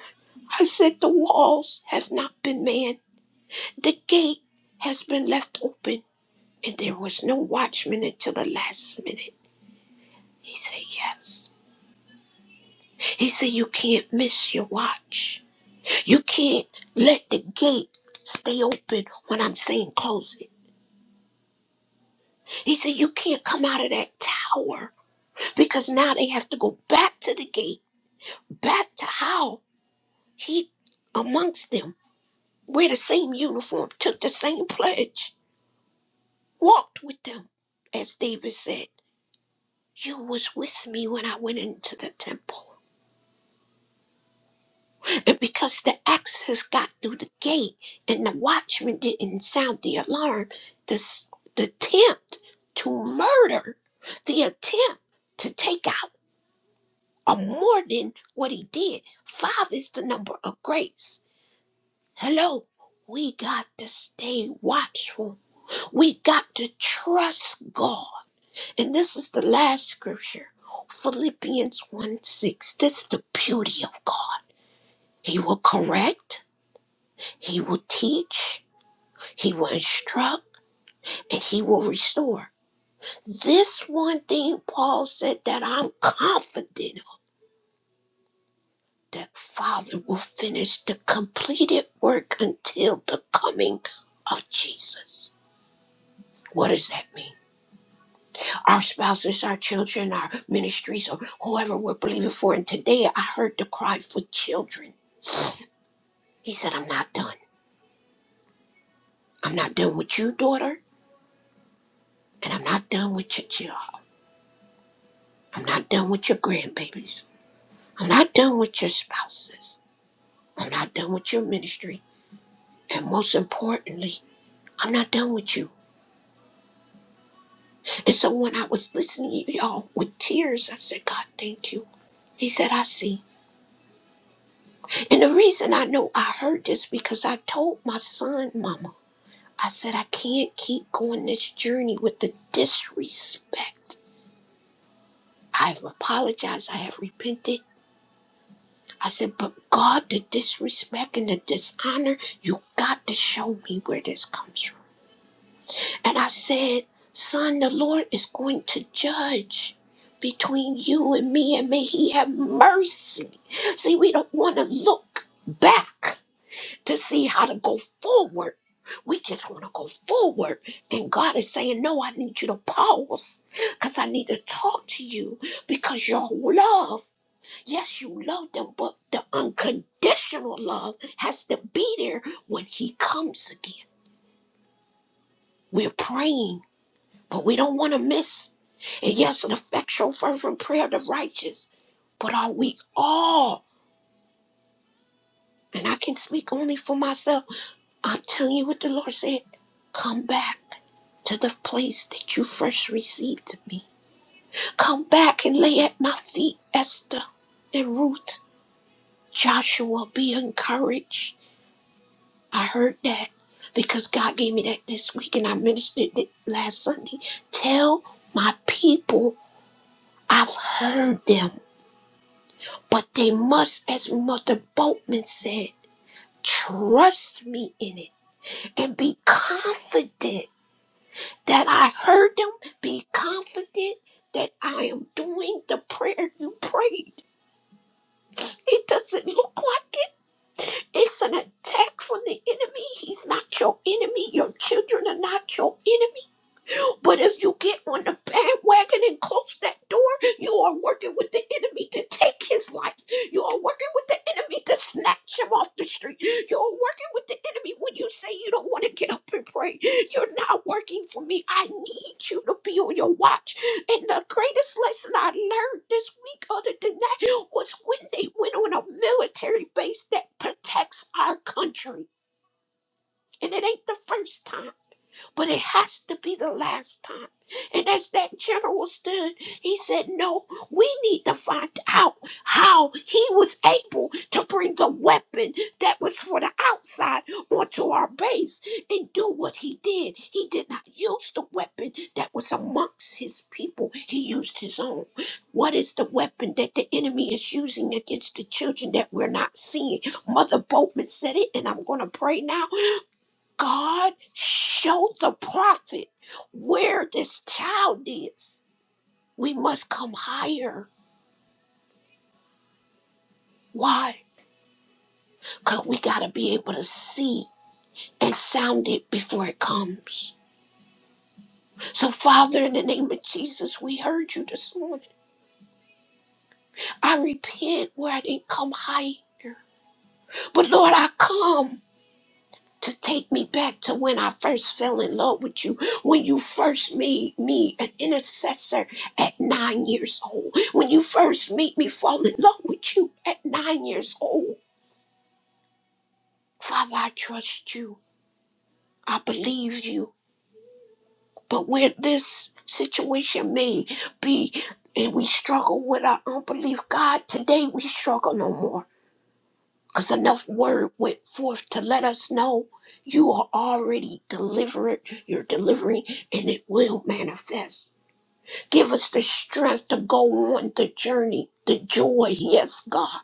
Speaker 7: I said, The walls has not been manned. The gate has been left open and there was no watchman until the last minute. He said, Yes. He said, You can't miss your watch. You can't let the gate stay open when I'm saying close it. He said, You can't come out of that tower because now they have to go back to the gate, back to how he, amongst them, wear the same uniform, took the same pledge, walked with them. As David said, You was with me when I went into the temple. And because the access got through the gate and the watchman didn't sound the alarm, the, s- the attempt to murder, the attempt to take out are more than what he did. Five is the number of grace. Hello, we got to stay watchful. We got to trust God. And this is the last scripture. Philippians 1 6. This is the beauty of God. He will correct, He will teach, He will instruct and he will restore. This one thing Paul said that I'm confident that Father will finish the completed work until the coming of Jesus. What does that mean? Our spouses, our children, our ministries, or whoever we're believing for. And today I heard the cry for children. He said, I'm not done. I'm not done with you, daughter, and I'm not done with your child. I'm not done with your grandbabies. I'm not done with your spouses. I'm not done with your ministry. And most importantly, I'm not done with you. And so when I was listening to y'all with tears, I said, God, thank you. He said, I see. And the reason I know I heard this because I told my son, Mama, I said, I can't keep going this journey with the disrespect. I've apologized. I have repented. I said, but God, the disrespect and the dishonor, you got to show me where this comes from. And I said, Son, the Lord is going to judge between you and me, and may He have mercy. See, we don't want to look back to see how to go forward. We just want to go forward. And God is saying, No, I need you to pause because I need to talk to you because your love, yes, you love them, but the unconditional love has to be there when He comes again. We're praying but we don't want to miss. And yes, an effectual fervent prayer of the righteous, but are we all? And I can speak only for myself. I'm telling you what the Lord said. Come back to the place that you first received me. Come back and lay at my feet, Esther and Ruth. Joshua, be encouraged. I heard that because God gave me that this week and I ministered it last Sunday. Tell my people I've heard them. But they must, as Mother Boatman said, trust me in it and be confident that I heard them. Be confident that I am doing the prayer you prayed. It doesn't look like it. It's an attack from the enemy. He's not your enemy. Your children are not your enemy. But if you get on the bandwagon and close that door, you are working with the enemy to take his life. You are working with the enemy to snatch him off the street. You are working with the enemy when you say you don't want to get up and pray. You're not working for me. I need you to be on your watch. And the greatest lesson I learned this week, other than that, was when they went on a military base that protects our country. And it ain't the first time but it has to be the last time. And as that general stood, he said, No, we need to find out how he was able to bring the weapon that was for the outside onto our base and do what he did. He did not use the weapon that was amongst his people, he used his own. What is the weapon that the enemy is using against the children that we're not seeing? Mother Boatman said it, and I'm going to pray now God showed the prophet where this child is. We must come higher. Why? Because we got to be able to see and sound it before it comes. So, Father, in the name of Jesus, we heard you this morning. I repent where I didn't come higher. But, Lord, I come. to take me back to when I first fell in love with you, when you first made me an intercessor at nine years old, when you first made me fall in love with you at nine years old. Father, I trust you. I believe you. But where this situation may be, and we struggle with our unbelief, God, today we struggle no more. because enough word went forth to let us know you are already delivered, you're delivering, and it will manifest. Give us the strength to go on the journey, the joy, yes, God.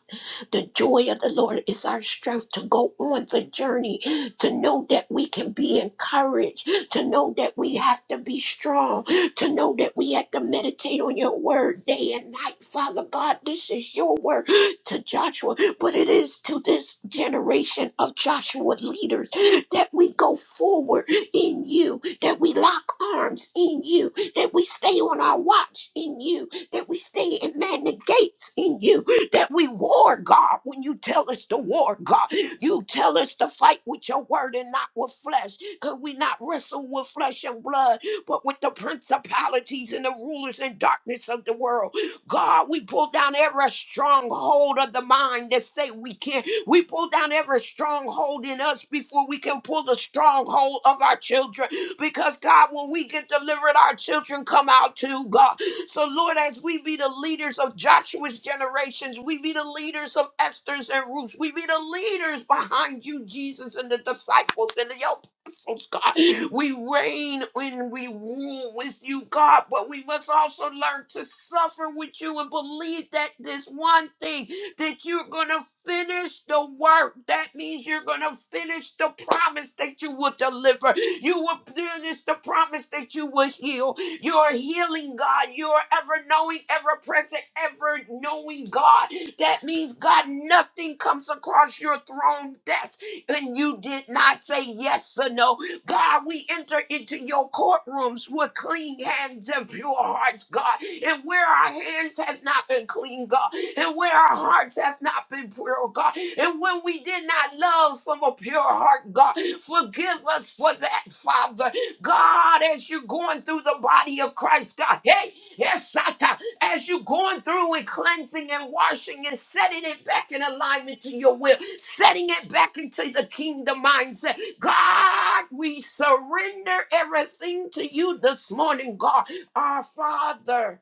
Speaker 7: The joy of the Lord is our strength to go on the journey, to know that we can be encouraged, to know that we have to be strong, to know that we have to meditate on your word day and night. Father God, this is your word to Joshua, but it is to this generation of Joshua leaders that we go forward in you, that we lock arms in you, that we stay on our watch in you, that we stay and man the gates in you, that we war, God. When you tell us to war, God, you tell us to fight with your word and not with flesh, because we not wrestle with flesh and blood, but with the principalities and the rulers and darkness of the world. God, we pull down every stronghold of the mind that say we can't. We pull down every stronghold in us before we can pull the stronghold of our children. Because God, when we get delivered, our children come out too, God. So, Lord, as we be the leaders of Joshua's generations, we be the leaders of Esther's and Ruth's, we be the leaders behind you, Jesus, and the disciples and the apostles, God. We reign when we rule with you, God, but we must also learn to suffer with you and believe that this one thing that you're going to finish the work. That means you're going to finish the promise that you will deliver. You will finish the promise that you will heal. You are healing God. You are ever knowing, ever present, ever knowing God. That means, God, nothing comes across your throne desk and you did not say yes or no. God, we enter into your courtrooms with clean hands and pure hearts, God. And where our hands have not been clean, God, and where our hearts have not been pure, God, and when we did not love from a pure heart, God, forgive us for that, Father. God, as you're going through the body of Christ, God, hey, yes, Sata, as you're going through and cleansing and washing and setting it back in alignment to your will, setting it back into the kingdom mindset. God, we surrender everything to you this morning, God, our Father.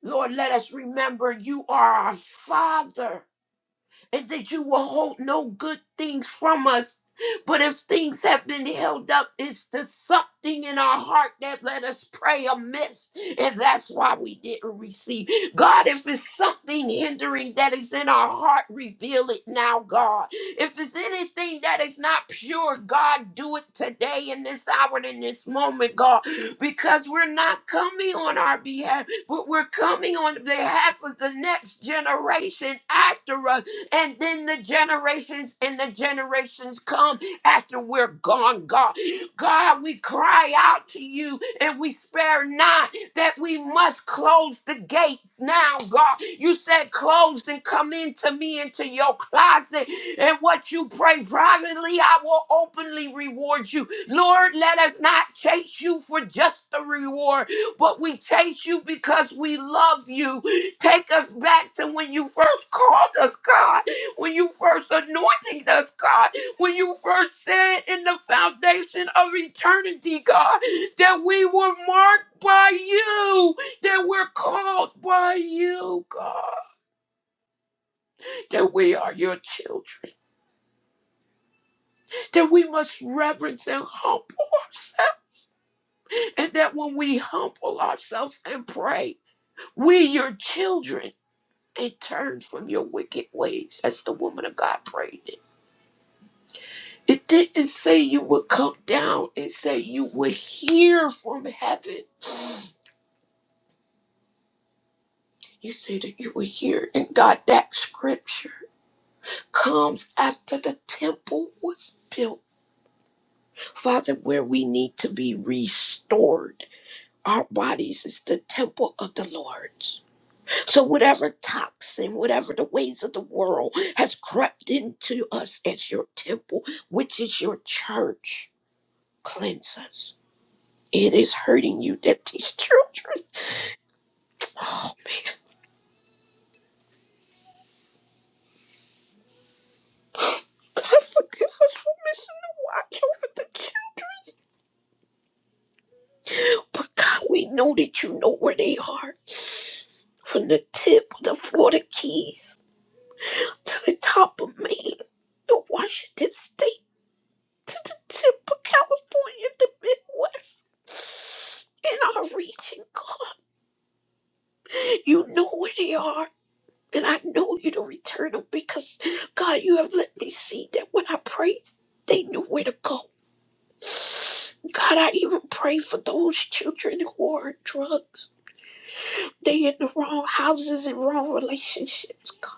Speaker 7: Lord, let us remember you are our Father and that you will hold no good things from us. But if things have been held up, it's the something in our heart that let us pray amiss, and that's why we didn't receive. God, if it's something hindering that is in our heart, reveal it now, God. If it's anything that is not pure, God, do it today in this hour and in this moment, God, because we're not coming on our behalf, but we're coming on behalf of the next generation after us. And then the generations and the generations come after we're gone, God. God, we cry out to you and we spare not that we must close the gates now, God. You said, Close and come into me, into your closet. And what you pray privately, I will openly reward you. Lord, let us not chase you for just the reward but we chase you because we love you. Take us back to when you first called us, God, when you first anointed us, God, when you first said in the foundation of eternity, God, that we were marked by you, that we're called by you, God, that we are your children, that we must reverence and humble ourselves, and that when we humble ourselves and pray, we, your children, and turn from your wicked ways as the woman of God prayed it. It didn't say you would come down, it said you would hear from heaven. You said that you would hear, and God, that scripture comes after the temple was built. Father, where we need to be restored, our bodies is the temple of the Lord's. So, whatever toxin, whatever the ways of the world has crept into us as your temple, which is your church, cleanse us. It is hurting you that these children, oh man, God forgive us for missing the watch over the children. But God, we know that you know where they are. From the tip of the Florida Keys to the top of Maine, to Washington State. to the tip of California, the Midwest, in our region, God. You know where they are. And I know you to return them because, God, you have let me see that when I prayed, they knew where to go. God, I even pray for those children who are on drugs. They in the wrong houses and wrong relationships, God.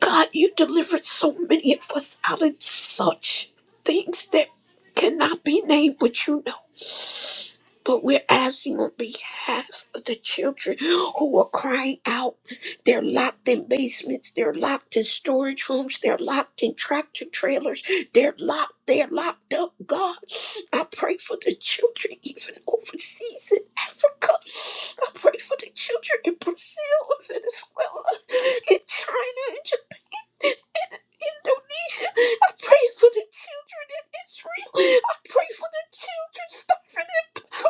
Speaker 7: God, you delivered so many of us out of such things that cannot be named, but you know. but we're asking on behalf of the children who are crying out. They're locked in basements, they're locked in storage rooms, they're locked in tractor trailers, they're locked, they're locked up. God, I pray for the children even overseas in Africa. I pray for the children in Brazil, in Venezuela, in China, in Japan, in Indonesia. I pray for the children in Israel. I pray for the children suffering. in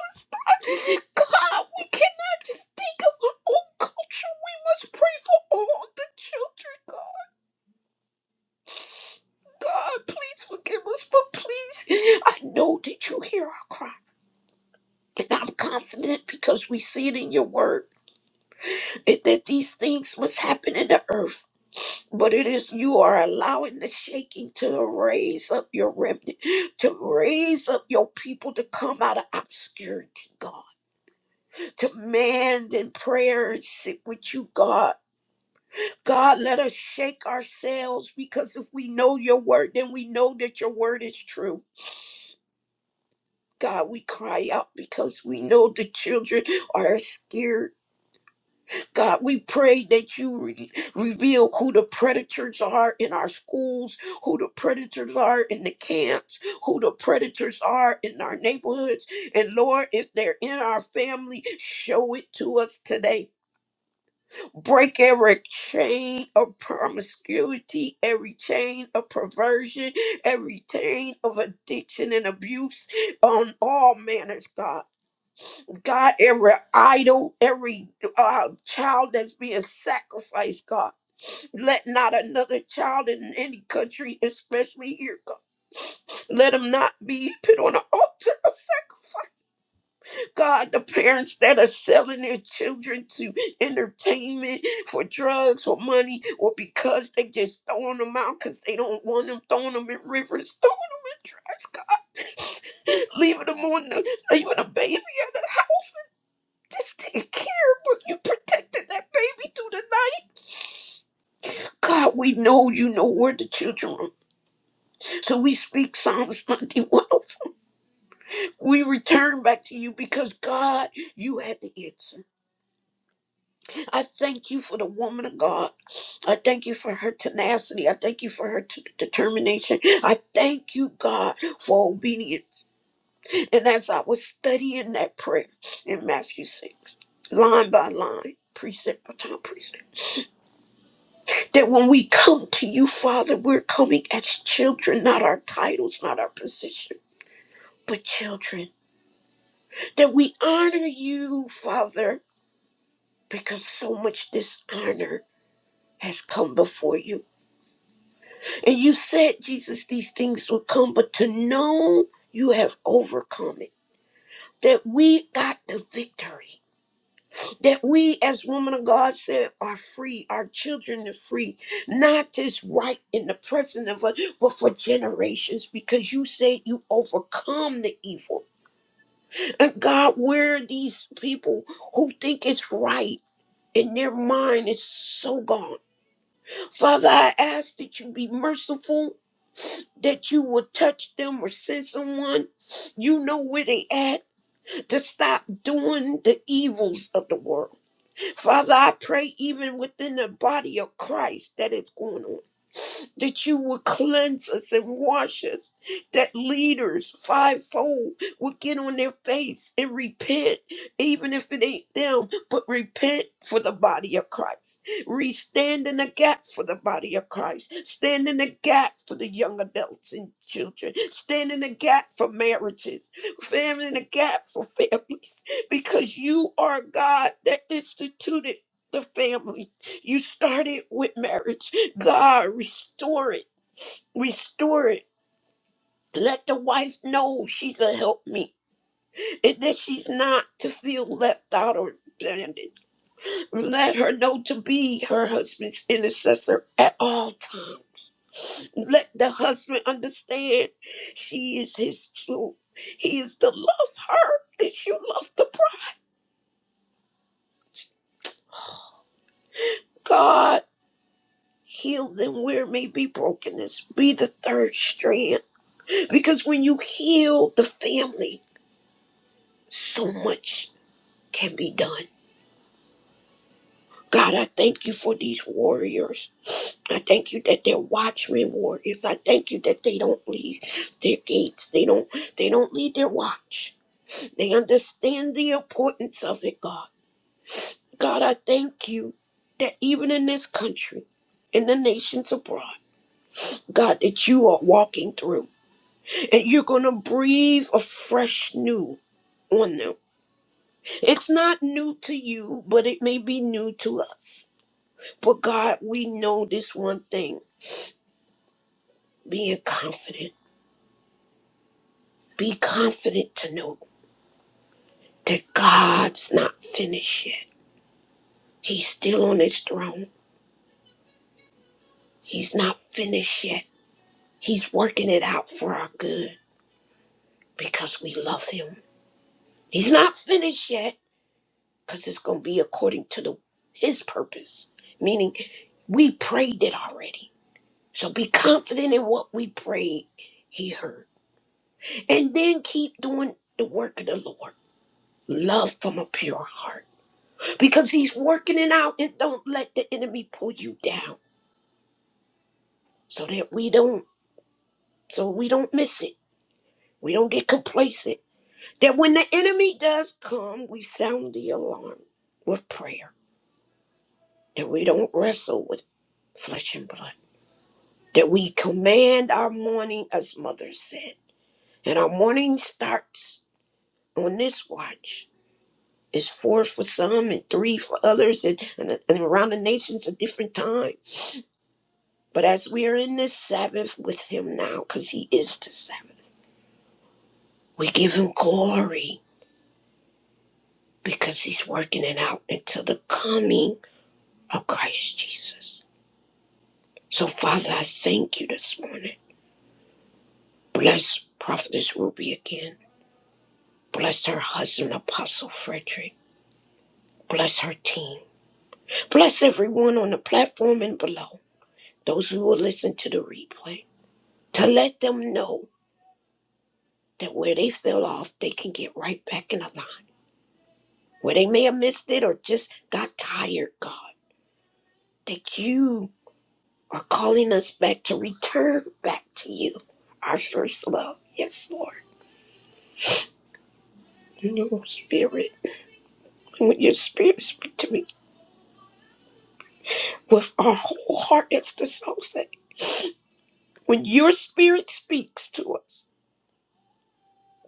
Speaker 7: God, we cannot just think of our own culture. We must pray for all the children, God. God, please forgive us, but please, I know that you hear our cry. And I'm confident because we see it in your word and that these things must happen in the earth. But it is you are allowing the shaking to raise up your remnant, to raise up your people to come out of obscurity, God, to mend in prayer and sit with you, God God, let us shake ourselves because if we know your word, then we know that your word is true. God, we cry out because we know the children are scared. God, we pray that you re- reveal who the predators are in our schools, who the predators are in the camps, who the predators are in our neighborhoods. And Lord, if they're in our family, show it to us today. break every chain of promiscuity, every chain of perversion, every chain of addiction and abuse on all manners, God. God, every idol, every uh, child that's being sacrificed, God. Let not another child in any country, especially here, God. Let him not be put on an altar of sacrifice. God, the parents that are selling their children to entertainment for drugs or money or because they just throwing them out because they don't want them, throwing them in rivers, throwing them in trash, God. Leaving them on the, leaving a baby at the house. Just take care, but you protected that baby through the night. God, we know you know where the children are. So we speak Psalms 91. We return back to you because God, you had the answer. I thank you for the woman of God. I thank you for her tenacity. I thank you for her t- determination. I thank you, God, for obedience. And as I was studying that prayer in Matthew 6, line by line, precept by time, precept, that when we come to you, Father, we're coming as children, not our titles, not our position, but children. That we honor you, Father, because so much dishonor has come before you And you said, Jesus, these things will come, but to know you have overcome it, that we got the victory, that we, as woman of God said, are free, our children are free, not just right in the present of us, but for generations, because you said you overcome the evil. And God, where are these people who think it's right? And their mind is so gone. Father, I ask that you be merciful that you will touch them or send someone you know where they at to stop doing the evils of the world father i pray even within the body of christ that it's going on that you would cleanse us and wash us, that leaders fivefold would get on their face and repent, even if it ain't them, but repent for the body of Christ. Re stand in the gap for the body of Christ. Stand in the gap for the young adults and children. Stand in the gap for marriages. Stand in the gap for families. Because you are God that instituted the family you started with marriage. God, restore it. Restore it. Let the wife know she's a helpmeet, and that she's not to feel left out or abandoned. Let her know to be her husband's intercessor at all times. Let the husband understand she is his true. He is to love her as you love the bride. God, heal them where may be brokenness. Be the third strand. Because when you heal the family, so much can be done. God, I thank you for these warriors. I thank you that they're watchmen warriors. I thank you that they don't leave their gates. They don't they don't leave their watch. They understand the importance of it, God. God, I thank you that even in this country, in the nations abroad, God, that you are walking through and you're gonna breathe a fresh new on them. It's not new to you, but it may be new to us. But God, we know this one thing being confident. Be confident to know that God's not finished yet. He's still on his throne. He's not finished yet. He's working it out for our good because we love him. He's not finished yet because it's going to be according to the, his purpose, meaning we prayed it already. So be confident in what we prayed, he heard. And then keep doing the work of the Lord. Love from a pure heart. Because he's working it out and don't let the enemy pull you down. So that we don't so we don't miss it. We don't get complacent. That when the enemy does come, we sound the alarm with prayer. That we don't wrestle with flesh and blood. That we command our morning, as mother said. And our morning starts on this watch It's four for some and three for others, and, and, and around the nations a different time. But as we are in this Sabbath with him now, because he is the Sabbath, we give him glory because he's working it out until the coming of Christ Jesus. So, Father, I thank you this morning. Bless Prophetess Ruby again. Bless her husband, Apostle Frederick. Bless her team. Bless everyone on the platform and below. Those who will listen to the replay. to let them know that where they fell off, they can get right back in the line. Where they may have missed it or just got tired, God, that you are calling us back to return back to you, our first love. Yes, Lord. In Your spirit, when your spirit speaks to me with our whole heart, it's the soul say. When your spirit speaks to us,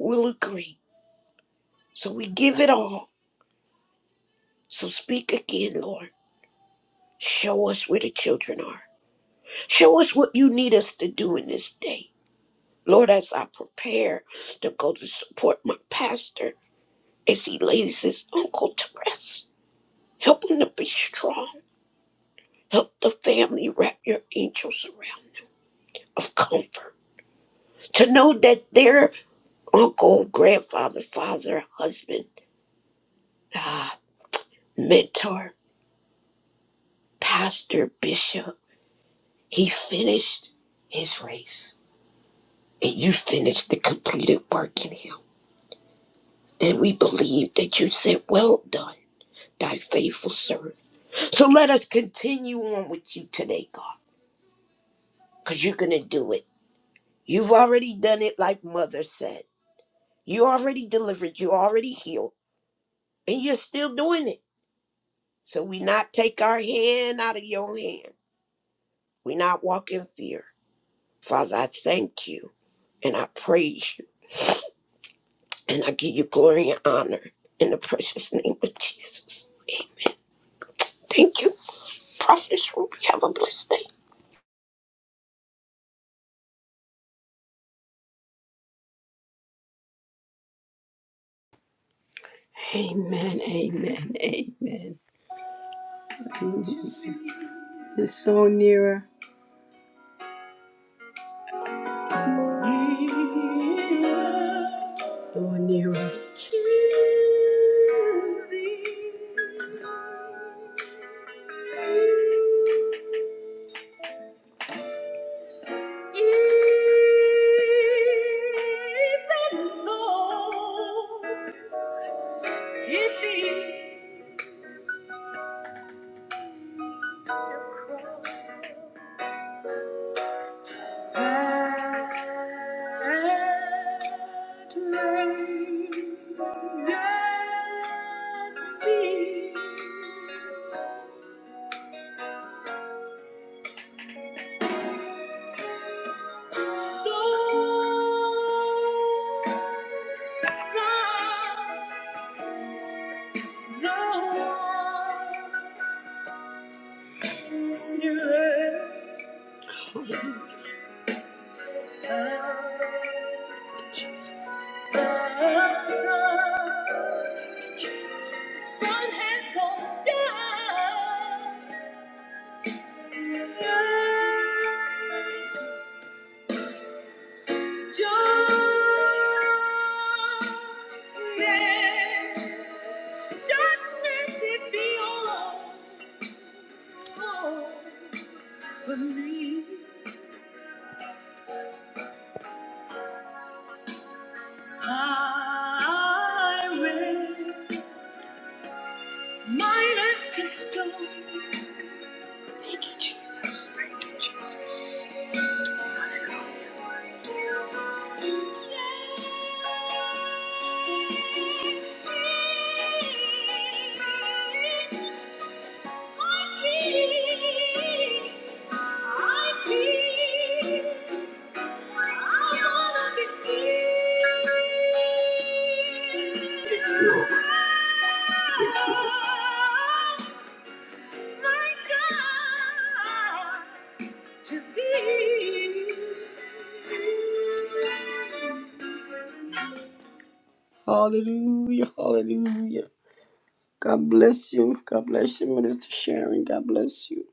Speaker 7: we'll agree. So we give it all. So speak again, Lord. Show us where the children are. Show us what you need us to do in this day. Lord, as I prepare to go to support my pastor as he lays his uncle to rest, help him to be strong. Help the family wrap your angels around them of comfort. To know that their uncle, grandfather, father, husband, ah, mentor, pastor, bishop, he finished his race. And you finished the completed work in him. And we believe that you said, Well done thy faithful servant. So let us continue on with you today, God, because you're going to do it. You've already done it, like Mother said. You already delivered, you already healed, and you're still doing it. So we not take our hand out of your hand. We not walk in fear. Father, I thank you and I praise you and I give you glory and honor in the precious name of Jesus. Thank you, Prophet Ruby. Have a blessed day.
Speaker 1: Amen, amen, amen. It's so nearer, so nearer. Even though it be a cross that makes it be Lord, For me, I will. Minus the stone. Thank you, Jesus. Yes, Lord. Yes, Lord my God, to thee. Hallelujah, hallelujah. God bless you. God bless you, Minister Sharon. God bless you.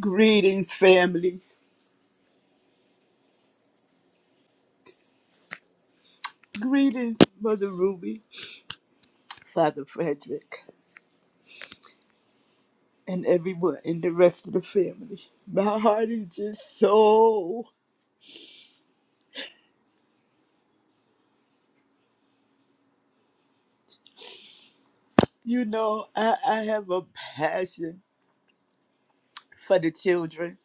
Speaker 8: Greetings, family. Greetings, Mother Ruby, Father Frederick, and everyone in the rest of the family. My heart is just so, you know, I, I have a passion for the children.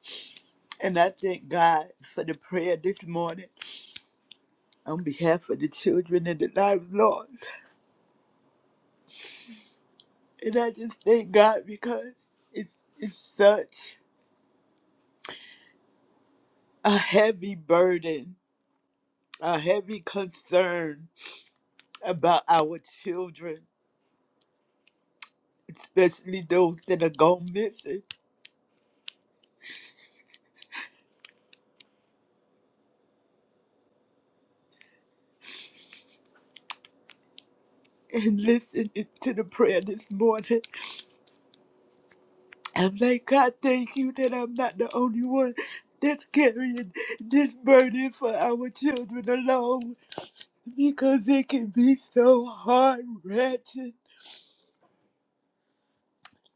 Speaker 8: And I thank God for the prayer this morning on behalf of the children and the lives lost. And I just thank God because it's, it's such a heavy burden, a heavy concern about our children especially those that are gone missing. And listening to the prayer this morning, I'm like, God, thank you that I'm not the only one that's carrying this burden for our children alone because it can be so hard, wrenching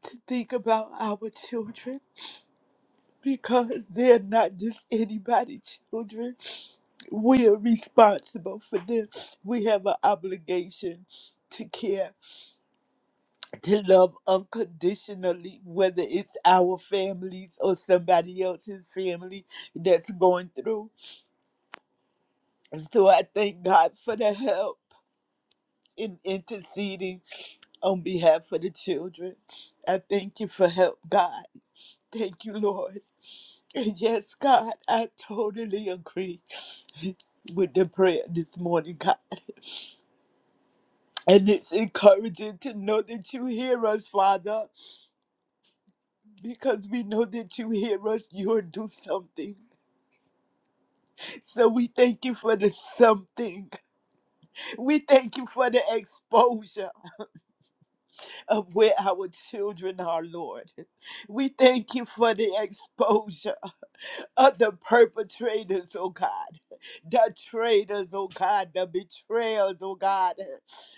Speaker 8: to think about our children because they're not just anybody children. We are responsible for them. We have an obligation to care to love unconditionally, whether it's our families or somebody else's family that's going through. And so I thank God for the help in interceding on behalf of the children. I thank you for help, God. Thank you, Lord. And yes, God, I totally agree with the prayer this morning, God. And it's encouraging to know that you hear us, Father, because we know that you hear us. You'll do something. So we thank you for the something. We thank you for the exposure of where our children are, Lord. We thank you for the exposure of the perpetrators, oh God, the traitors, oh God, the betrayers, oh God,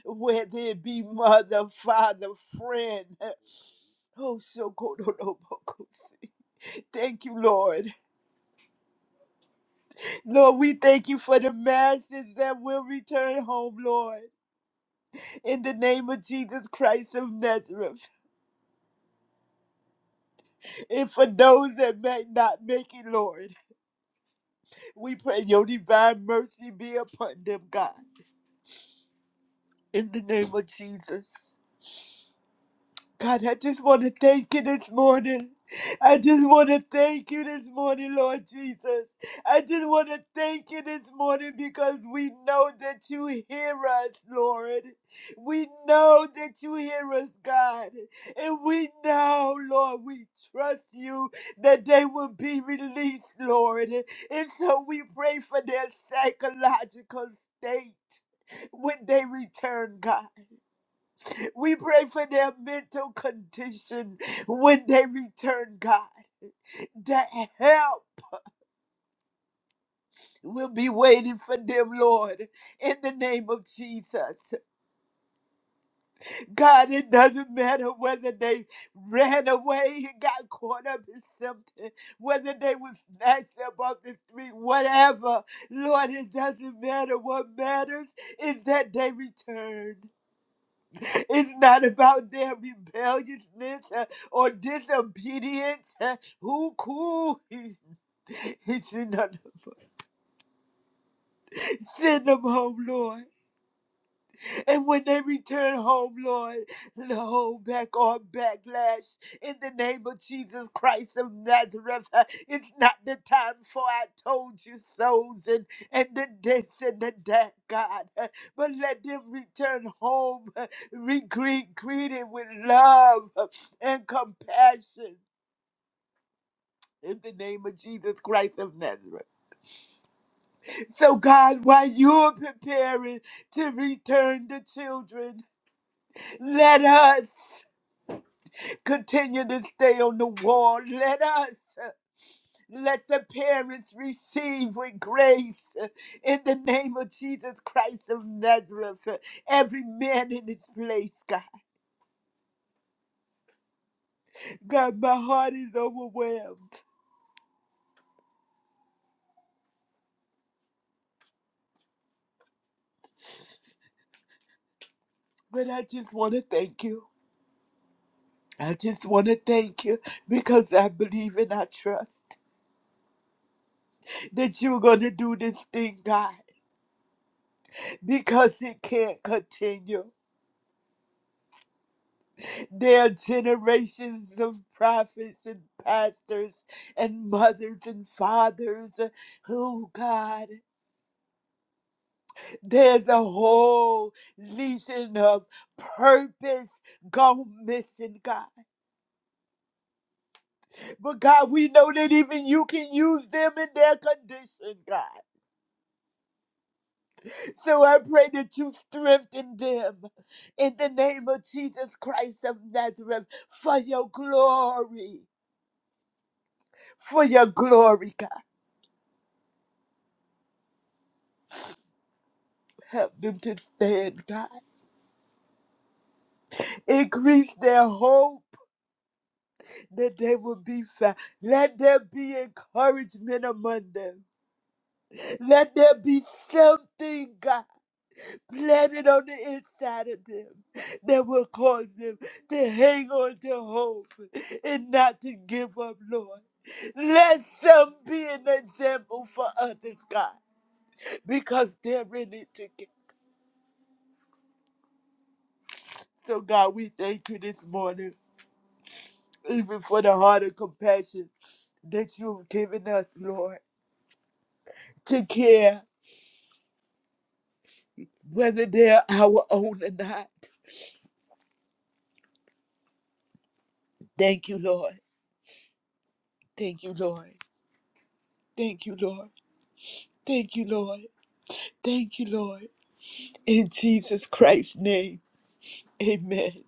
Speaker 8: whether it be mother, father, friend. Oh, so good. Thank you, Lord. Lord, we thank you for the masses that will return home, Lord. in the name of Jesus Christ of Nazareth. And for those that may not make it, Lord, we pray your divine mercy be upon them, God, in the name of Jesus. God, I just want to thank you this morning. I just want to thank you this morning, Lord Jesus. I just want to thank you this morning because we know that you hear us, Lord. We know that you hear us, God. And we know, Lord, we trust you that they will be released, Lord. And so we pray for their psychological state when they return, God. We pray for their mental condition when they return, God. That help will be waiting for them, Lord, in the name of Jesus. God, it doesn't matter whether they ran away and got caught up in something, whether they were snatched up off the street, whatever. Lord, it doesn't matter. What matters is that they returned. It's not about their rebelliousness uh, or disobedience. uh, Who cool? He said, no, no. Send them home, Lord. And when they return home, Lord, hold back all backlash in the name of Jesus Christ of Nazareth. Uh, It's not the time for I told you souls and, and the this and the that, God. Uh, But let them return home, uh, re- greet, greeted with love uh, and compassion. In the name of Jesus Christ of Nazareth. So, God, while you're preparing to return the children, let us. Continue to stay on the wall. Let us, uh, let the parents receive with grace uh, in the name of Jesus Christ of Nazareth. uh, Every man in his place, God. God, my heart is overwhelmed, but I just want to thank you. I just want to thank you because I believe and I trust that you're going to do this thing, God, because it can't continue. There are generations of prophets and pastors and mothers and fathers. Oh God, there's a whole legion of purpose gone missing, God. But God, we know that even you can use them in their condition, God. So I pray that you strengthen them in the name of Jesus Christ of Nazareth for your glory, for your glory, God. Help them to stand, God. Increase their hope that they will be found. Let there be encouragement among them. Let there be something, God, planted on the inside of them that will cause them to hang on to hope and not to give up, Lord. Let some be an example for others, God, because they're in it together. So, God, we thank you this morning. even for the heart of compassion that you've given us, Lord, to care whether they're our own or not. Thank you, Lord. Thank you, Lord. Thank you, Lord. Thank you, Lord. Thank you, Lord. In Jesus Christ's name, amen.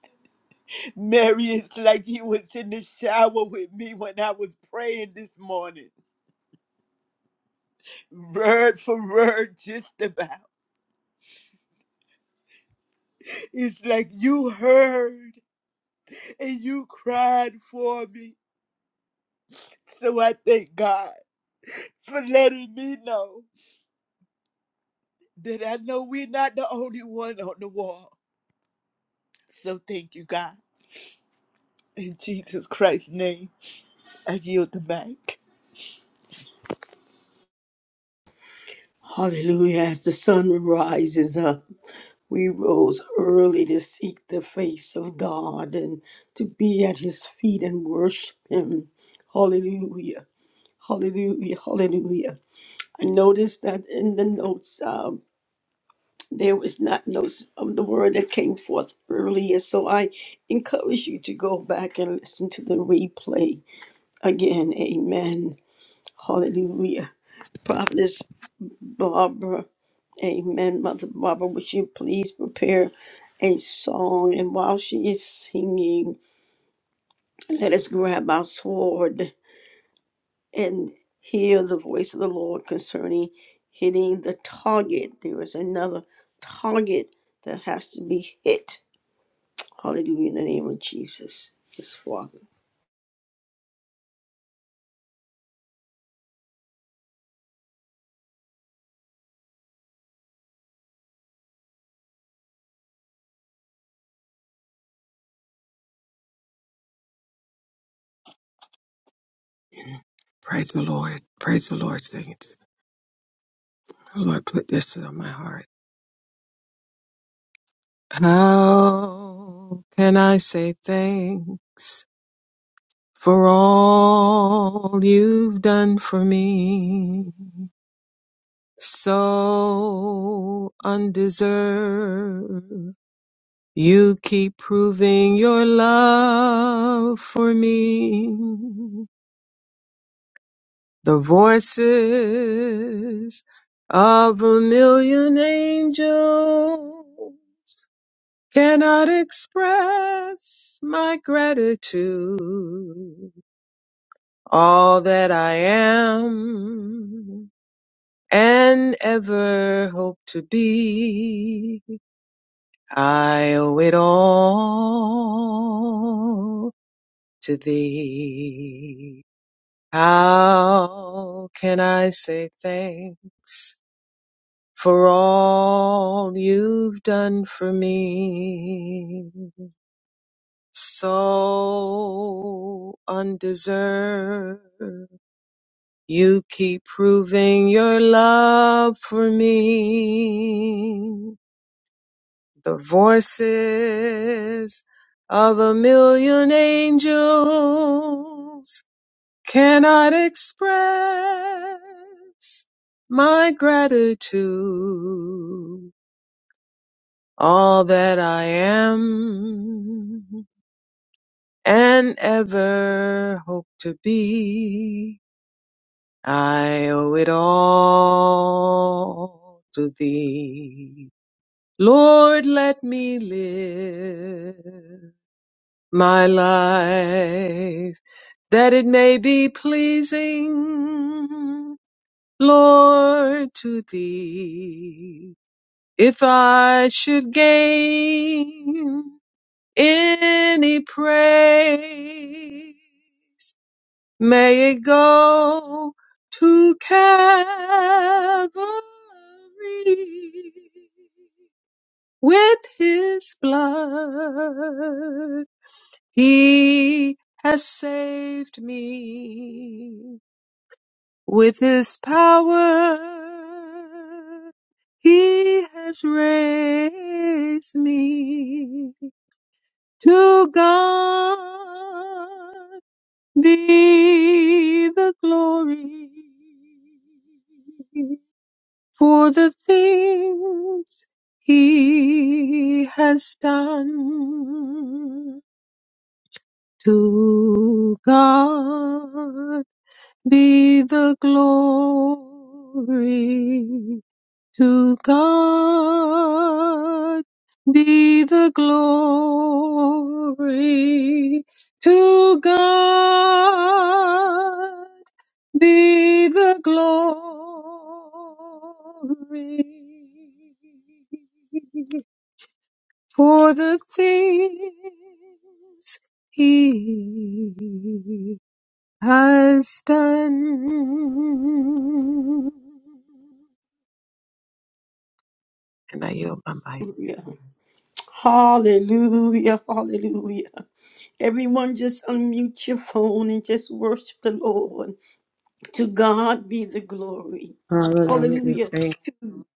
Speaker 8: Mary, it's like you was in the shower with me when I was praying this morning. Word for word, just about. It's like you heard and you cried for me So I thank God for letting me know that I know we're not the only one on the wall. So thank you, God. In Jesus Christ's name, I yield the mic.
Speaker 1: Hallelujah. As the sun rises up, we rose early to seek the face of God and to be at his feet and worship him. Hallelujah. Hallelujah. Hallelujah. I noticed that in the notes. um, There was not no of the word that came forth earlier, so I encourage you to go back and listen to the replay again. Amen. Hallelujah. Prophetess Barbara, Amen. Mother Barbara, would you please prepare a song? And while she is singing, let us grab our sword and hear the voice of the Lord concerning hitting the target. There is another target that has to be hit Hallelujah in the name of Jesus. Yes, Father.
Speaker 2: Praise the Lord. Praise the Lord, saints. The Lord put this on my heart. How can I say thanks? for all you've done for me. So undeserved, you keep proving your love for me. The voices of a million angels cannot express my gratitude. All that I am and ever hope to be. I owe it all to thee. How can I say thanks for all you've done for me? So undeserved, you keep proving your love for me. the voices of a million angels cannot express my gratitude, all that I am and ever hope to be. I owe it all to thee. Lord, let me live my life, that it may be pleasing, Lord, to thee. If I should gain any praise, may it go to Calvary with his blood He has saved me with his power. He has raised me to God be the glory for the things he has done. To God be the glory. To God be the glory. To God be the glory for the things he has done. And I yield my mic.
Speaker 1: Hallelujah. Hallelujah. Hallelujah. Everyone just unmute your phone and just worship the Lord. To God be the glory.
Speaker 6: God, we
Speaker 7: Hallelujah.
Speaker 1: Hallelujah.
Speaker 7: Thank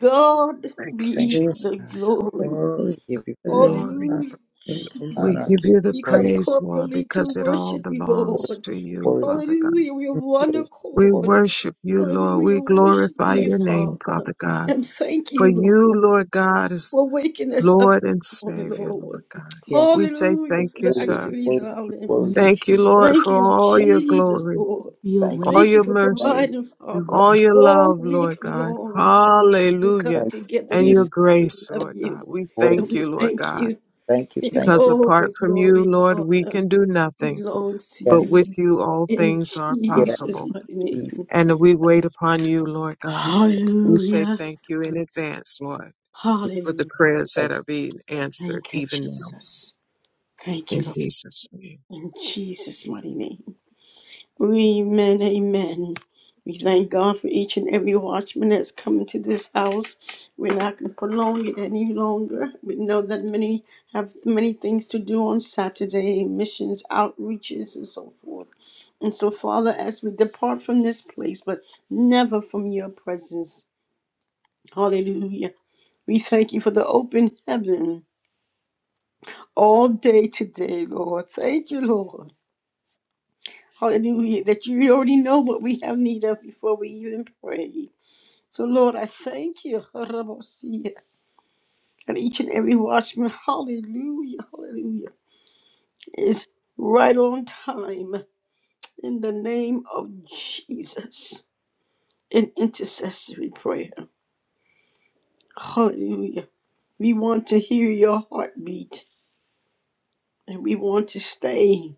Speaker 1: God
Speaker 2: Thank you,
Speaker 6: thank
Speaker 1: be
Speaker 7: you.
Speaker 1: the
Speaker 6: you, God.
Speaker 2: Jesus.
Speaker 1: glory.
Speaker 2: Lord,
Speaker 7: Glory to
Speaker 6: We
Speaker 2: the
Speaker 6: give you
Speaker 7: the
Speaker 6: glory,
Speaker 7: name
Speaker 2: glory.
Speaker 7: of
Speaker 1: Hallelujah.
Speaker 7: the
Speaker 2: We
Speaker 6: honor, I
Speaker 1: Jesus.
Speaker 2: give
Speaker 6: give you
Speaker 2: you the
Speaker 1: We come
Speaker 6: praise.
Speaker 2: praise, Lord,
Speaker 1: corporately to
Speaker 2: because it all
Speaker 1: worship you,
Speaker 6: Worthy,
Speaker 2: belongs
Speaker 1: Lord.
Speaker 2: to you,
Speaker 6: worthy,
Speaker 2: Father God.
Speaker 1: Hallelujah. We are one
Speaker 6: worthy,
Speaker 2: We
Speaker 6: worthy.
Speaker 1: accord.
Speaker 2: worship you, Lord.
Speaker 1: Hallelujah.
Speaker 2: We
Speaker 1: Worship
Speaker 2: glorify
Speaker 7: Lord.
Speaker 1: you,
Speaker 2: your name,
Speaker 1: Father.
Speaker 2: Father God.
Speaker 1: And thank
Speaker 2: For
Speaker 1: you, Lord.
Speaker 2: you, Lord God, is
Speaker 1: for waking us up
Speaker 2: Lord and
Speaker 1: this morning,
Speaker 2: Savior,
Speaker 1: Lord.
Speaker 2: Lord God.
Speaker 6: Yes,
Speaker 2: We say
Speaker 1: Hallelujah
Speaker 6: you're
Speaker 2: thank
Speaker 1: for
Speaker 2: you,
Speaker 1: the
Speaker 6: worthy, you're
Speaker 2: sir.
Speaker 1: activities of
Speaker 6: worthy,
Speaker 1: our
Speaker 6: you're
Speaker 5: Move
Speaker 1: limbs.
Speaker 6: worthy,
Speaker 2: Thank you,
Speaker 6: Jesus.
Speaker 2: Lord,
Speaker 1: Thank
Speaker 2: for
Speaker 1: you,
Speaker 2: all your
Speaker 1: Jesus,
Speaker 2: glory,
Speaker 1: Lord.
Speaker 5: your
Speaker 6: Thank you,
Speaker 5: way
Speaker 2: all
Speaker 1: Thank you
Speaker 2: your
Speaker 1: for
Speaker 6: thank you,
Speaker 2: mercy,
Speaker 1: providing,
Speaker 5: through.
Speaker 1: Father,
Speaker 2: all your
Speaker 1: all
Speaker 2: love,
Speaker 1: week
Speaker 2: Lord God.
Speaker 1: long. We come
Speaker 2: Hallelujah.
Speaker 6: thank
Speaker 1: together
Speaker 2: And
Speaker 6: you,
Speaker 2: your
Speaker 6: Jesus.
Speaker 1: this we
Speaker 2: grace,
Speaker 1: love
Speaker 2: Lord God.
Speaker 1: you
Speaker 2: We
Speaker 1: and
Speaker 2: thank
Speaker 6: Grace,
Speaker 1: we
Speaker 2: you, Lord
Speaker 1: thank
Speaker 2: God,
Speaker 1: you
Speaker 6: thank you,
Speaker 1: and
Speaker 6: thank
Speaker 2: because
Speaker 6: you.
Speaker 1: all
Speaker 2: apart
Speaker 1: the
Speaker 2: from you,
Speaker 1: glory
Speaker 2: Lord,
Speaker 1: and
Speaker 2: we
Speaker 1: honor
Speaker 2: can do nothing,
Speaker 1: belongs to
Speaker 2: but
Speaker 6: Yes,
Speaker 1: you
Speaker 2: with you, all
Speaker 1: in
Speaker 2: things are
Speaker 6: Lord. yeah,
Speaker 1: Jesus'
Speaker 2: possible.
Speaker 1: mighty
Speaker 6: Jesus.
Speaker 1: name.
Speaker 2: And we wait upon you, Lord God. We say
Speaker 1: Hallelujah.
Speaker 2: thank you in advance, Lord, for the
Speaker 1: Hallelujah.
Speaker 2: prayers that are being answered
Speaker 1: Thank you,
Speaker 2: even now.
Speaker 1: Jesus. Thank you,
Speaker 2: In
Speaker 1: Lord.
Speaker 2: Jesus' name.
Speaker 1: In Jesus' mighty name. Amen, amen. We thank God for each and every watchman that's come into this house. We're not going to prolong it any longer. We know that many have many things to do on Saturday, missions, outreaches, and so forth. And so, Father, as we depart from this place, but never from your presence, hallelujah. We thank you for the open heaven all day today, Lord. Thank you, Lord. Hallelujah. That you already know what we have need of before we even pray. So, Lord, I thank you. Harabosia. And each and every watchman, hallelujah, hallelujah, is right on time in the name of Jesus in intercessory prayer. Hallelujah. We want to hear your heartbeat and we want to stay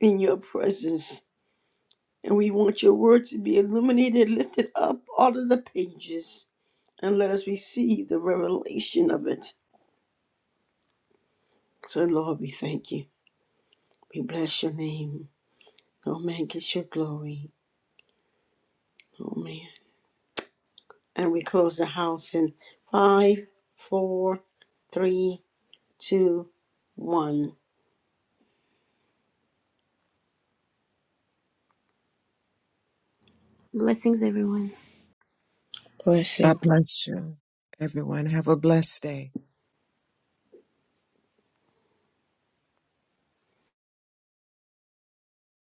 Speaker 1: in your presence And we want your word to be illuminated, lifted up out of the pages, and let us receive the revelation of it. So, Lord, we thank you. We bless your name. Oh, man, get your glory. Oh, man. And we close the house in five, four, three, two, one.
Speaker 5: Blessings, everyone.
Speaker 7: Blessing.
Speaker 2: God bless you. Everyone, have a blessed day.